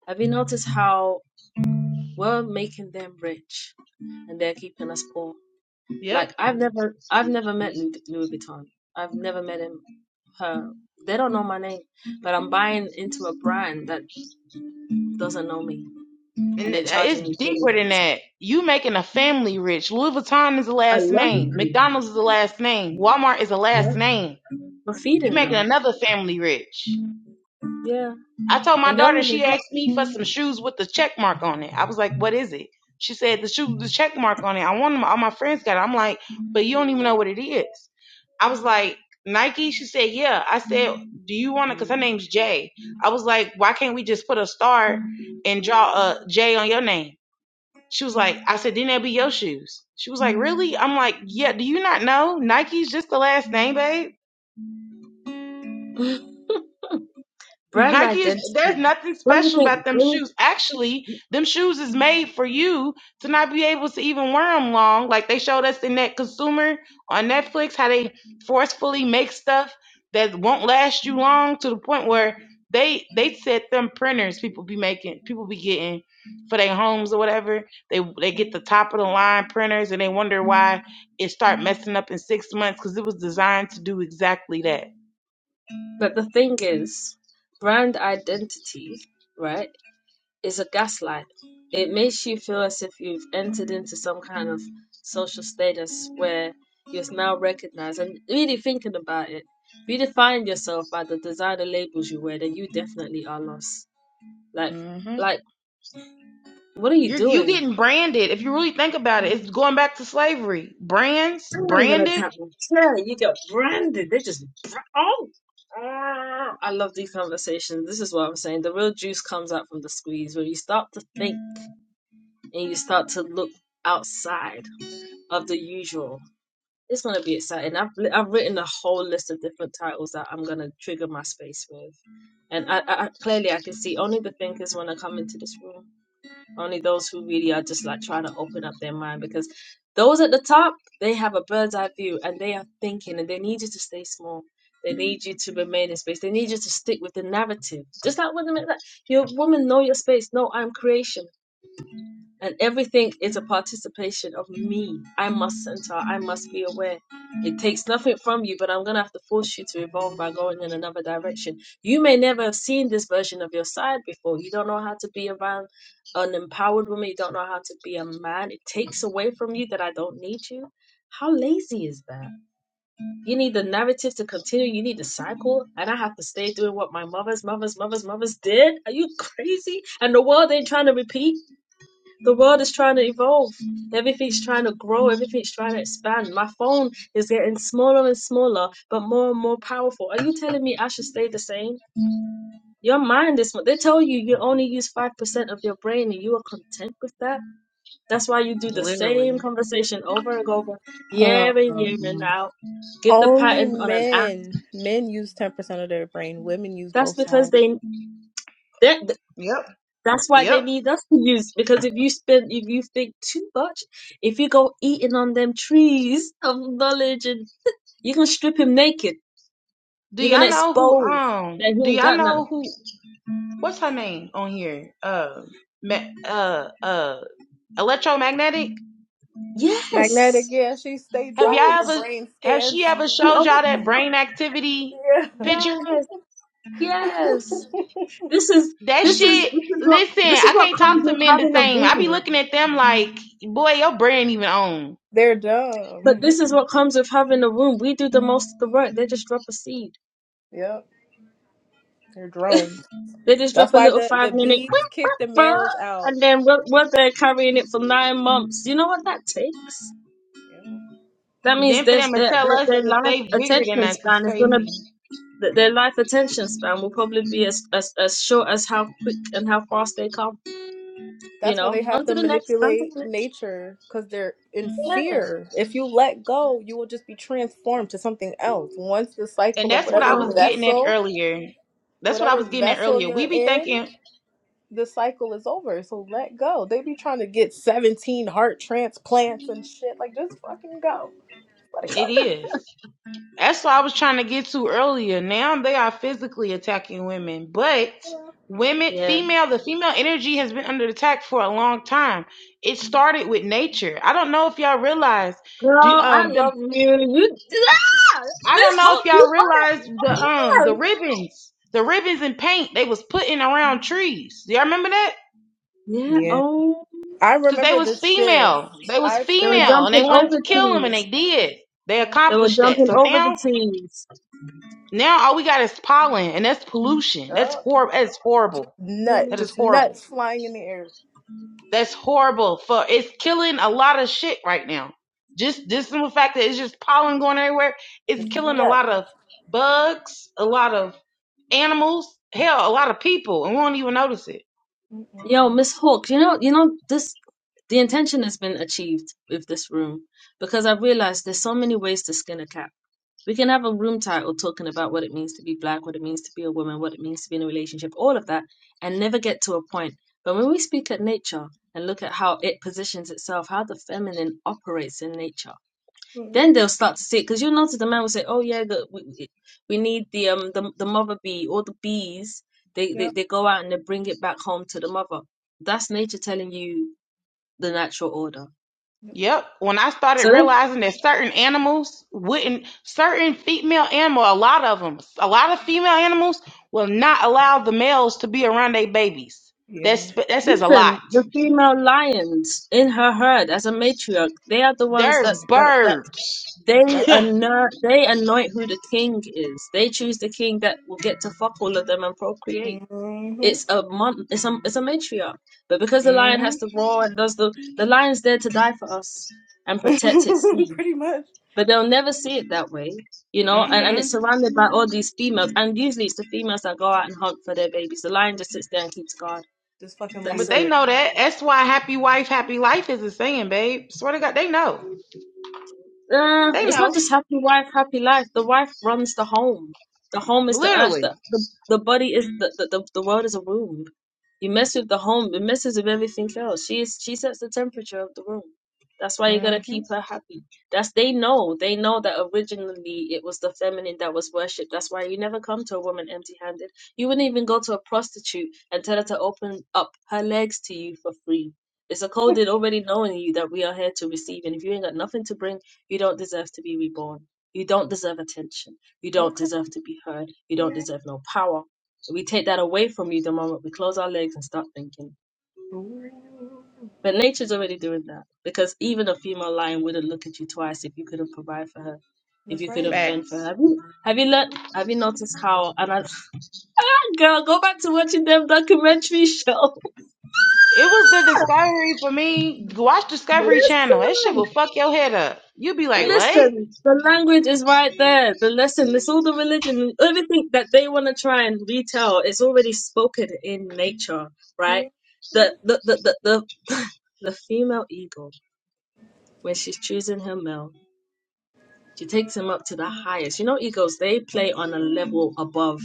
S1: have you noticed how? We're making them rich and they're keeping us poor.
S7: Yep.
S1: Like I've never I've never met Louis, Louis Vuitton. I've never met him her. They don't know my name, but I'm buying into a brand that doesn't know me and
S7: And
S1: they're
S7: it-
S1: charging me
S7: it's deeper than
S1: billions.
S7: that. You making a family rich. Louis Vuitton is a
S1: A
S7: last name.
S1: legacy.
S7: McDonald's is a last name. Walmart is a last
S1: Yeah.
S7: name.
S1: For
S7: You
S1: feeding
S7: making
S1: them.
S7: another family rich.
S1: Yeah.
S7: I told my
S1: And they don't
S7: daughter
S1: even
S7: she
S1: get
S7: asked me for some shoes with the check mark on it. I was like, "What is it?" She said, "The shoe with the check mark on it." I want them. All my friends got it. I'm like, "But you don't even know what it is." I was like, "Nike." She said, "Yeah." I said, "Do you want to?" Because her name's Jay. I was like, "Why can't we just put a star and draw a J on your name?" She was like, I said, then that'd be your shoes. She was like, really? I'm like, yeah, do you not know? Nike's just the last name, babe.
S1: brand
S7: Nike is there's
S1: identity.
S7: nothing
S1: Don't you
S7: special
S1: think
S7: about them
S1: don't you-
S7: shoes. Actually, them shoes is made for you to not be able to even wear them long. Like they showed us in that consumer on Netflix how they forcefully make stuff that won't last you long to the point where they they set them printers people be making people be getting for their homes or whatever. They they get the top of the line printers and they wonder why it start messing up in six months because it was designed to do exactly that.
S1: but the thing is, brand identity, right? is a gaslight. It makes you feel as if you've entered into some kind of social status where you're now recognized. And really thinking about it, if you define yourself by the designer labels you wear, then you definitely are lost. Like,
S7: hmm
S1: like, what are you
S7: You're you
S1: doing?
S7: getting branded. If you really think about it, it's going back to slavery. Brands,
S1: I'm gonna
S7: branded,
S1: tap my chair. You get branded. They just bra- oh. ah. I love these conversations. This is what I'm saying. The real juice comes out from the squeeze when you start to think and you start to look outside of the usual It's gonna be exciting. I've li- I've written a whole list of different titles that I'm gonna trigger my space with, and I, I I- clearly I can see only the thinkers want to come into this room. Only those who really are just like trying to open up their mind because those at the top they have a bird's eye view and they are thinking and they need you to stay small. They need you to remain in space. They need you to stick with the narrative. Just like women, like, your woman know your space. No, I'm creation and everything is a participation of me. I must center, I must be aware. It takes nothing from you, but I'm going to have to force you to evolve by going in another direction. You may never have seen this version of your side before. You don't know how to be around an empowered woman, you don't know how to be a man. It takes away from you that I don't need you. How lazy is that? You need the narrative to continue. You need the cycle, and I have to stay doing what my mother's, mother's, mother's, mother's did. Are you [laughs] crazy? And the world ain't trying to repeat. The world is trying to evolve. Everything's trying to grow. Everything's trying to expand. My phone is getting smaller and smaller, but more and more powerful. Are you telling me I should stay the same? Your mind is, they tell you you only use 5% of your brain and you are content with that. That's why you do the same
S7: literally.
S1: conversation over and over,
S6: about.
S1: year in, year in, and
S6: Um,
S1: out. Give the
S6: Only
S1: pattern on an app.
S6: men. Men use 10% of their brain, women use
S1: That's
S6: both
S1: because
S6: sides.
S1: they, they
S7: Yep,
S1: That's why they
S7: yep.
S1: need us to use because if you spend if you think too much, if you go eating on them trees of knowledge and you're gonna strip him naked.
S7: Do
S1: You're gonna
S7: y'all know who?
S1: expose
S7: Um,
S1: that he
S7: do
S1: ain't
S7: y'all
S1: got
S7: know
S1: nothing.
S7: who? What's her name on here? Uh, ma- uh, uh, electromagnetic.
S6: Magnetic,
S1: Yes.
S6: yeah, she stay
S7: Have
S6: dropping the
S7: y'all
S1: Yes.
S7: ever?
S6: brain
S7: Have
S6: scans.
S7: she ever
S1: You
S7: showed y'all that brain
S6: [laughs]
S7: activity
S6: yeah.
S7: picture?
S1: Yes. Yes. This is
S7: That
S1: this is
S7: shit.
S1: this is what
S7: Listen,
S1: this is
S7: I
S1: what
S7: can't
S1: comes
S7: talk to
S1: with
S7: men the
S1: having a
S7: same. I be
S1: womb.
S7: looking at them like, boy, your brain even on.
S6: They're
S1: But
S6: dumb.
S1: this is what comes with having a womb. We do the most of the work. They just drop a seed.
S6: Yep. They're drones.
S1: They just
S6: That's
S1: drop a
S6: why
S1: little
S6: the,
S1: five
S6: the
S1: minute.
S6: bees kick the
S1: Huh?
S6: males out.
S1: And then we're, we're there carrying it for nine months. You know what that takes?
S6: You know?
S1: That means
S7: Then for
S1: this,
S7: them to
S1: their,
S7: tell
S1: their,
S7: us
S1: their
S7: that
S1: life
S7: they bigger than
S1: attention
S7: us is
S1: span is gonna,
S7: crazy.
S1: th- their life attention span will probably be as, as, as short as how quick and how fast they come, you
S6: That's why
S1: know?
S6: they have
S1: On
S6: to
S1: to the next, on to the
S6: manipulate
S1: next.
S6: nature because they're in
S1: Yeah.
S6: fear. If you let go, you will just be transformed to something else. Once the
S7: And
S6: cycle of
S7: that's what I
S6: whatever
S7: was
S1: No.
S7: getting at
S6: vessel,
S7: earlier. That's what I
S6: whatever
S7: was getting at
S6: vessel
S7: earlier. We
S6: you're
S7: be
S6: in,
S7: thinking
S6: the cycle is over. So let go. They be trying to get 17 heart transplants and shit. Like, just fucking go. Let it
S7: it
S6: go.
S7: is. That's what I was trying to get to earlier. Now they are physically attacking women, but women,
S1: Yeah.
S7: female, the female energy has been under attack for a long time. It started with nature. I don't know if y'all realize.
S1: Girl,
S7: Do
S1: I
S7: um them,
S1: love you. You, ah!
S7: I don't
S1: Miss
S7: know if
S1: Hope, you
S7: y'all
S1: on
S7: realize the
S1: it.
S7: um
S1: Yeah.
S7: the ribbons, the ribbons and paint they was putting around trees. Do y'all remember that?
S1: Yeah.
S6: Yeah.
S1: Oh,
S6: I
S7: Cause they
S6: remember
S7: was
S6: this shift.
S7: female. They was
S6: I
S1: they were
S6: felt,
S7: female and they
S1: jumping
S6: I
S7: wanted to
S1: over
S6: felt
S7: kill
S6: the
S7: them and
S6: shift.
S1: trees.
S7: they did. They
S6: Yeah.
S1: They were
S7: accomplished that.
S1: jumping
S7: So
S1: over
S7: now
S1: the trees.
S7: now all we got is pollen and that's pollution. That's
S6: Yup.
S7: horrible that's horrible.
S6: Nut.
S1: Yeah.
S7: That is
S6: Just
S7: horrible.
S6: nuts flying in the air.
S7: That's horrible for it's killing a lot of shit right now. Just this simple fact that it's just pollen going everywhere, it's
S6: Just
S7: killing a
S6: nuts.
S7: lot of bugs, a lot of animals, hell, a lot of people, and we won't even notice it.
S1: Yo,
S6: Mm-mm-mm.
S1: Miss Hawk, you know, you know, this the intention has been achieved with this room because I've realized there's so many ways to skin a cat. We can have a room title talking about what it means to be black, what it means to be a woman, what it means to be in a relationship, all of that, and never get to a point. But when we speak at nature and look at how it positions itself, how the feminine operates in nature,
S6: Mm-mm.
S1: then they'll start to see it because you'll notice the man will say, "Oh yeah, the, we we need the um the, the mother bee or the bees. They, they
S6: Yep.
S1: they go out and they bring it back home to the mother. That's nature telling you the natural order.
S7: Yep. When I started
S1: So let's
S7: realizing that certain animals wouldn't, certain female animal, a lot of them, a lot of female animals will not allow the males to be around their babies.
S6: Yeah.
S7: That's that says a
S1: listen.
S7: lot.
S1: The female lions in her herd as a matriarch, they are the ones
S7: There's
S1: that's that that
S7: birds.
S1: they
S6: That's right.
S7: [laughs]
S1: anoint they anoint who the king is. They choose the king that will get to fuck all of them and procreate.
S6: Mm-hmm.
S1: it's a mon- it's a it's a matriarch. But because the lion
S7: mhm.
S1: has to roar and does the the lion's there to die for us and protect its
S6: [laughs]
S1: seed.
S6: Pretty much.
S1: But they'll never see it that way, you know. And and
S7: Mhm.
S1: it's surrounded by all these females, and usually it's the females that go out and hunt for their babies. The lion just sits there and keeps guard.
S6: Just fucking
S1: That's
S7: But
S6: lays
S1: it.
S7: they
S6: there.
S7: know that. That's why happy wife, happy life is a saying, babe. Swear to God, they know.
S1: Uh,
S7: They
S1: it's
S7: know.
S1: not just happy wife, happy life. The wife runs the home. The home is the earth.
S7: Literally.
S1: The the, the body is the, the the the world is a womb. You mess with the home, it messes with everything else. She is she sets the temperature of the room. That's why you gotta
S7: Mhm.
S1: keep her happy. That's they know. They know that originally it was the feminine that was worshipped. That's why you never come to a woman empty-handed. You wouldn't even go to a prostitute and tell her to open up her legs to you for free. It's a coded already knowing you that we are here to receive, and if you ain't got nothing to bring you don't deserve to be reborn. You don't deserve attention. You don't
S6: Okay.
S1: deserve to be heard. You don't deserve no power. We take that away from you the moment we close our legs and start thinking.
S6: Ooh.
S1: But nature's already doing that because even a female lion wouldn't look at you twice if you couldn't provide for her, if
S6: That's
S1: you
S6: right.
S1: couldn't fend for her.
S7: Facts.
S1: Have you have you learned? Have you noticed how? And I, [laughs] girl, go back to watching them documentary show.
S7: It was the Discovery for me. Watch
S1: [laughs]
S7: Discovery Channel. That shit
S1: Listen.
S7: will fuck your head up. You'll be
S6: That's
S7: like,
S6: right.
S7: what?
S1: Listen, the language is right there. The lesson, it's all the religion, everything that they want to try and retell is already spoken in nature, right?
S6: Mhm.
S1: The the the the the, [laughs] the female eagle, when she's choosing her male, she takes him up to the highest. You know, eagles they play on a level above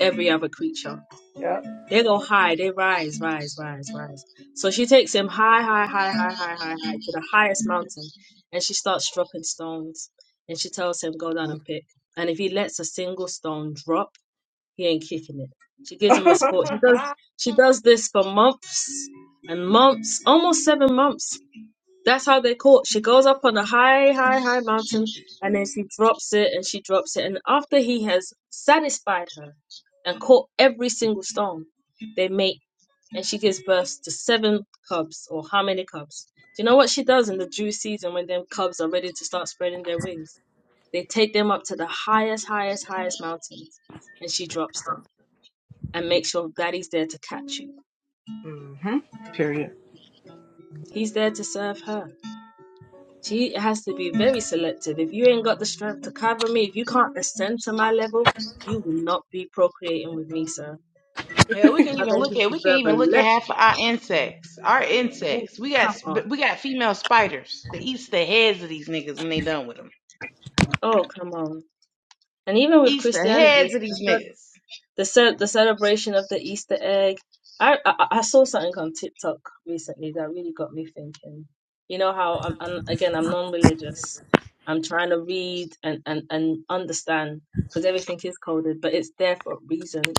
S1: every other creature.
S6: Yep.
S1: They go high, they rise, rise, rise, rise. So she takes him high, high, high, high, high, high, high to the highest mountain, and she starts dropping stones. And she tells him, "Go down and
S6: [laughs]
S1: pick." And if he lets a single stone drop, he ain't kicking it. She gives him a sport. She does. She
S6: hmm
S1: does this for months and months, almost seven months. That's how they caught. She goes up on a high, high, high mountain, and then she drops it, and she drops it, and after he has satisfied her and caught every single stone, they mate, and she gives birth to seven cubs, or how many cubs? Do you know what she does in the Jew season when them cubs are ready to start spreading their wings? They take them up to the highest, highest, highest mountains, and she drops them and makes sure daddy's there to catch you.
S6: Period.
S1: He's there to serve her. She has to be very selective. If you ain't got the strength to cover me, if you can't ascend to my level, you will not be procreating with me, sir.
S7: Hell, we can
S1: My
S7: even look
S1: babies
S7: at we can
S1: deserve a
S7: even look at
S1: level.
S7: half of our insects. Our
S1: Oh,
S7: insects. We got
S1: come on.
S7: sp- we got female spiders that eats the heads of these niggas when they done with them.
S1: Oh, come on. And even with
S7: Eats the
S1: Christianity,
S7: heads
S1: it's
S7: of
S1: the,
S7: these
S1: ce-
S7: niggas.
S1: the, ce- the celebration of the Easter egg. I, I I saw something on TikTok recently that really got me thinking. You know how I'm, I'm again I'm non-religious. I'm trying to read and and and understand because everything is coded, but it's there for a reason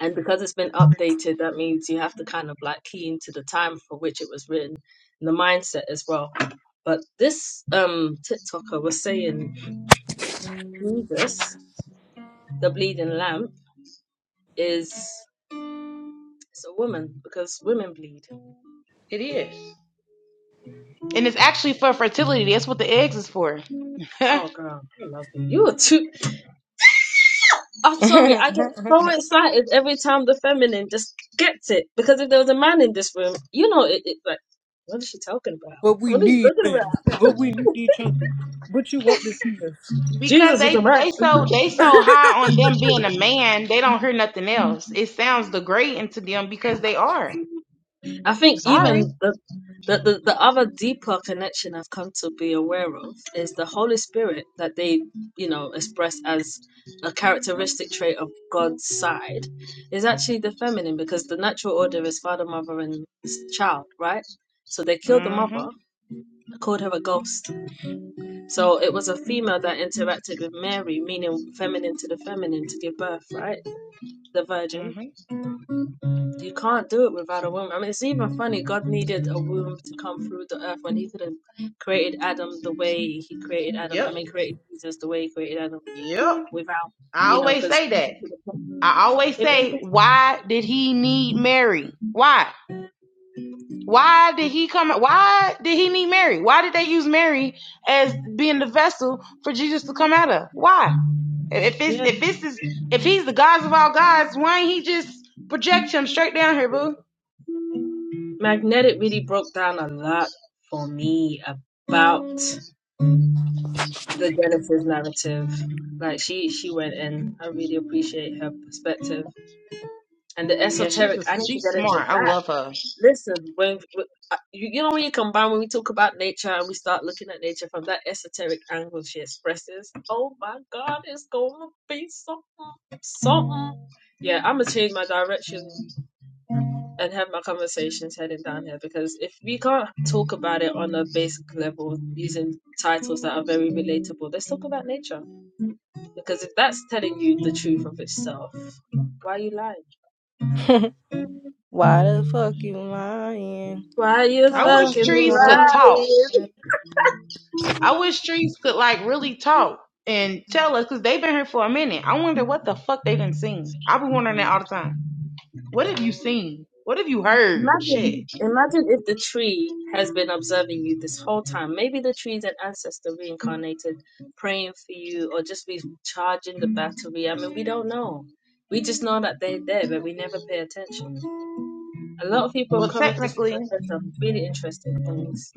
S1: and because it's been updated that means you have to kind of like key into the time for which it was written and the mindset as well but this um tiktoker was saying jesus the bleeding lamp is it's a woman because women bleed
S7: It is. And it's actually for fertility. That's what the eggs is for. [laughs]
S1: oh girl i love you you are too i'm sorry i
S6: [laughs]
S1: get so excited every time the feminine just gets it because if there was a man in this room you know it, it like what is she talking about
S6: But we
S1: what is she
S6: need
S1: talking
S6: men.
S1: about
S6: But we need each other. But you want this penis.
S7: because
S1: jesus is a
S7: they
S1: man
S7: they
S1: [laughs]
S7: so they so high
S6: [laughs]
S7: on them being a man, they don't hear nothing else. It sounds degrading to them because they are.
S1: I think
S7: Sorry.
S1: even the the, the, the other deeper connection I've come to be aware of is the Holy Spirit that they, you know, express as a characteristic trait of God's side is actually the feminine because the natural order is father, mother, and s- child, right? So they killed the
S7: Mhm.
S1: mother, called her a ghost. So it was a female that interacted with Mary, meaning feminine to the feminine to give birth, right? The
S7: hmm
S1: virgin. You can't do it without a womb. I mean, it's even funny. God needed a womb to come through the earth when He could have created Adam the way He created Adam. I
S7: Yep.
S1: mean, created Jesus the way He created Adam
S7: Yep.
S1: without,
S7: I
S1: you know,
S7: always
S1: because
S7: say that. I always
S1: it made
S7: say,
S1: sense.
S7: why did he need Mary? Why? Why did he come? Why did he need Mary? Why did they use Mary as being the vessel for Jesus to come out of? Why? If it's
S1: Yeah,
S7: if this is if he's the God of all gods, why ain't he just project him straight down here, boo?
S1: magnetic really broke down a lot for me about the Genesis narrative. Like she, she went in. I really appreciate her perspective and the
S7: Yeah, she's a,
S1: esoteric. I need to
S7: she's
S1: get into
S7: smart. I
S1: that.
S7: love her.
S1: Listen, when, when- uh, you, you know when you combine when we talk about nature and we start looking at nature from that esoteric angle she expresses, oh my God, it's gonna be something, something. Yeah, I'm gonna change my direction and have my conversations heading down here because if we can't talk about it on a basic level using titles that are very relatable, let's talk about nature because if that's telling you the truth of itself, why are you lying?
S6: Why the fuck you lying?
S1: Why you
S6: Why
S7: I
S6: the
S7: wish
S6: fuck
S1: fucking
S6: you
S7: trees could
S6: lying?
S7: talk.
S1: lying?
S7: I wish trees could like really talk and tell us because they've been here for a minute. I wonder what the fuck they done seen. I've been wondering that all the time. What have you seen? What have you heard? Shit.
S1: Imagine, imagine if the tree has been observing you this whole time. Maybe the tree's an ancestor reincarnated, praying for you, or just be charging the battery. I mean, we don't know. We just know that they're there, but we never pay attention. A lot of people have
S7: Well,
S1: come in this room
S7: technically,
S1: and said some really interesting things.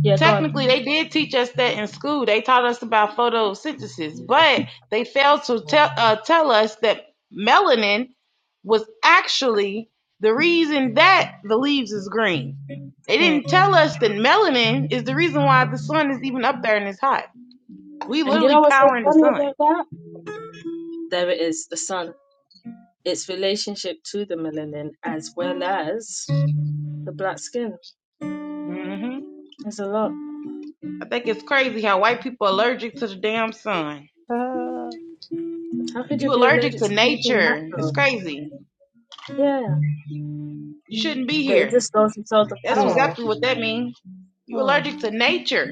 S1: Yeah, go
S7: technically
S1: on.
S7: they did teach us that in school. They taught us about photosynthesis, but they failed to tell uh, tell us that melanin was actually the reason that the leaves is green. They
S6: Hmm.
S7: didn't tell us that melanin is the reason why the sun is even up there and it's hot. We
S1: And you
S7: literally
S1: know what's so
S7: powering the
S1: funny
S7: sun.
S1: about that? There it is, the sun. Its relationship to the melanin as well as the black skin.
S7: hmm
S1: There's a lot.
S7: I think it's crazy how white people are allergic to the damn sun.
S6: Ah.
S1: How could you
S7: You
S1: be
S7: allergic
S1: allergic
S7: to
S1: to something
S7: nature. It's
S1: natural?
S7: crazy.
S1: Yeah,
S7: You shouldn't be
S1: but it
S7: here.
S1: just goes to show the
S7: That's
S6: Hmm.
S1: power.
S7: exactly what that means. You
S6: Hmm.
S7: allergic to nature.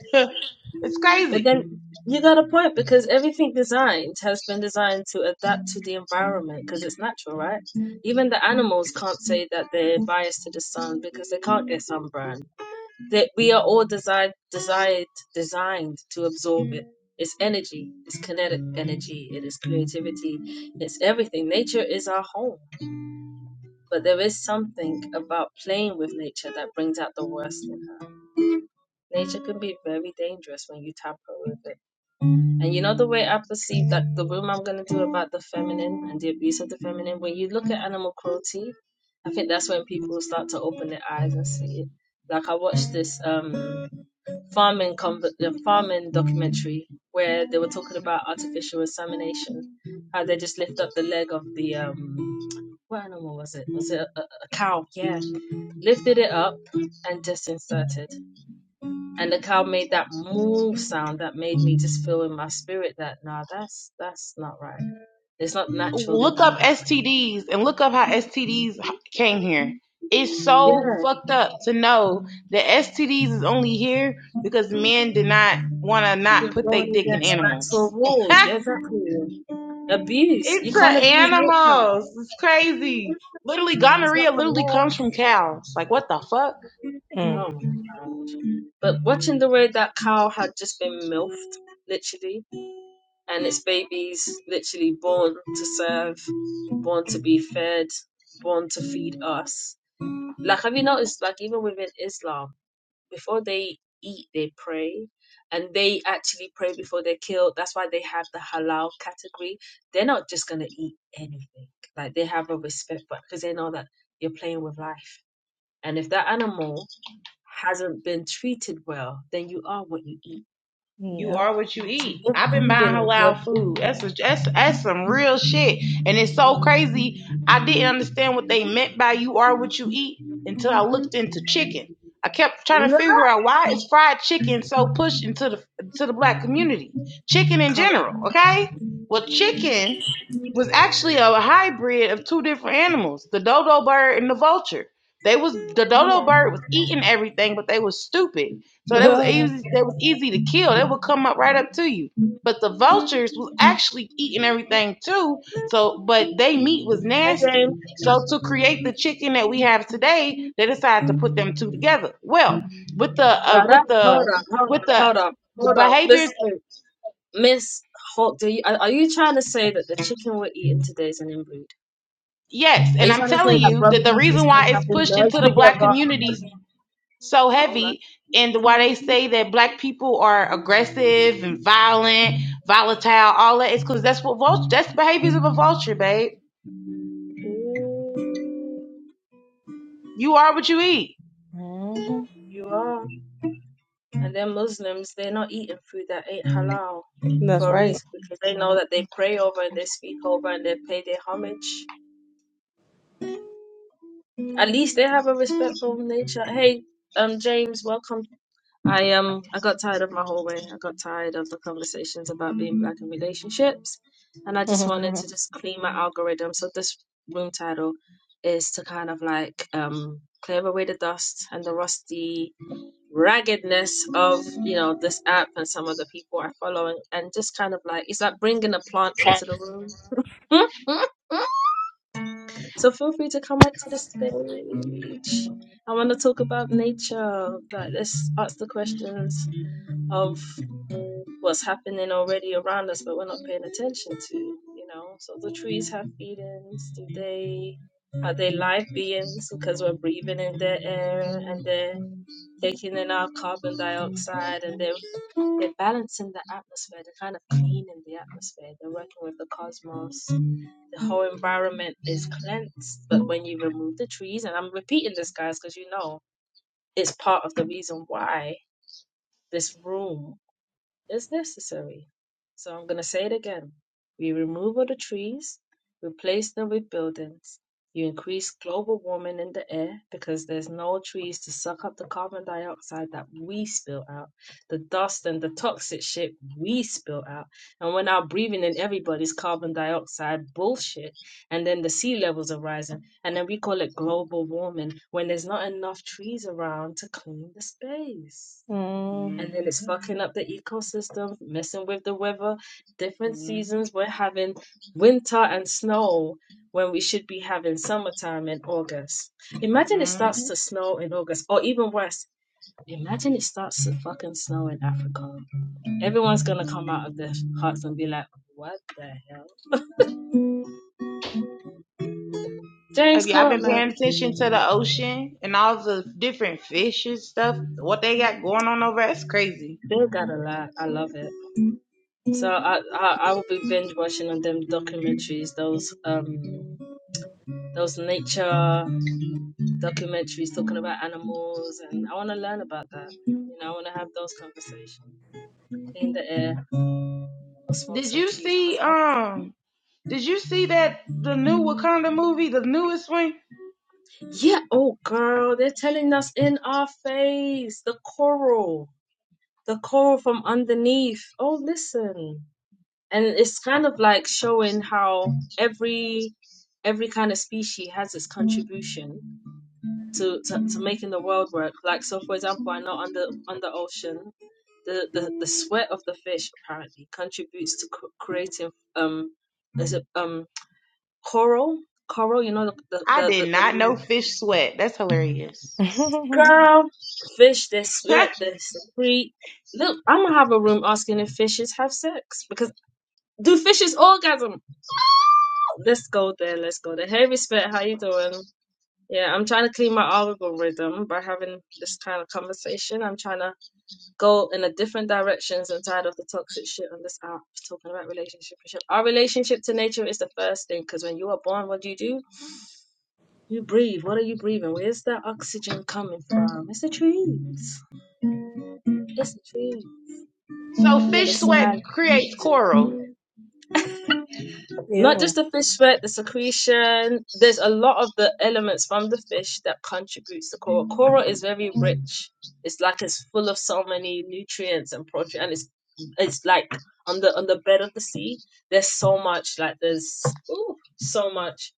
S7: [laughs] it's
S1: But
S7: crazy.
S1: then you got a point because everything designed has been designed to adapt to the environment because it's natural, right? Even the animals can't say that they're biased to the sun because they can't get sunburn. That we are all designed, desired, designed to absorb it. It's energy, it's kinetic energy, it is creativity, it's everything. Nature is our home, but there is something about playing with nature that brings out the worst in her. Nature can be very dangerous when you tamper with it. And you know the way I perceive that the room I'm going to do about the feminine and the abuse of the feminine, when you look at animal cruelty, I think that's when people start to open their eyes and see it. Like I watched this um, farming com- uh, farming documentary where they were talking about artificial insemination, how they just lift up the leg of the um, what animal was it? Was it a, a a cow? Yeah, lifted it up and just inserted and the cow made that moo sound that made me just feel in my spirit that nah that's that's not right it's not naturally
S7: Look
S1: done
S7: up
S1: that way
S7: STDs and look up how STDs came here. It's so
S1: yeah
S7: fucked up to know that STDs is only here because men did not want to not
S1: you're
S7: put their
S1: going
S7: dick in
S1: against
S7: animals.
S1: natural rules
S7: [laughs]
S1: Yeah, exactly abuse you
S7: It's a
S1: can't abuse nature
S7: animals. It's crazy. Literally,
S1: it's not
S7: gonorrhea
S1: from
S7: literally
S1: law
S7: comes from cows. Like, what the fuck?
S1: oh
S6: Mm.
S1: my gosh but watching the way that cow had just been milfed literally and its babies literally born to serve born to be fed born to feed us Like, have you noticed, like, even within Islam, before they eat, they pray, and they actually pray before they kill. That's why they have the halal category. They're not just gonna eat anything. Like, they have a respect for because they know that you're playing with life. And if that animal hasn't been treated well, then you are what you eat.
S7: You
S6: Yep.
S7: are what you
S1: So
S7: eat.
S1: you're
S7: I've been buying
S1: feeding on their
S7: halal food.
S1: food.
S7: That's a, that's that's some real shit, and it's so crazy. I didn't understand what they meant by "you are what you eat" until I
S1: Mhm.
S7: looked into chicken. I kept
S1: No,
S7: trying to figure out why is
S1: [laughs]
S7: fried chicken so pushed into the to the black community, chicken in
S1: come on,
S7: general. Okay, well, chicken was actually a hybrid of two different animals, the dodo bird and the vulture. They was the
S1: come
S7: dodo bird
S1: on.
S7: was eating everything, but they was stupid so that was
S6: [laughs]
S7: easy. That was easy to kill. They would come up right up to you. But the vultures was actually eating everything too. So, but they meat was
S1: Hey,
S7: nasty. So to
S1: James.
S7: create the chicken that we have today, they decided to put them two together. Well, with the uh,
S1: Now
S7: with
S1: that hold
S7: the
S1: up, hold
S7: with
S1: up,
S7: the,
S1: hold up,
S7: the
S1: hold up,
S7: behaviors,
S1: Miss Miss Holt, do you, are, are you trying to say that the chicken we're eating today is an inbreed?
S7: yes.
S1: Are
S7: And
S1: you
S7: I'm
S1: trying to say
S7: telling
S1: that
S7: you that
S1: brothers
S7: the
S1: and
S7: reason
S1: sisters
S7: why it's
S1: have been
S7: pushed into
S1: merged
S7: the black
S1: together?
S7: communities so
S1: Oh my,
S7: heavy and why they say that black people are aggressive and violent, volatile, all that is because that's what vulture that's the behaviors of a vulture, babe.
S1: Ooh,
S7: You are what you eat.
S6: hmm
S1: you are. And then Muslims, they're not eating food that ain't halal
S6: That's
S1: for a
S6: right. [laughs]
S1: reason because they know that they pray over and they speak over and they pay their homage. At least they have a respectful nature. Hey, um, James, welcome I um I got tired of my hallway. I got tired of the conversations about being black in relationships, and I just wanted to just clean my algorithm. So this room title is to kind of like um clear away the dust and the rusty raggedness of you know this app and some of the people I follow, and, and just kind of like it's like bringing a plant into the room. [laughs] So feel free to come up to the stage. I want to talk about nature. Like, let's ask the questions of what's happening already around us, but we're not paying attention to. You know, so the trees have feelings. Do they? Are they live beings? Because we're breathing in their air and they're taking in our carbon dioxide and they're they're balancing the atmosphere. They're kind of cleaning the atmosphere. They're working with the cosmos. The whole environment is cleansed. But when you remove the trees, and I'm repeating this, guys, because you know it's part of the reason why this room is necessary. So I'm going to say it again. We remove all the trees, replace them with buildings. You increase global warming in the air because there's no trees to suck up the carbon dioxide that we spill out, the dust and the toxic shit we spill out. And we're now breathing in everybody's carbon dioxide bullshit. And then the sea levels are rising. And then we call it global warming when there's not enough trees around to clean the space
S7: hmm
S6: Mm.
S1: and then it's fucking up the ecosystem, messing with the weather. Different
S7: hmm
S1: seasons, we're having winter and snow when we should be having summertime in August. Imagine it
S7: hmm
S1: starts to snow in August, or even worse, imagine it starts to fucking snow in Africa. Everyone's gonna come out of their huts and be like, what the hell? James,
S7: Have
S1: come
S7: y'all
S1: up,
S7: been
S1: man.
S7: paying attention to the ocean and all the different fishes stuff? What they got going on over there? It's crazy.
S1: Bill got a lot. I love it. So I, I I will be binge watching on them documentaries, those um those nature. documentaries talking about animals, and I want to learn about that. You know, I want to have those conversations. Clean the air, I'll smoke
S7: Did
S1: some
S7: you
S1: trees. I'm a
S7: see um did you see that the new Wakanda movie, the newest one?
S1: smoker. Yeah. Oh, girl, they're telling us in our face the coral, the coral from underneath. Oh, listen, and it's kind of like showing how every every kind of species has its contribution to, to, to making the world work. Like so for example, I know under under ocean, the, the, the sweat of the fish apparently contributes to c- creating um is it um coral coral you know the the
S7: I
S1: the, the,
S7: did not
S1: the
S7: know fish sweat. That's hilarious.
S6: [laughs]
S1: girl fish they
S7: [laughs]
S1: sweat they secrete look I'm gonna have a room asking if fishes have sex because do fishes orgasm let's go there let's go there hey respect how you doing yeah I'm trying to clean my algorithm by having this kind of conversation I'm trying to go in a different directions and tired of the toxic shit on this app talking about relationship and shit. Our relationship to nature is the first thing because when you are born, what do you do? You breathe. What are you breathing? Where's that oxygen coming from? It's the trees. It's the trees.
S7: So
S1: They're the
S7: fish sweat creates coral.
S1: silence. Not
S6: Ew.
S1: just the fish sweat, the secretion. There's a lot of the elements from the fish that contributes to coral. Coral is very rich. It's like it's full of so many nutrients and protein, and it's it's like on the on the bed of the sea. There's so much. Like there's ooh, so much.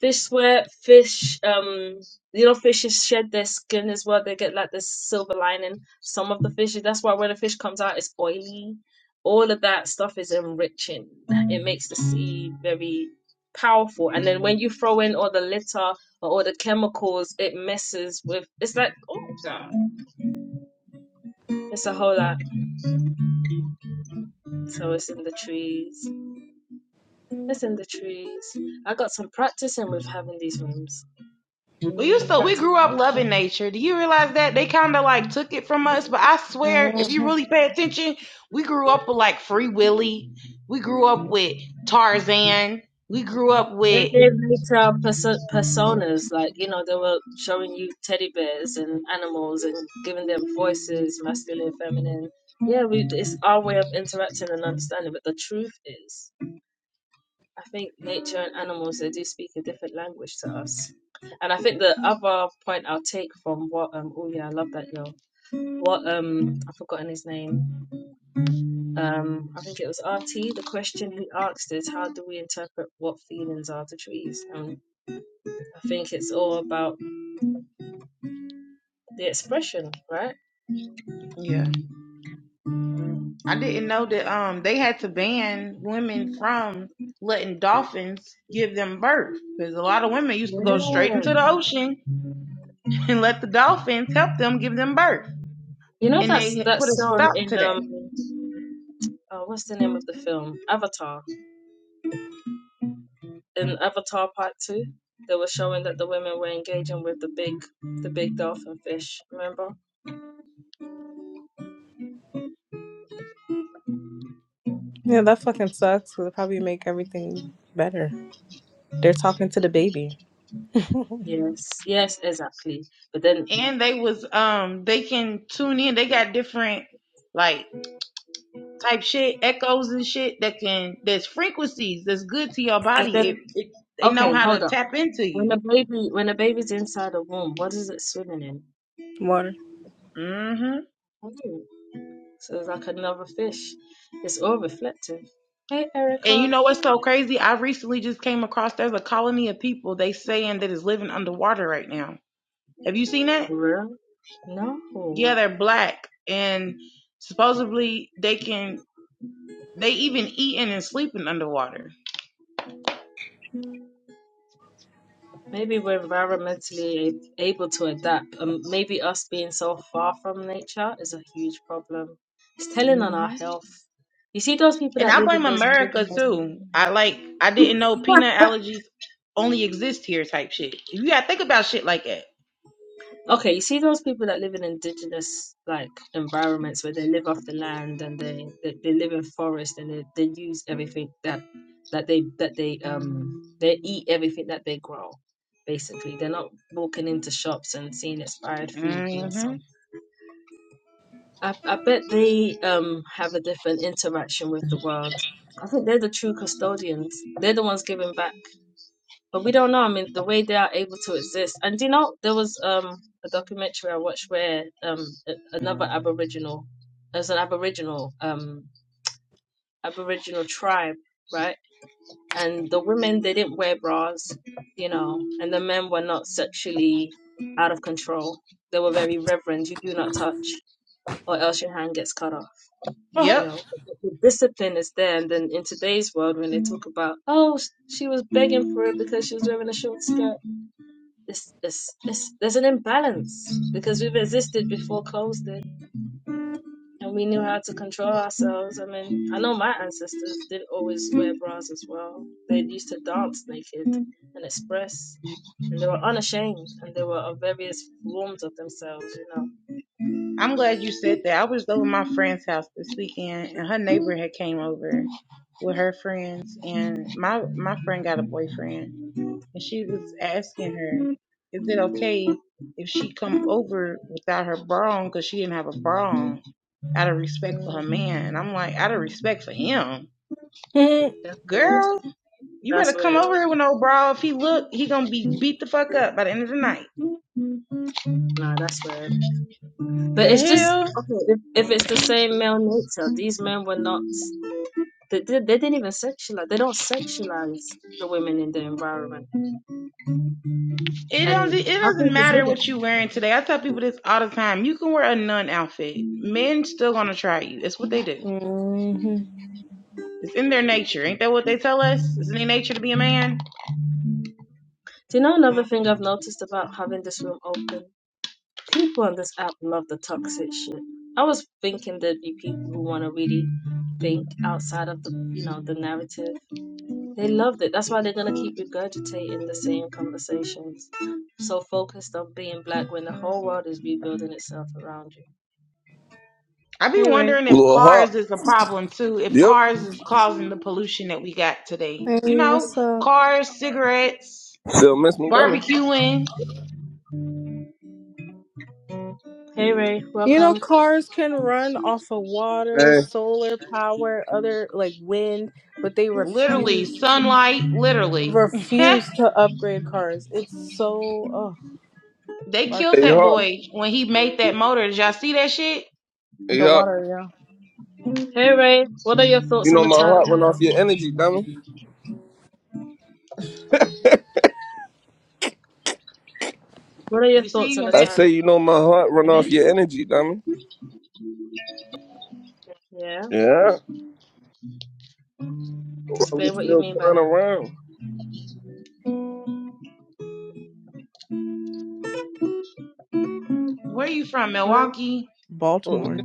S1: Fish wear fish. Um, you know, fishes shed their skin as well. They get like this silver lining. Some of the fishes. That's why when a fish comes out, it's oily. All of that stuff is enriching. It makes the sea very powerful. And then when you throw in all the litter or all the chemicals, it messes with. It's like oh god, it's a whole lot. So it's in the trees. It's in the trees. I got some practicing with having these rooms.
S7: We used
S1: I've
S7: to we grew
S1: practiced.
S7: up loving nature. Do you realize that? They kind of like took it from us, but I swear, if you really pay attention, we grew up with like Free Willy. We grew up with Tarzan. We grew up
S1: It
S7: with
S1: is retail perso- personas, like you know, they were showing you teddy bears and animals and giving them voices, masculine, feminine. Yeah, we, it's our way of interacting and understanding. But the truth is, I think nature and animals they do speak a different language to us. And I think the other point I'll take from what um oh yeah, I love that yo. What um I've forgotten his name. Um I think it was RT. The question he asked is how do we interpret what feelings are to trees? I think it's all about the expression, right?
S7: Yeah. I didn't know that um they had to ban women from letting dolphins give them birth because a lot of women used to
S6: [laughs]
S7: go straight
S1: Yeah.
S7: into the ocean [laughs] and let the dolphins help them give them birth.
S1: You know
S7: And
S1: that's
S7: they
S1: that
S7: put a
S1: song
S7: stop to
S1: in
S7: that.
S1: um uh, what's the name of the film? Avatar. In Avatar Part Two, they were showing that the women were engaging with the big the big dolphin fish. Remember?
S6: Yeah, that fucking sucks. 'cause it probably make everything better. They're talking to the baby. [laughs]
S1: Yes. Yes, exactly. But then
S7: and they was um they can tune in. They got different like type shit, echoes and shit that can there's frequencies that's good to your
S1: but then
S7: body. It, it they know
S1: okay,
S7: how
S1: hold
S7: to
S1: up.
S7: tap into
S1: When
S7: you.
S1: a baby when a baby's inside a womb, what is it swimming in?
S6: Water.
S7: hmm
S1: Hmm. So it's like another fish. It's all reflective. Hey
S7: And you
S1: Erica.
S7: know what's so crazy? I recently just came across there's a colony of people they saying that is living underwater right now. Have you seen that?
S1: Really? No.
S7: Yeah, they're black and supposedly they can they even eating and sleeping underwater.
S1: Maybe we're environmentally a- able to adapt. Um, maybe us being so far from nature is a huge problem. It's telling on our
S7: Mhm.
S1: health. You see those people
S7: And
S1: that
S7: I
S1: live in
S7: blame
S1: those
S7: America
S1: indigenous
S7: too. I like I didn't know peanut allergies only exist here type shit. You gotta think about shit like that.
S1: Okay, you see those people that live in indigenous like environments where they live off the land and they they, they live in forest and they, they use everything that that they that they um they eat everything that they grow. Basically, they're not walking into shops and seeing expired food being sold.
S7: hmm
S1: I, I bet they um have a different interaction with the world. I think they're the true custodians. They're the ones giving back but we don't know. I mean, the way they are able to exist. And do you know, there was um a documentary I watched where um a- another Aboriginal, there's an Aboriginal um Aboriginal tribe, right? And the women they didn't wear bras, you know, and the men were not sexually out of control. They were very reverent. You do not touch, or else your hand gets cut off. You
S7: Yep.
S6: [laughs]
S1: know, the the discipline is there. And then in today's world, when they talk about, oh, she was begging for it because she was wearing a short skirt It's, it's, it's, there's an imbalance because we've existed before clothes did and we knew how to control ourselves. I mean, I know my ancestors did always wear bras as well. They used to dance naked and express, and they were unashamed and they were of various forms of themselves, you know.
S7: I'm glad you said that. I was over my friend's house this weekend and her neighbor had came over with her friends and my my friend got a boyfriend and she was asking her, Is it okay if she come over without her bra on because she didn't have a bra on out of respect for her man? And I'm like, out of respect for him.
S6: hmm
S1: That's weird.
S7: Girl, You better
S1: That's
S7: come
S1: weird.
S7: over here with no bra. If he look, he gonna be beat the fuck up by the end of the night.
S1: No, that's weird. But
S7: The
S1: it's just,
S7: hell?
S1: okay, if, if it's the same male nature, these men were not, they, they, they didn't even sexualize, they don't sexualize the women in their environment
S7: It doesn't.
S1: and
S7: It
S1: nothing
S7: doesn't
S1: is
S7: matter what you
S1: hidden.
S7: wearing today. I tell people this all the time. You can wear a nun outfit. Men still gonna try you. It's what they do. It's in their nature. Ain't that what they tell us? It's in their nature to be a man.
S1: Do you know another thing I've noticed about having this room open? People on this app love the toxic shit. I was thinking there'd be people who want to really think outside of the, you know, the narrative. They loved it. That's why they're gonna keep regurgitating the same conversations. So focused on being black when the whole world is rebuilding itself around you.
S7: I be
S1: Hey Ray,
S7: wondering if
S12: Little Hawk.
S7: cars is a problem too. If
S12: Yep.
S7: cars is causing the pollution that we got today. You
S6: Hey,
S7: know,
S6: what's up?
S7: cars, cigarettes,
S12: Still miss me, dummy.
S7: barbecuing,
S1: hey Ray,
S6: You know,
S1: welcome.
S6: cars can run off of water, solar power, other like wind, but they
S7: literally
S6: refuse to,
S7: sunlight, literally. [laughs]
S6: refuse to upgrade cars. It's so oh,
S7: They
S6: bar-
S7: killed
S12: Hey,
S7: that
S12: Hawk.
S7: boy when he made that motor. Did y'all see that shit?
S12: Hey,
S6: the
S12: Hawk.
S6: water, yeah.
S1: Hey Ray, what are your thoughts
S12: You
S1: on
S12: know
S1: the
S12: my
S1: title?
S12: heart run off your energy, dummy.
S1: What are your
S7: You
S1: thoughts
S7: see
S1: on the
S7: when
S12: I
S7: that
S12: say
S1: title?
S12: you know my heart run
S7: when
S12: off
S7: that
S12: your energy, dummy.
S1: Yeah,
S12: Yeah. Why we
S1: explain what you
S12: still
S1: mean by
S12: playing
S1: that.
S12: around?
S7: where you from?
S1: No, no,
S7: Milwaukee?
S12: Well,
S6: Baltimore,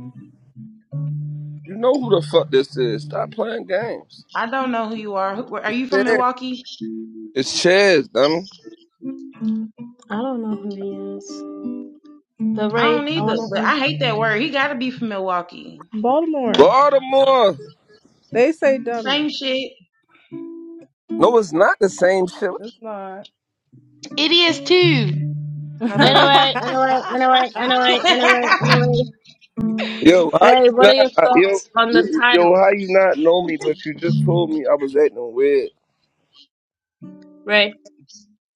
S12: you know who the fuck this is. Stop playing games.
S7: I don't know who you are. Who, where- are you from
S12: Chaz.
S7: Milwaukee?
S12: It's Chaz, dummy.
S1: I don't know who he is. But
S7: I
S1: Ray,
S7: don't
S1: I
S7: either,
S1: wanna
S7: but I
S1: um
S7: hate that word. He gotta be from Milwaukee.
S6: Baltimore.
S12: Baltimore.
S6: They say dummy.
S7: Same shit.
S12: No, it's not the same shit.
S6: It's not.
S7: It is too, motherfucker.
S1: anyway, anyway, anyway,
S7: [laughs]
S1: anyway, anyway,
S6: [laughs]
S1: anyway.
S12: Yo, how
S1: Ray,
S12: you
S1: what are
S12: not?
S1: your
S12: I- Yo,
S1: thoughts on
S12: yo,
S1: the
S12: yo,
S1: title?
S12: how you not know me, but you just told me I was acting weird.
S1: Ray,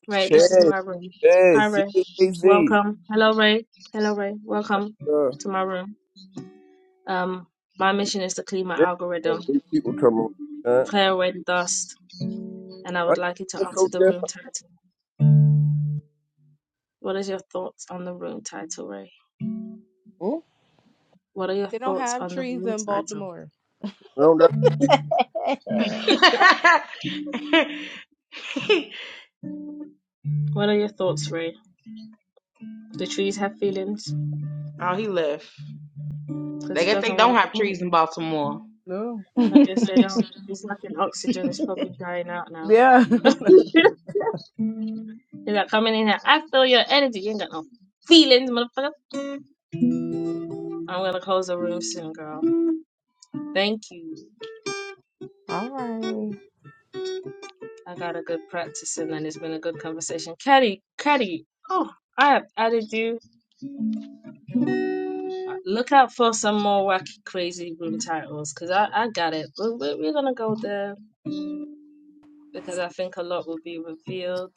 S1: Ray, this is
S12: Chaz.
S1: my room. Hi
S12: Chaz.
S1: Ray.
S12: C-H-A-Z.
S1: Welcome. Hello Ray. Hello Ray. Welcome to my room. Um my mission is to clean my
S12: That's what
S1: algorithm,
S12: These people come around. Huh?
S1: clear away the dust, and I would
S12: Like,
S1: like you to
S12: that's
S1: answer
S12: so
S1: the room
S12: different.
S1: title. What is your thoughts on the room title, Ray?
S12: Hmm?
S1: What are your
S6: They don't
S1: thoughts
S6: have
S1: on the
S6: trees
S1: room
S6: in
S1: title?
S6: Baltimore.
S12: I don't know.
S6: [laughs]
S1: What are your thoughts, Ray? Do trees have feelings?
S7: oh, he left.
S1: because
S7: I
S1: he
S7: guess they
S1: doesn't want
S7: don't
S1: to
S7: have
S1: move.
S7: trees in Baltimore.
S6: No. [laughs]
S1: I guess they don't. He's lacking oxygen. He's probably dying out now.
S6: yeah. [laughs]
S1: [laughs] He's like, coming in here. I feel your energy. You ain't got no feelings, motherfucker. I'm gonna close the room soon, girl. Thank you.
S6: All right.
S1: I got a good practice in, and then it's been a good conversation. Caddy, Caddy. Oh, I have added you. Look out for some more wacky, crazy room titles, cause I, I got it. We're, we're, we're gonna go there because I think a lot will be revealed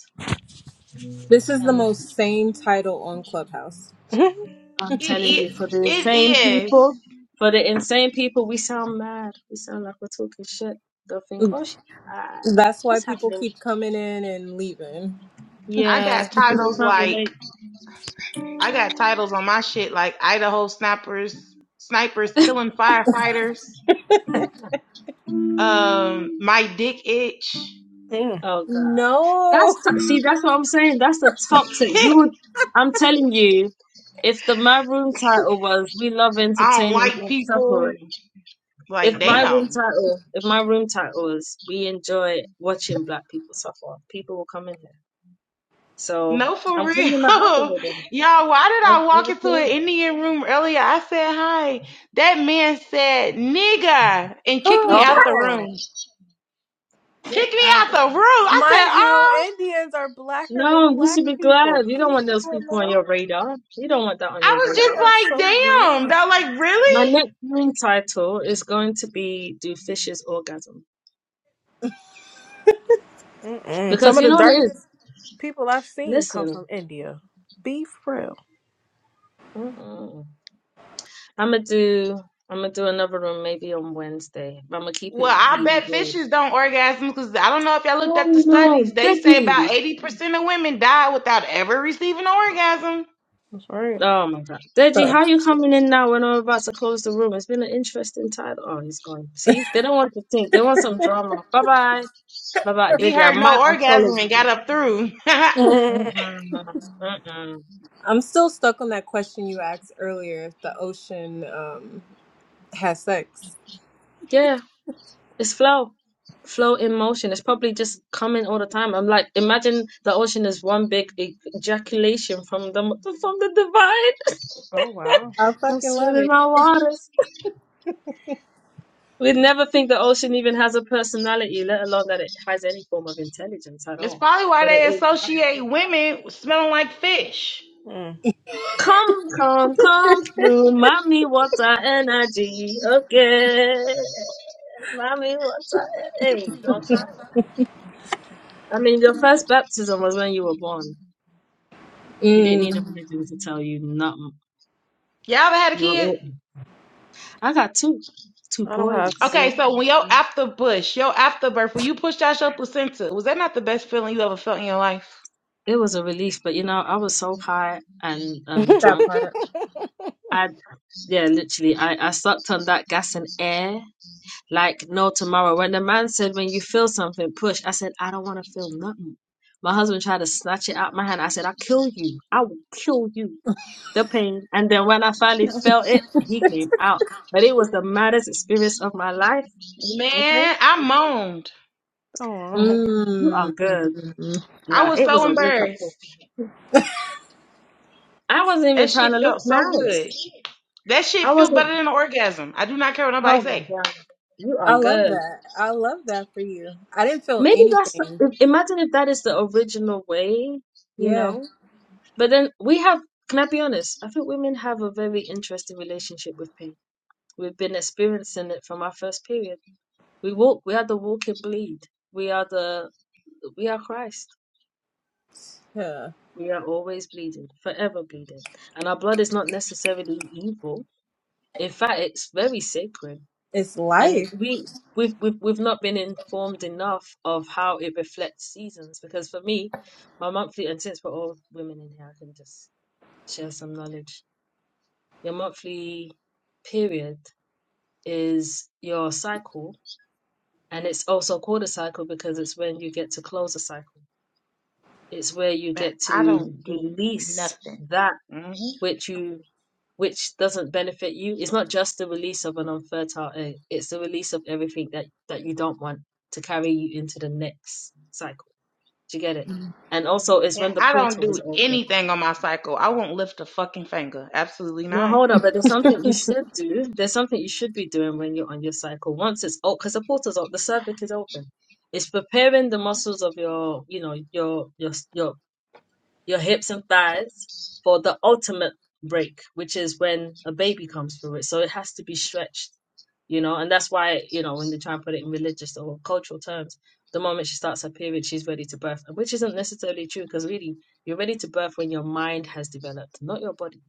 S3: This is the
S1: and.
S3: most same title on Clubhouse.
S6: [laughs]
S1: I'm
S7: It
S1: telling you,
S7: it,
S1: for the insane
S7: it is.
S1: people, for the insane people, we sound mad. We sound like we're talking shit. They'll think, oh, she high.
S3: That's why
S1: What's
S3: people
S1: happening?
S3: keep coming in and leaving.
S7: I
S1: Yeah,
S7: got
S1: they
S7: titles
S1: can't
S7: like
S1: relate.
S7: I got titles on my shit like Idaho Snappers, Snipers Killing Firefighters, um, My Dick Itch.
S6: Mm.
S1: Oh God, that's
S3: No.
S1: to- see, that's what I'm saying. That's the
S7: [laughs]
S1: toxic. You would, I'm telling you, if the my room title was "We Love
S7: I don't
S1: Entertaining
S7: like
S1: Black
S7: people.
S1: Suffering,"
S7: Like,
S1: if my room
S7: damn.
S1: title, if my room title was "We Enjoy Watching Black People Suffer," people will come in here. So
S7: No, for
S1: I'm
S7: real.
S1: cleaning my
S7: [laughs]
S1: algorithm.
S7: Y'all, why did
S1: I, I
S7: I walk
S1: was
S7: into an
S1: saying.
S7: Indian room earlier? I said hi. That man said, nigga, and kicked me
S3: [sighs]
S7: out the
S6: oh.
S7: room. Kicked me out the room. I said,
S6: Mind you,
S7: oh,
S6: Indians are blacker than
S1: No, you
S6: black
S1: should be
S6: people.
S1: glad. You don't
S6: Be
S1: want those people on
S6: hello.
S1: your radar. You don't want that on your
S7: I was
S6: They
S1: radar.
S6: are
S7: just like,
S6: so
S7: damn.
S6: weird.
S7: That like,
S1: My next room title is going to be Do Fishes Orgasm?
S6: Mm-mm.
S7: really?
S6: Some
S1: Because
S6: of
S1: you
S7: [laughs]
S6: the
S1: know what it is?
S6: darkest people I've seen come
S1: Listen,
S6: from India. Be for real.
S1: mm-mm. I'm gonna do I'm gonna do another room maybe on Wednesday, but I'm gonna keep it
S7: Well, I
S1: really
S7: bet
S1: broad.
S7: fishes don't orgasm because I don't know if y'all looked
S1: Oh
S7: at the
S1: no,
S7: studies. They say
S1: Deji.
S7: about 80% of women die without ever receiving an orgasm.
S6: That's right.
S1: Oh my God. Deji,
S3: Uh,
S1: how you coming in now when I'm about to close the room? It's been an interesting title. Oh, he's gone. See, they don't want to think. They want some drama. Bye bye. Bye bye,
S7: He
S1: I
S7: heard
S1: might
S7: no
S1: unfollow
S7: orgasm and got
S1: you.
S7: up through. [laughs]
S6: [laughs]
S1: Mm-mm. Mm-mm.
S3: I'm still stuck on that question you asked earlier if the ocean um, has sex.
S1: Yeah, it's flow. Flow in motion. It's probably just coming all the time. I'm like, imagine the ocean is one big e- ejaculation from the from the divine.
S6: Oh wow.
S3: I
S1: I'm
S3: fucking love
S1: swimming
S3: it.
S1: my waters. We'd never think the ocean even has a personality, let alone that it has any form of intelligence at
S7: It's
S1: all.
S7: probably why
S1: But it
S7: they
S1: is not.
S7: associate women with smelling like fish.
S6: Mm.
S1: Come, come, come through, mommy water energy. Okay, mommy water. Hey, don't try. I mean, your first baptism was when you were born. You didn't need a
S3: Mm,
S1: religion to tell you nothing.
S7: Y'all ever had a
S1: You were.
S7: kid?
S1: all- I got two, two
S6: I don't have
S1: boys.
S6: any.
S7: Okay, so when your after push, your afterbirth, when you pushed out your placenta, was that not the best feeling you ever felt in your life?
S1: It was a relief, but you know, I was so high and
S6: [laughs]
S1: um
S3: that
S1: drunk.
S3: part.
S1: I, yeah, literally, I I sucked on that gas and air like no tomorrow. When the man said, "When you feel something, push," I said, "I don't want to feel nothing." My husband tried to snatch it out my hand. I said, "I'll kill you. I will kill you." the pain. And then when I finally felt it, he came out. But it was the maddest experience of my life. Okay.
S7: Man, I moaned.
S6: oh,
S1: You are
S3: Mm.
S1: good.
S7: I
S1: Nah,
S7: was
S1: it
S7: so
S1: was a wake up call.
S7: embarrassed.
S1: I wasn't even
S7: That
S1: trying
S7: shit
S1: to look
S7: felt so
S1: nice.
S7: good. That shit
S1: I
S7: feel
S1: wasn't,
S7: better than an orgasm. I do not care what nobody
S1: oh my
S7: say.
S1: God, you are
S3: I love
S1: good.
S3: that. I love that for you. I didn't feel
S1: Maybe that's, the-
S3: anything.
S1: i- imagine if that is the original way, you
S3: Yeah.
S1: know? But then we have, can I be honest? I think women have a very interesting relationship with pain. We've been experiencing it from our first period. We walk, we are the walking bleed. We are the, we are Christ
S3: Yeah.
S1: We are always bleeding, forever bleeding. And our blood is not necessarily evil. In fact, it's very sacred.
S3: It's
S1: And
S3: life.
S1: we we've we've, we've not been informed enough of how it reflects seasons. Because for me, my monthly and since we're all women in here, I can just share some knowledge. Your monthly period is your cycle, and it's also called a cycle because it's when you get to close a cycle. It's where you
S7: Man,
S1: get
S7: I
S1: to
S7: don't do
S1: release
S7: nothing.
S1: that
S7: hmm
S1: which you which doesn't benefit you. It's not just the release of an unfertile egg, it's the release of everything that that you don't want to carry you into the next cycle. Do you get it? And also it's
S7: And
S1: when the
S7: I don't
S1: portal is
S7: do
S1: open.
S7: anything on my cycle. I won't lift a fucking finger. Absolutely
S1: No,
S7: not.
S1: hold up, but there's something you should do. There's something you should be doing when you're on your cycle. Once it's open, because the portal's open, the cervix is open. It's preparing the muscles of your, you know, your your your your hips and thighs for the ultimate break, which is when a baby comes through it. So it has to be stretched, you know, and that's why, you know, when they try and put it in religious or cultural terms, the moment she starts her period, she's ready to birth, which isn't necessarily true because really you're ready to birth when your mind has developed, not your body.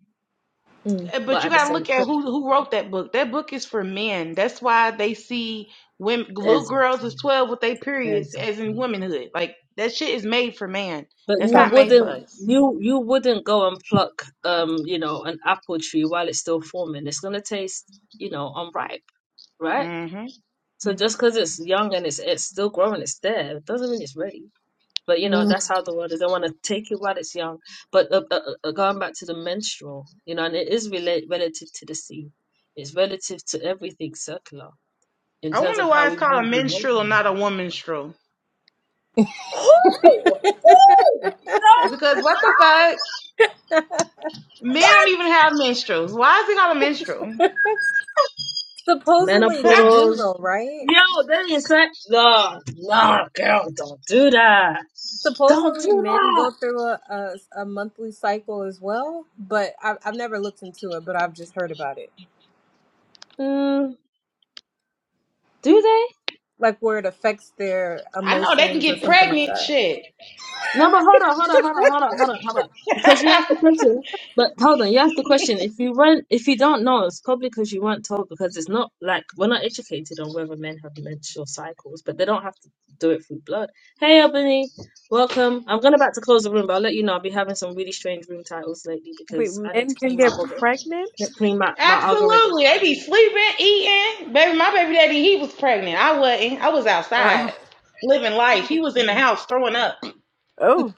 S3: Mm.
S7: Eh,
S1: But
S7: But you
S1: at the
S7: gotta
S1: same
S7: look at
S1: time,
S7: who who wrote that book. That book is for men. That's why they see women, little girls is
S1: exactly,
S7: twelve with their periods, as
S1: exactly.
S7: in womanhood. Like that shit is made for man.
S1: But
S7: That's
S1: you
S3: That
S7: not made
S3: part.
S7: for
S1: wouldn't
S7: us.
S1: you you wouldn't go and pluck um, you know, an apple tree while it's still forming. It's gonna taste, you know, unripe right?
S7: hmm
S1: So just because it's young and it's it's still growing, it's there. It doesn't mean it's ready. But you know
S3: Mm.
S1: that's how the world is. They want to take it while it's young. But uh, uh, uh, going back to the menstrual, you know, and it is relate relative to the sea. It's relative to everything circular in
S7: I
S1: terms
S7: wonder
S1: of
S7: why
S1: how we
S7: it's called a
S1: move and work.
S7: menstrual and not a womanstrel.
S1: Woo!
S3: [laughs]
S1: Woo! So-
S7: Because what the fuck? Men don't even have menstruals. Why is it called a menstrual?
S1: [gasps]
S3: Supposedly
S7: [laughs]
S3: they do
S1: Menopause.
S3: though, right?
S1: Yo, that is like no, no, girl, don't do that. Don't
S3: Supposedly
S1: do
S3: men go
S1: that.
S3: through a, a, a monthly cycle as well, but I've, I've never looked into it, but I've just heard about it.
S1: Mm, do they?
S3: Like where it affects their
S7: I know they can
S3: emotions or
S7: get
S3: something like
S7: pregnant.
S3: that.
S7: Shit.
S1: No, but hold on, hold on, hold on, hold on, hold on, hold on. Because you asked the
S7: [laughs]
S1: question, but hold on, you asked the question. If you weren't, if you don't know, it's probably because you weren't told. Because it's not like we're not educated on whether men have menstrual cycles, but they don't have to do it through blood. Hey, Albany, welcome. I'm going about to close the room, but I'll let you know. I'll be having some really strange room titles lately
S6: wait.
S1: because I need
S6: Men
S1: to
S6: can
S1: clean my
S6: get
S1: alg-
S6: pregnant.
S1: clean my my algorithm.
S7: Absolutely. They be sleeping, eating. Baby, my baby daddy, he was pregnant. I wasn't. I was
S6: Uh,
S7: outside living life. He was in the house throwing up. And
S6: oh,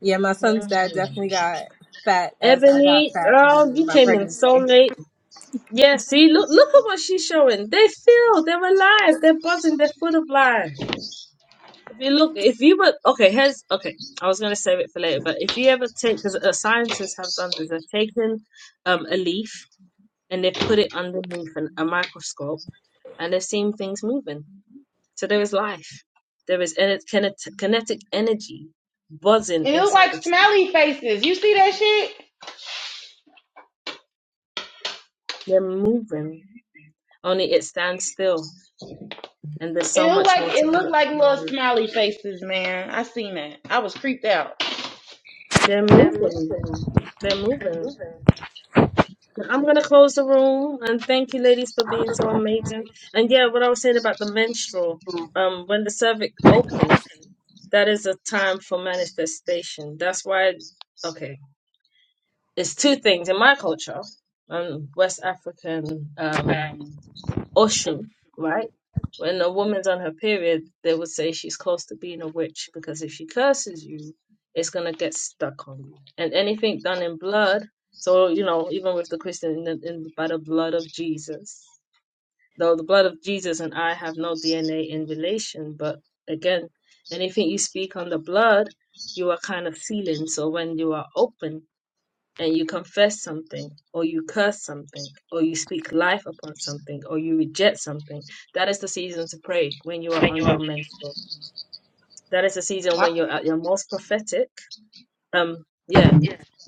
S3: Yeah, my son's dad
S1: Mm.
S3: definitely got fat as I got
S1: Ebony,
S3: fat
S1: oh,
S3: during
S1: you
S3: my
S1: came in so
S3: pregnancy.
S1: late. Yeah, see, look, look at what she's showing. They feel they're alive. They're buzzing. They're full of life. If you look, if you were okay, here's okay. I was gonna save it for later, but if you ever take, because uh, scientists have done this, they've taken um a leaf and they've put it underneath an, a microscope and they've seen things moving. So there is life. There is ener- kinet- kinetic energy buzzing
S7: it looked
S1: inside
S7: like
S1: the tree.
S7: smelly faces. You see that shit?
S1: They're moving, only it stands still, and there's so
S7: It looked
S1: much
S7: like
S1: more
S7: it
S1: to be
S7: looked like little
S1: explored.
S7: smiley faces, man. I seen that. I was creeped out.
S1: They're moving. They're moving. I'm gonna close the room and thank you, ladies, for being so amazing. And yeah, what I was saying about the menstrual, um, when the cervix opens, that is a time for manifestation. That's why, okay, it's two things in my culture, um, West African, um, Oshun, right? When a woman's on her period, they would say she's close to being a witch because if she curses you, it's going to get stuck on you. And anything done in blood, so, you know, even with the Christian, in the, in, by the blood of Jesus, though the blood of Jesus and I have no DNA in relation, but again, anything you speak on the blood, you are kind of sealing. So when you are open and you confess something or you curse something or you speak life upon something or you reject something that is the season to pray when you are on your menstrual that is the season
S7: I,
S1: when you're at your most prophetic um yeah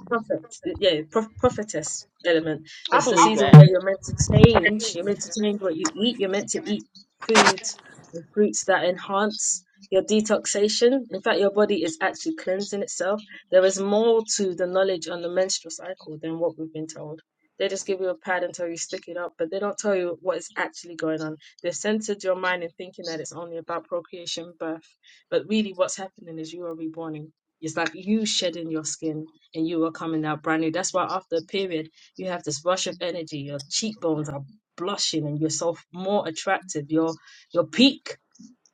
S1: prophet, yeah, prof- prophetess element.
S7: I
S1: It's the
S7: believe
S1: season
S7: that.
S1: where you're meant to change. You're meant to change what you eat. You're meant to eat foods and fruits that enhance your detoxation. In fact, your body is actually cleansing itself. There is more to the knowledge on the menstrual cycle than what we've been told. They just give you a pad and tell you stick it up, but they don't tell you what is actually going on. They've centered your mind in thinking that it's only about procreation, birth, but really what's happening is you are reborning. It's like you shedding your skin and you are coming out brand new. That's why after a period, you have this rush of energy. Your cheekbones are blushing, and you're so f- more attractive. Your your peak,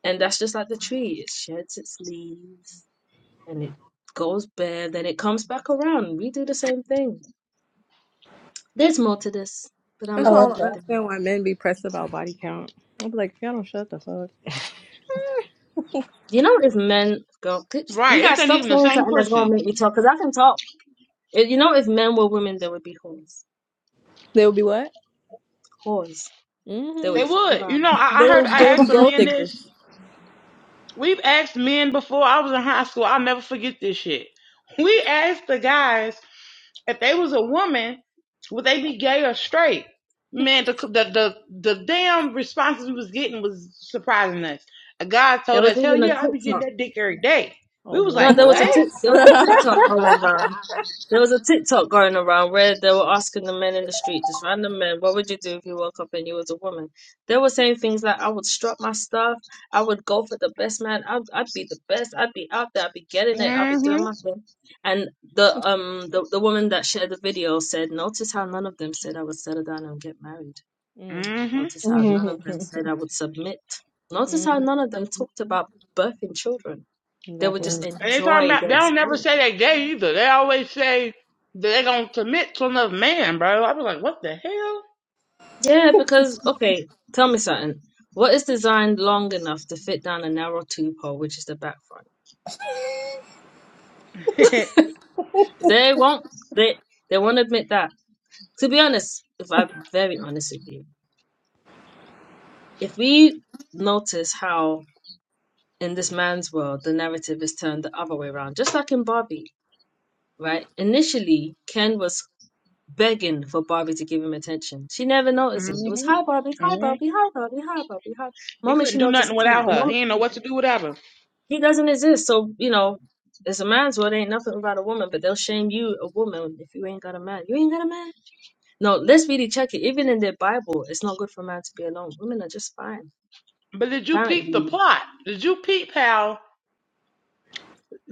S1: and that's just like the tree. It sheds its leaves, and it goes bare, then it comes back around. We do the same thing. There's more to this, but I'm
S6: that's
S1: gonna
S6: why
S3: Oh,
S6: I
S1: end
S6: don't
S1: it
S3: okay.
S1: there.
S6: understand why men be pressed about body count. I'll be like, if y'all don't shut the fuck,
S1: You know, if men, girl, keep- you
S7: Right. It
S1: guys
S7: ain't
S1: stop
S7: even the
S1: saying
S7: same
S1: something that's gonna
S7: pussy.
S1: make me talk, cause I can talk. If- You know, if men were women, they would be whores.
S6: [laughs] they'll be what?
S1: Whores. They
S6: hmm
S7: They
S1: would fuck
S7: would. You
S1: around.
S7: know, I, I
S6: They will.
S7: heard I
S6: They will be
S7: asked a
S6: gold
S7: man
S6: diggers.
S7: this. We've asked men before I was in high school. I'll never forget this shit. We asked the guys if they was a woman, would they be gay or straight? Man, the the the, the damn responses we was getting was surprising us. A guy
S1: There
S7: told
S1: was
S7: us, "Hell
S1: even a
S7: yeah, I be getting
S1: TikTok.
S7: that dick every day."
S6: Oh
S7: We was
S6: what?
S1: No,
S7: like,
S1: there was a
S7: "What?"
S1: Tik- there
S6: [laughs]
S1: was a TikTok going around. There was a TikTok going around where they were asking the men in the street, just random men, what would you do if you woke up and you was a woman? They were saying things like, I would strut my stuff, I would go for the best man, I'd, I'd be the best, I'd be out there, I'd be getting it, I'd be
S7: Mm-hmm.
S1: doing my thing. And the um the, the woman that shared the video said, notice how none of them said I would settle down and get married.
S6: mm,
S7: Mm-hmm.
S1: Notice how none of them
S3: [laughs]
S1: said I would submit. Notice how
S6: mm,
S1: none of them talked
S6: mm.
S1: about birthing children. They would
S6: exactly.
S3: Mm.
S1: just
S7: And they talking
S1: enjoy
S7: about
S1: their
S7: they don't never
S1: experience.
S7: say they gay either. They always say that they gonna commit to another man, bro. I was like, "What the hell?"
S1: Yeah, because okay, tell me something. What is designed long enough to fit down a narrow tube hole, which is the back front?
S7: [laughs] mm-hmm.
S1: They won't. They they won't admit that. To be honest, if I'm very honest with you, if we notice how in this man's world the narrative is turned the other way around, just like in Barbie, right? Initially, Ken was begging for Barbie to give him attention. She never noticed him. It was hi Barbie, hi
S7: Mm-hmm.
S1: Barbie, hi Barbie, hi Barbie, hi.
S7: He
S1: Moment
S7: couldn't
S1: she
S7: do nothing
S1: noticed him,
S7: without
S1: the
S7: her.
S1: moment.
S7: He didn't know what to do without her.
S1: He doesn't exist. So, you know, it's a man's world. Ain't nothing without a woman, but they'll shame you, a woman, if you ain't got a man. You ain't got a man? No, let's really check it. Even in the Bible, it's not good for a man to be alone. Women are just fine,
S7: But did you
S1: apparently.
S7: peep the plot? Did you peep how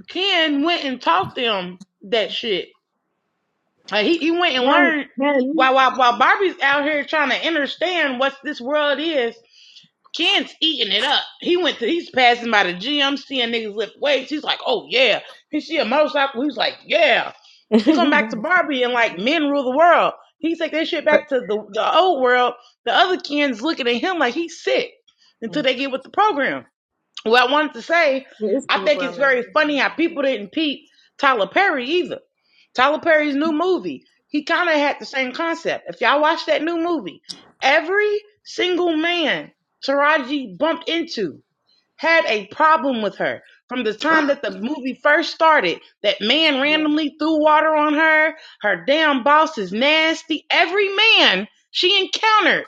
S7: Ken went and taught them that shit? Like he, he went and
S1: Can,
S7: learned
S1: can,
S7: while, while while Barbie's out here trying to understand what this world is. Ken's eating it up. He went to he's passing by the gym, seeing niggas lift weights. He's like, oh yeah. He see a motorcycle. He's like, yeah.
S6: [laughs]
S7: he come back to Barbie and like men rule the world. He take that shit
S1: but
S7: back to the, the old world. The other kids looking at him like he's sick
S6: mm-hmm.
S7: until they get with the program. What I wanted to say,
S1: it is
S7: I think it's
S1: programming.
S7: very funny how people didn't peep Tyler Perry either. Tyler Perry's new movie, he kind of had the same concept. If y'all watch that new movie, every single man Taraji bumped into had a problem with her from the time
S1: [gasps]
S7: that the movie first started. That man
S1: Yeah.
S7: randomly threw water on her. Her damn boss is nasty. Every man she encountered.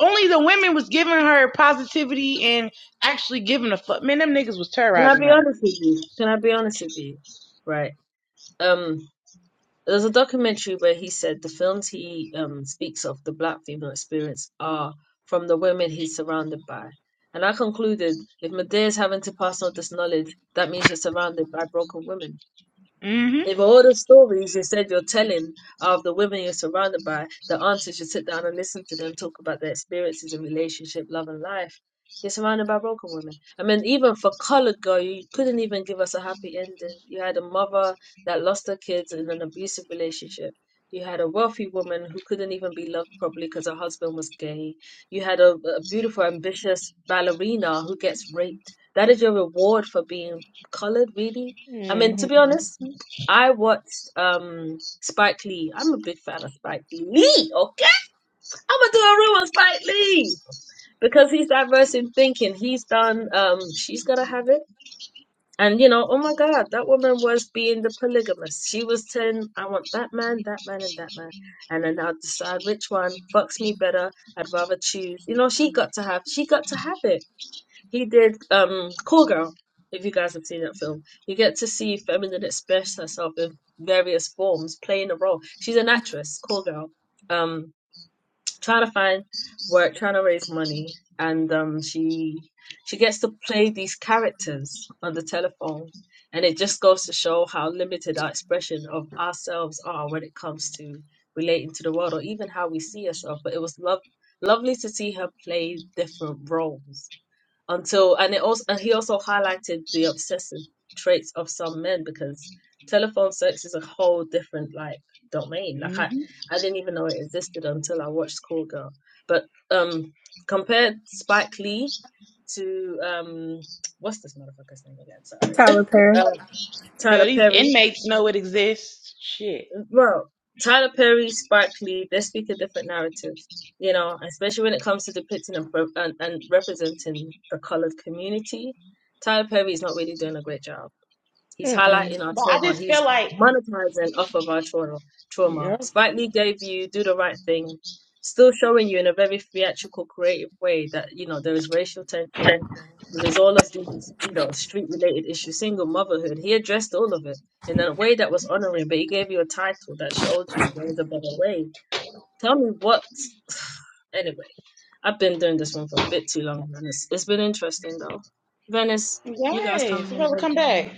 S7: Only the women was giving her positivity and actually giving a fuck. Man, them niggas was
S1: Can I
S7: terrorizing
S1: be
S7: her.
S1: honest with you? Can I be honest with you? Right. Um, There was a documentary where he said the films he um, speaks of the black female experience are from the women he's surrounded by. And I concluded if Medea's having to pass on this knowledge, that means you're surrounded by broken women. If
S7: Mm-hmm.
S1: all the stories you said you're telling are of the women you're surrounded by, the aunties should sit down and listen to them talk about their experiences in relationship, love, and life. You're surrounded by broken women. I mean, even for Colored Girl, you couldn't even give us a happy ending. You had a mother that lost her kids in an abusive relationship. You had a wealthy woman who couldn't even be loved properly because her husband was gay. You had a, a beautiful, ambitious ballerina who gets raped. That is your reward for being colored, really? I mean,
S6: Mm-mm.
S1: to be honest, I watched um Spike Lee. I'm a big fan of Spike Lee. Okay, I'm gonna do a room on Spike Lee because he's diverse in thinking. He's done. Um, she's gonna have it. And you know, oh my God, that woman was being the polygamist. She was saying, "I want that man, that man, and that man," and then I'll decide which one fucks me better. I'd rather choose. You know, she got to have. She got to have it he did um Call Girl, if you guys have seen that film. You get to see feminine express herself in various forms, playing a role. She's an actress, Call Girl. Um trying to find work, trying to raise money, and um she she gets to play these characters on the telephone. And it just goes to show how limited our expression of ourselves are when it comes to relating to the world or even how we see ourselves. But it was love lovely to see her play different roles until and it also and he also highlighted the obsessive traits of some men because telephone sex is a whole different like domain like i
S7: Mm-hmm.
S1: i didn't even know it existed until i watched schoolgirl but um compared spike lee to um what's this motherfucker's name again
S3: Tyler Perry.
S1: sorry um
S7: Hell,
S1: tyler
S7: these
S1: perry
S7: inmates know it exists. Shit.
S1: bro, Tyler Perry, Spike Lee, they speak a different narrative, you know, especially when it comes to depicting and, pro- and, and representing a colored community. Tyler Perry is not really doing a great job. He's highlighting our
S7: But I
S1: trauma.
S7: just feel
S1: He's
S7: like,
S1: monetizing off of our trauma. Trauma.
S6: Yep.
S1: Spike Lee gave you "Do the Right Thing," still showing you in a very theatrical, creative way that you know there is racial tension, there is all of these you know street-related issues, single motherhood. He addressed all of it in a way that was honoring, but he gave you a title that showed you there was a better way. Tell me what. [sighs] anyway, I've been doing this one for a bit too long, and it's, it's been interesting though. Venice, you guys
S7: yes,
S1: coming
S7: we're
S1: in
S7: gonna
S1: late.
S7: come back.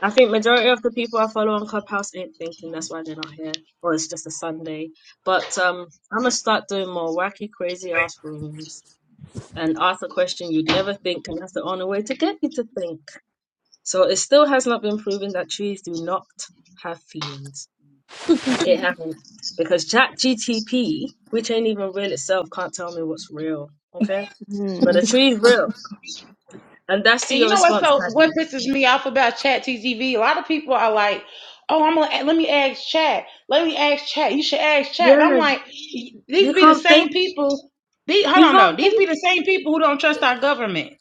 S1: I think majority of the people I follow on Clubhouse ain't thinking that's why they're not here, or it's just a Sunday. But um, I'm gonna start doing more wacky, crazy ass rooms and ask a question you'd never think, and that's the only way to get you to think. So it still has not been proven that trees do not have feelings. It hasn't because Chat GTP, which ain't even real itself, can't tell me what's real. Okay, but a tree's real, and that's to
S7: And you
S1: your
S7: know what?
S1: response,
S7: So what
S1: Caddy.
S7: pisses me off about Chat TGV? A lot of people are like, "Oh, I'm gonna let me ask Chat. Let me ask Chat. You should ask Chat." And I'm
S1: Yeah,
S7: like, these
S1: you
S7: be the
S1: can't think.
S7: same people. These hold
S1: You
S7: on though.
S1: can't
S7: These be
S1: think,
S7: the same people who don't trust our government.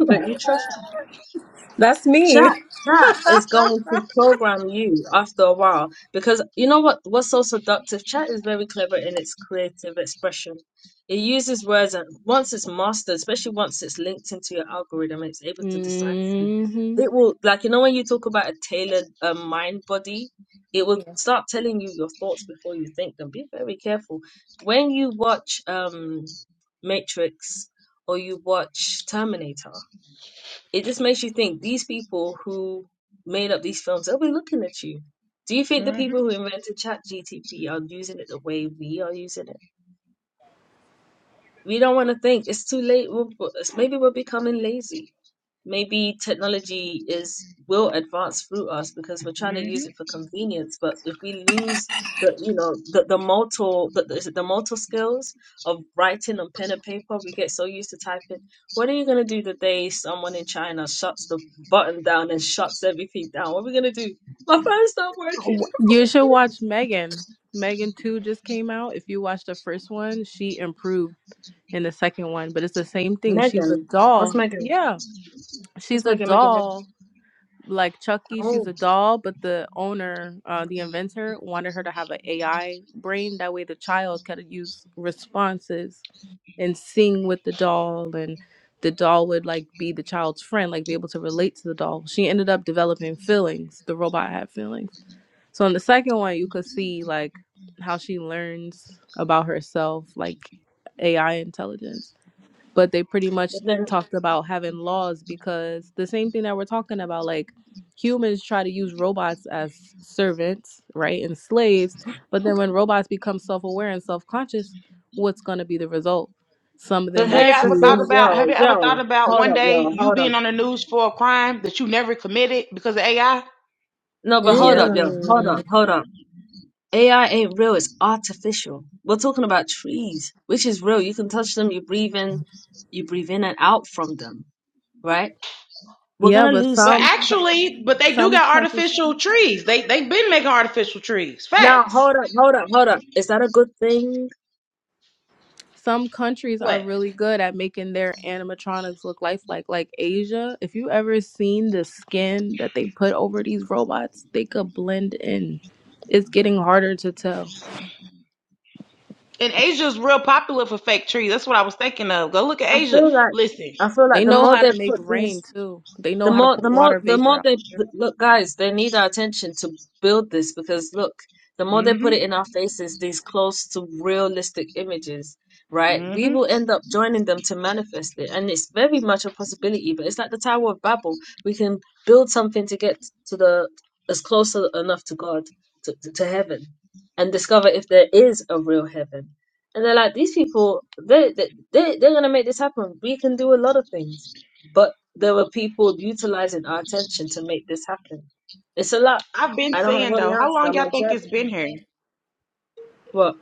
S1: [laughs] but you trust.
S3: That's
S1: Chat,
S3: me.
S1: chat is going to program you after a while because you know what? What's so seductive? Chat is very clever in its creative expression. It uses words, and once it's mastered, especially once it's linked into your algorithm, it's able to decipher you.
S6: Mm-hmm.
S1: It will, like, you know, when you talk about a tailored uh, mind body, it will
S3: Yeah.
S1: start telling you your thoughts before you think them. Be very careful. When you watch um, Matrix or you watch Terminator, it just makes you think these people who made up these films, they'll be looking at you. Do you think the
S7: Mm-hmm.
S1: people who invented ChatGTP are using it the way we are using it? We don't want to think. It's too late. We're, we maybe we're becoming lazy maybe technology is will advance through us because we're trying to use it
S7: Mm-hmm.
S1: for convenience but if we lose the you know the the motor the, the, is it the motor skills of writing on pen and paper we get so used to typing what are you going to do the day someone in china shuts the button down and shuts everything down what are we going to do my phone's not working
S6: You should watch Megan. Megan 2 just came out. If you watch the first one, she improved in the second one, but it's the same
S1: [laughs]
S6: thing. She's a
S1: megan what's
S6: doll.
S1: megan
S6: Yeah.
S1: what's
S6: She's a
S1: megan megan megan
S6: doll. Like Chucky, she's
S1: oh
S6: a doll, but the owner, uh, the inventor, wanted her to have an AI brain. That way the child could use responses and sing with the doll and the doll would like be the child's friend, like be able to relate to the doll. She ended up developing feelings. The robot had feelings. So in the second one you could see like how she learns about herself, like AI intelligence but they pretty
S1: but
S6: much
S1: then
S6: talked about having laws because the same thing that we're talking about like humans try to use robots as servants right and slaves but then when robots become self-aware and self-conscious what's going to be the result some of
S1: but
S6: them
S7: Have
S6: will
S7: you
S1: here's the
S7: ever thought
S6: choose
S1: thing
S7: about?
S1: yo
S7: Have you ever
S1: yo
S7: thought about
S1: hold
S7: one
S1: up
S7: day
S1: yo
S7: you
S1: hold up
S7: being on the news for a crime that you never committed because of AI?
S1: No, but hold up,
S6: yeah
S1: yo. Hold up,
S3: Mm.
S1: hold up. AI ain't real, it's artificial. We're talking about trees, which is real. You can touch them, you breathe in, you breathe in and out from them, right? We're
S6: yeah
S1: gonna
S6: but
S1: lose.
S7: But
S6: some
S7: actually, but they do
S6: some
S7: got
S6: countries
S7: artificial trees. They they've been making artificial trees.
S1: Now,
S7: Facts.
S1: hold up, hold up, hold up. Is that a good thing?
S6: some countries are
S7: What?
S6: really good at making their animatronics look lifelike like asia if you ever seen the skin that they put over these robots they could blend in it's getting harder to tell
S7: And Asia is real popular for fake trees. That's what I was thinking of. Go look at
S1: I
S7: Asia.
S1: feel like
S7: Listen.
S1: I feel like
S6: they
S1: the
S6: know
S1: more
S6: how
S1: they
S6: to make
S1: put
S6: rain
S1: these
S6: too they
S1: The
S6: know how to
S1: more,
S6: put
S1: the more,
S6: water
S1: the
S6: vapor
S1: more
S6: out
S1: they look, guys, they need our attention to build this because look, the more they put it
S7: Mm-hmm.
S1: in our faces, these close to realistic images, right? We
S7: Mm-hmm.
S1: will end up joining them to manifest it, and it's very much a possibility. But it's like the Tower of Babel; we can build something to get to the as close a- enough to God, to, to to heaven, and discover if there is a real heaven. And they're like, these people, they they they- they're gonna make this happen. We can do a lot of things. But there were people utilizing our attention to make this happen. It's a lot.
S7: I've been
S1: I don't have
S7: saying
S1: all the
S7: though, how
S1: answers.
S7: long
S1: I'm
S7: y'all think it's
S1: observing.
S7: been here?
S1: What?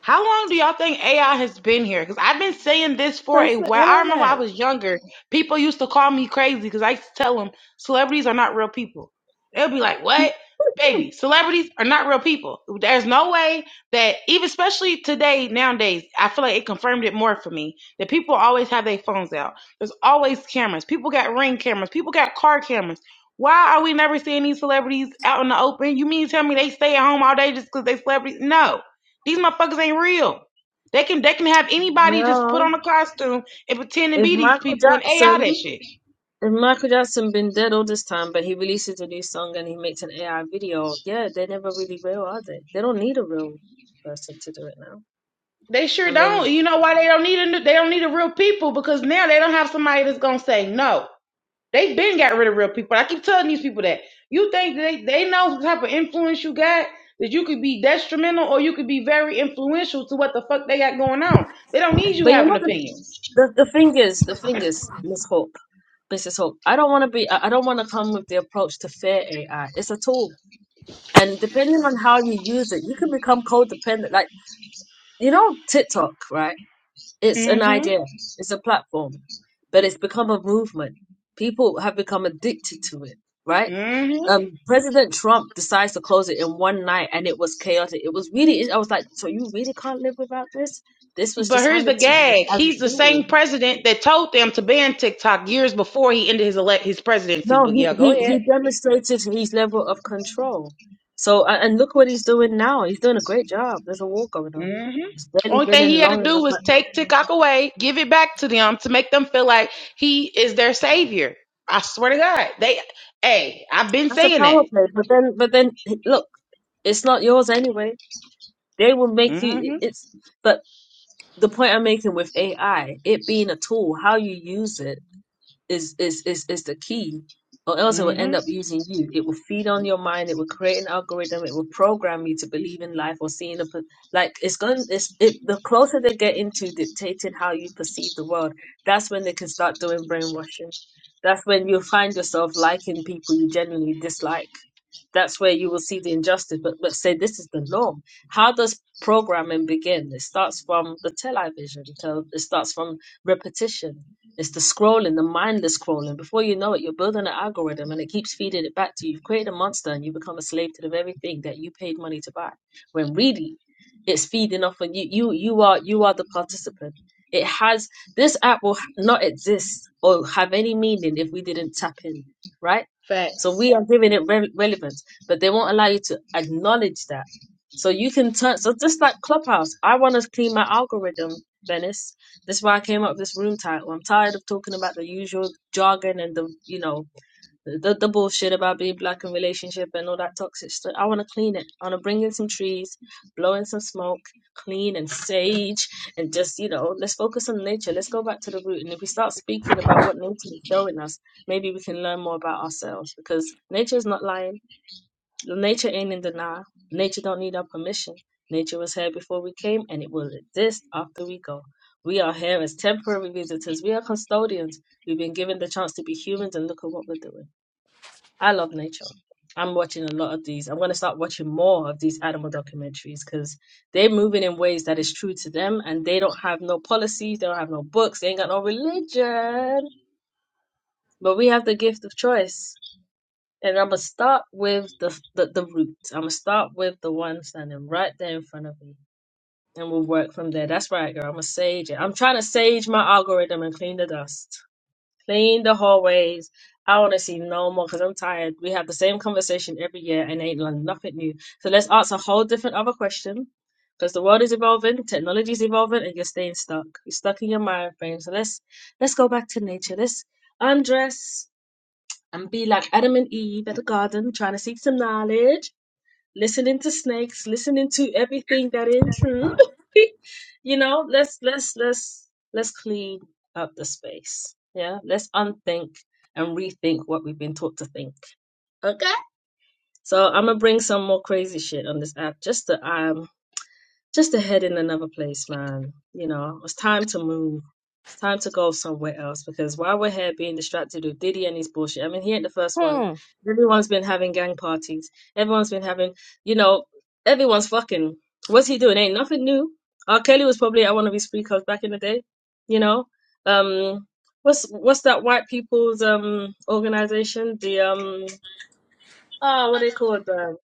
S7: How long do y'all think AI has been here? Because I've been saying this for
S6: that's
S7: a
S6: the
S7: while. I remember when I
S6: internet
S7: was younger, people used to call me crazy because I used to tell them celebrities are not real people. They'll be like, "What, baby? Celebrities are not real people." There's no way that even, especially today, nowadays, I feel like it confirmed it more for me that people always have their phones out. There's always cameras. People got ring cameras. People got car cameras. Why are we never seeing these celebrities out in the open? You mean to tell me they stay at home all day just because they celebrities? No these motherfuckers ain't real. They can they can have anybody just put
S1: well,
S7: on a costume and pretend to
S1: if
S7: be these
S1: Michael
S7: people and AI that
S1: Jackson,
S7: shit.
S1: if Michael Jackson been dead all this time, but he releases a new song and he makes an AI video, yeah, they're never really real, are they? They don't need a real person to do it now.
S7: They sure
S1: I mean,
S7: don't. You know why they don't need a they don't need a real people because now they don't have somebody that's gonna say no. They've been got rid of real people. I keep telling these people that. You think they they know what type of influence you got that you could be detrimental or you could be very influential to what the fuck they got going on. They don't need you
S1: but you
S7: having
S1: know the
S7: opinions.
S1: the, the thing is, the thing is, Miss Hope, Mrs. Hope, I don't want to be, I I don't want to come with the approach to fear AI. It's a tool. And depending on how you use it, you can become codependent. Like, you know, TikTok, right? It's an idea,
S7: Mm-hmm.
S1: it's a platform, but it's become a movement. People have become addicted to it, right?
S7: Mm-hmm.
S1: Um, President Trump decides to close it in one night and it was chaotic. It was really, I was like, so you really can't live without this? This was
S7: But
S1: just
S7: here's the
S1: handed to you
S7: gag.
S1: as a
S7: He's the
S1: tool.
S7: same president that told them to ban TikTok years before he ended his elect his presidency.
S1: No,
S7: But
S1: he,
S7: yeah, go
S1: he, he
S7: ahead.
S1: demonstrated his level of control. So, a- and look what he's doing now. He's doing a great job. There's a war going on.
S7: hmm
S1: It's barely
S7: Only
S1: been
S7: thing
S1: in
S7: he had to
S1: long
S7: do
S1: enough.
S7: was
S1: but
S7: take TikTok away, give it back to them to make them feel like he is their savior. I swear to God, they. Hey, I've been
S1: That's a
S7: saying that.
S1: power play. But then, but then, look, it's not yours anyway. They will make you.
S7: Mm-hmm.
S1: It's. But the point I'm making with AI, it being a tool, how you use it is is is is the key or else it will
S7: Mm-hmm.
S1: end up using you it will feed on your mind it will create an algorithm it will program you to believe in life or seeing a per- like it's going it's it, the closer they get into dictating how you perceive the world that's when they can start doing brainwashing that's when you'll find yourself liking people you genuinely dislike that's where you will see the injustice but but say this is the norm how does programming begin it starts from the television tell it starts from repetition it's the scrolling, the mindless scrolling. Before you know it, you're building an algorithm and it keeps feeding it back to you. You've created a monster and you become a slave to the very thing that you paid money to buy. When really it's feeding off on you. You you are you are the participant. It has this app will not exist or have any meaning if we didn't tap in, right? So
S7: Facts.
S1: we are giving it re- relevance, but they won't allow you to acknowledge that. So you can turn so just like Clubhouse, I want to clean my algorithm, Venice. This is why I came up with this room title. I'm tired of talking about the usual jargon and the, you know, the, the bullshit about being black in relationship and all that toxic stuff. I want to clean it. I want to bring in some trees, blow in some smoke, clean and sage, and just, you know, let's focus on nature. Let's go back to the root. And if we start speaking about what nature is showing us, maybe we can learn more about ourselves because nature is not lying Nature ain't in denial. Nature don't need our permission. Nature was here before we came, and it will exist after we go. We are here as temporary visitors. We are custodians. We've been given the chance to be humans, and look at what we're doing. I love nature. I'm watching a lot of these. I'm going to start watching more of these animal documentaries because they're moving in ways that is true to them, and they don't have no policies. They don't have no books. They ain't got no religion. But we have the gift of choice. And I'm gonna start with the the, the roots. I'm gonna start with the one standing right there in front of me, and we'll work from there. That's right, girl. I'm gonna sage it. I'm trying to sage my algorithm and clean the dust, clean the hallways. I want to see no more because I'm tired. We have the same conversation every year and ain't learned nothing new. So let's ask a whole different other question because the world is evolving, technology is evolving, and you're staying stuck. You're stuck in your mind frame. So let's let's go back to nature. Let's undress and be like Adam and Eve at the garden, trying to seek some knowledge, listening to snakes, listening to everything that intrude. [laughs] you know, let's let's let's let's clean up the space. Yeah, let's unthink and rethink what we've been taught to think. Okay. So I'm gonna bring some more crazy shit on this app just to um just to head in another place, man. You know, it's time to move. It's time to go somewhere else because while we're here being distracted with Diddy and his bullshit, I mean, he ain't the first one.
S6: hmm
S1: Everyone's been having gang parties. Everyone's been having, you know, everyone's fucking. What's he doing? Ain't nothing new. R. Kelly was probably at one of his free clubs back in the day. You know, um, what's what's that white people's um organization? The um, ah, what they called? Um,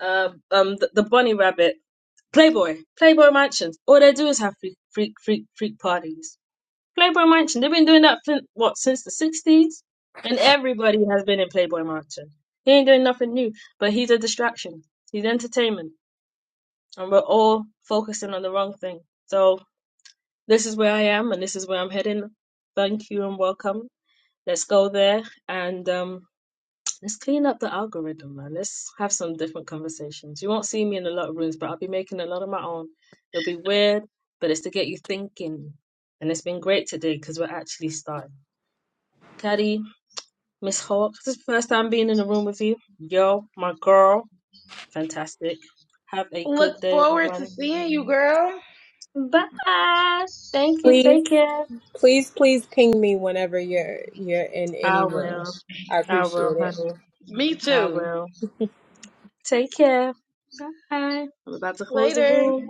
S1: uh, um, the, the bunny rabbit Playboy, Playboy Mansion. All they do is have freak, freak, freak, freak parties. Playboy Mansion. They've been doing that for what since the sixties, and everybody has been in Playboy Mansion. He ain't doing nothing new, but he's a distraction. He's entertainment, and we're all focusing on the wrong thing. So this is where I am, and this is where I'm heading. Thank you and welcome. Let's go there and um, Let's clean up the algorithm, man. Let's have some different conversations. You won't see me in a lot of rooms, but I'll be making a lot of my own. It'll be weird, but it's to get you thinking. And it's been great today because we're actually starting. Caddy, Miss Hawk, this is the first time being in a room with you. Yo, my girl, fantastic. Have a
S7: Look
S1: good day,
S7: forward to
S1: everyone.
S7: seeing you, girl.
S1: Bye. Thank you.
S3: Please.
S1: Take care.
S3: Please, please ping me whenever you're you're in any
S1: I
S3: room.
S1: will.
S3: I
S1: I will,
S3: appreciate it.
S1: honey.
S7: Me
S1: I
S7: too.
S1: will. Take care. Bye. I'm about to close the
S7: Later.
S1: room.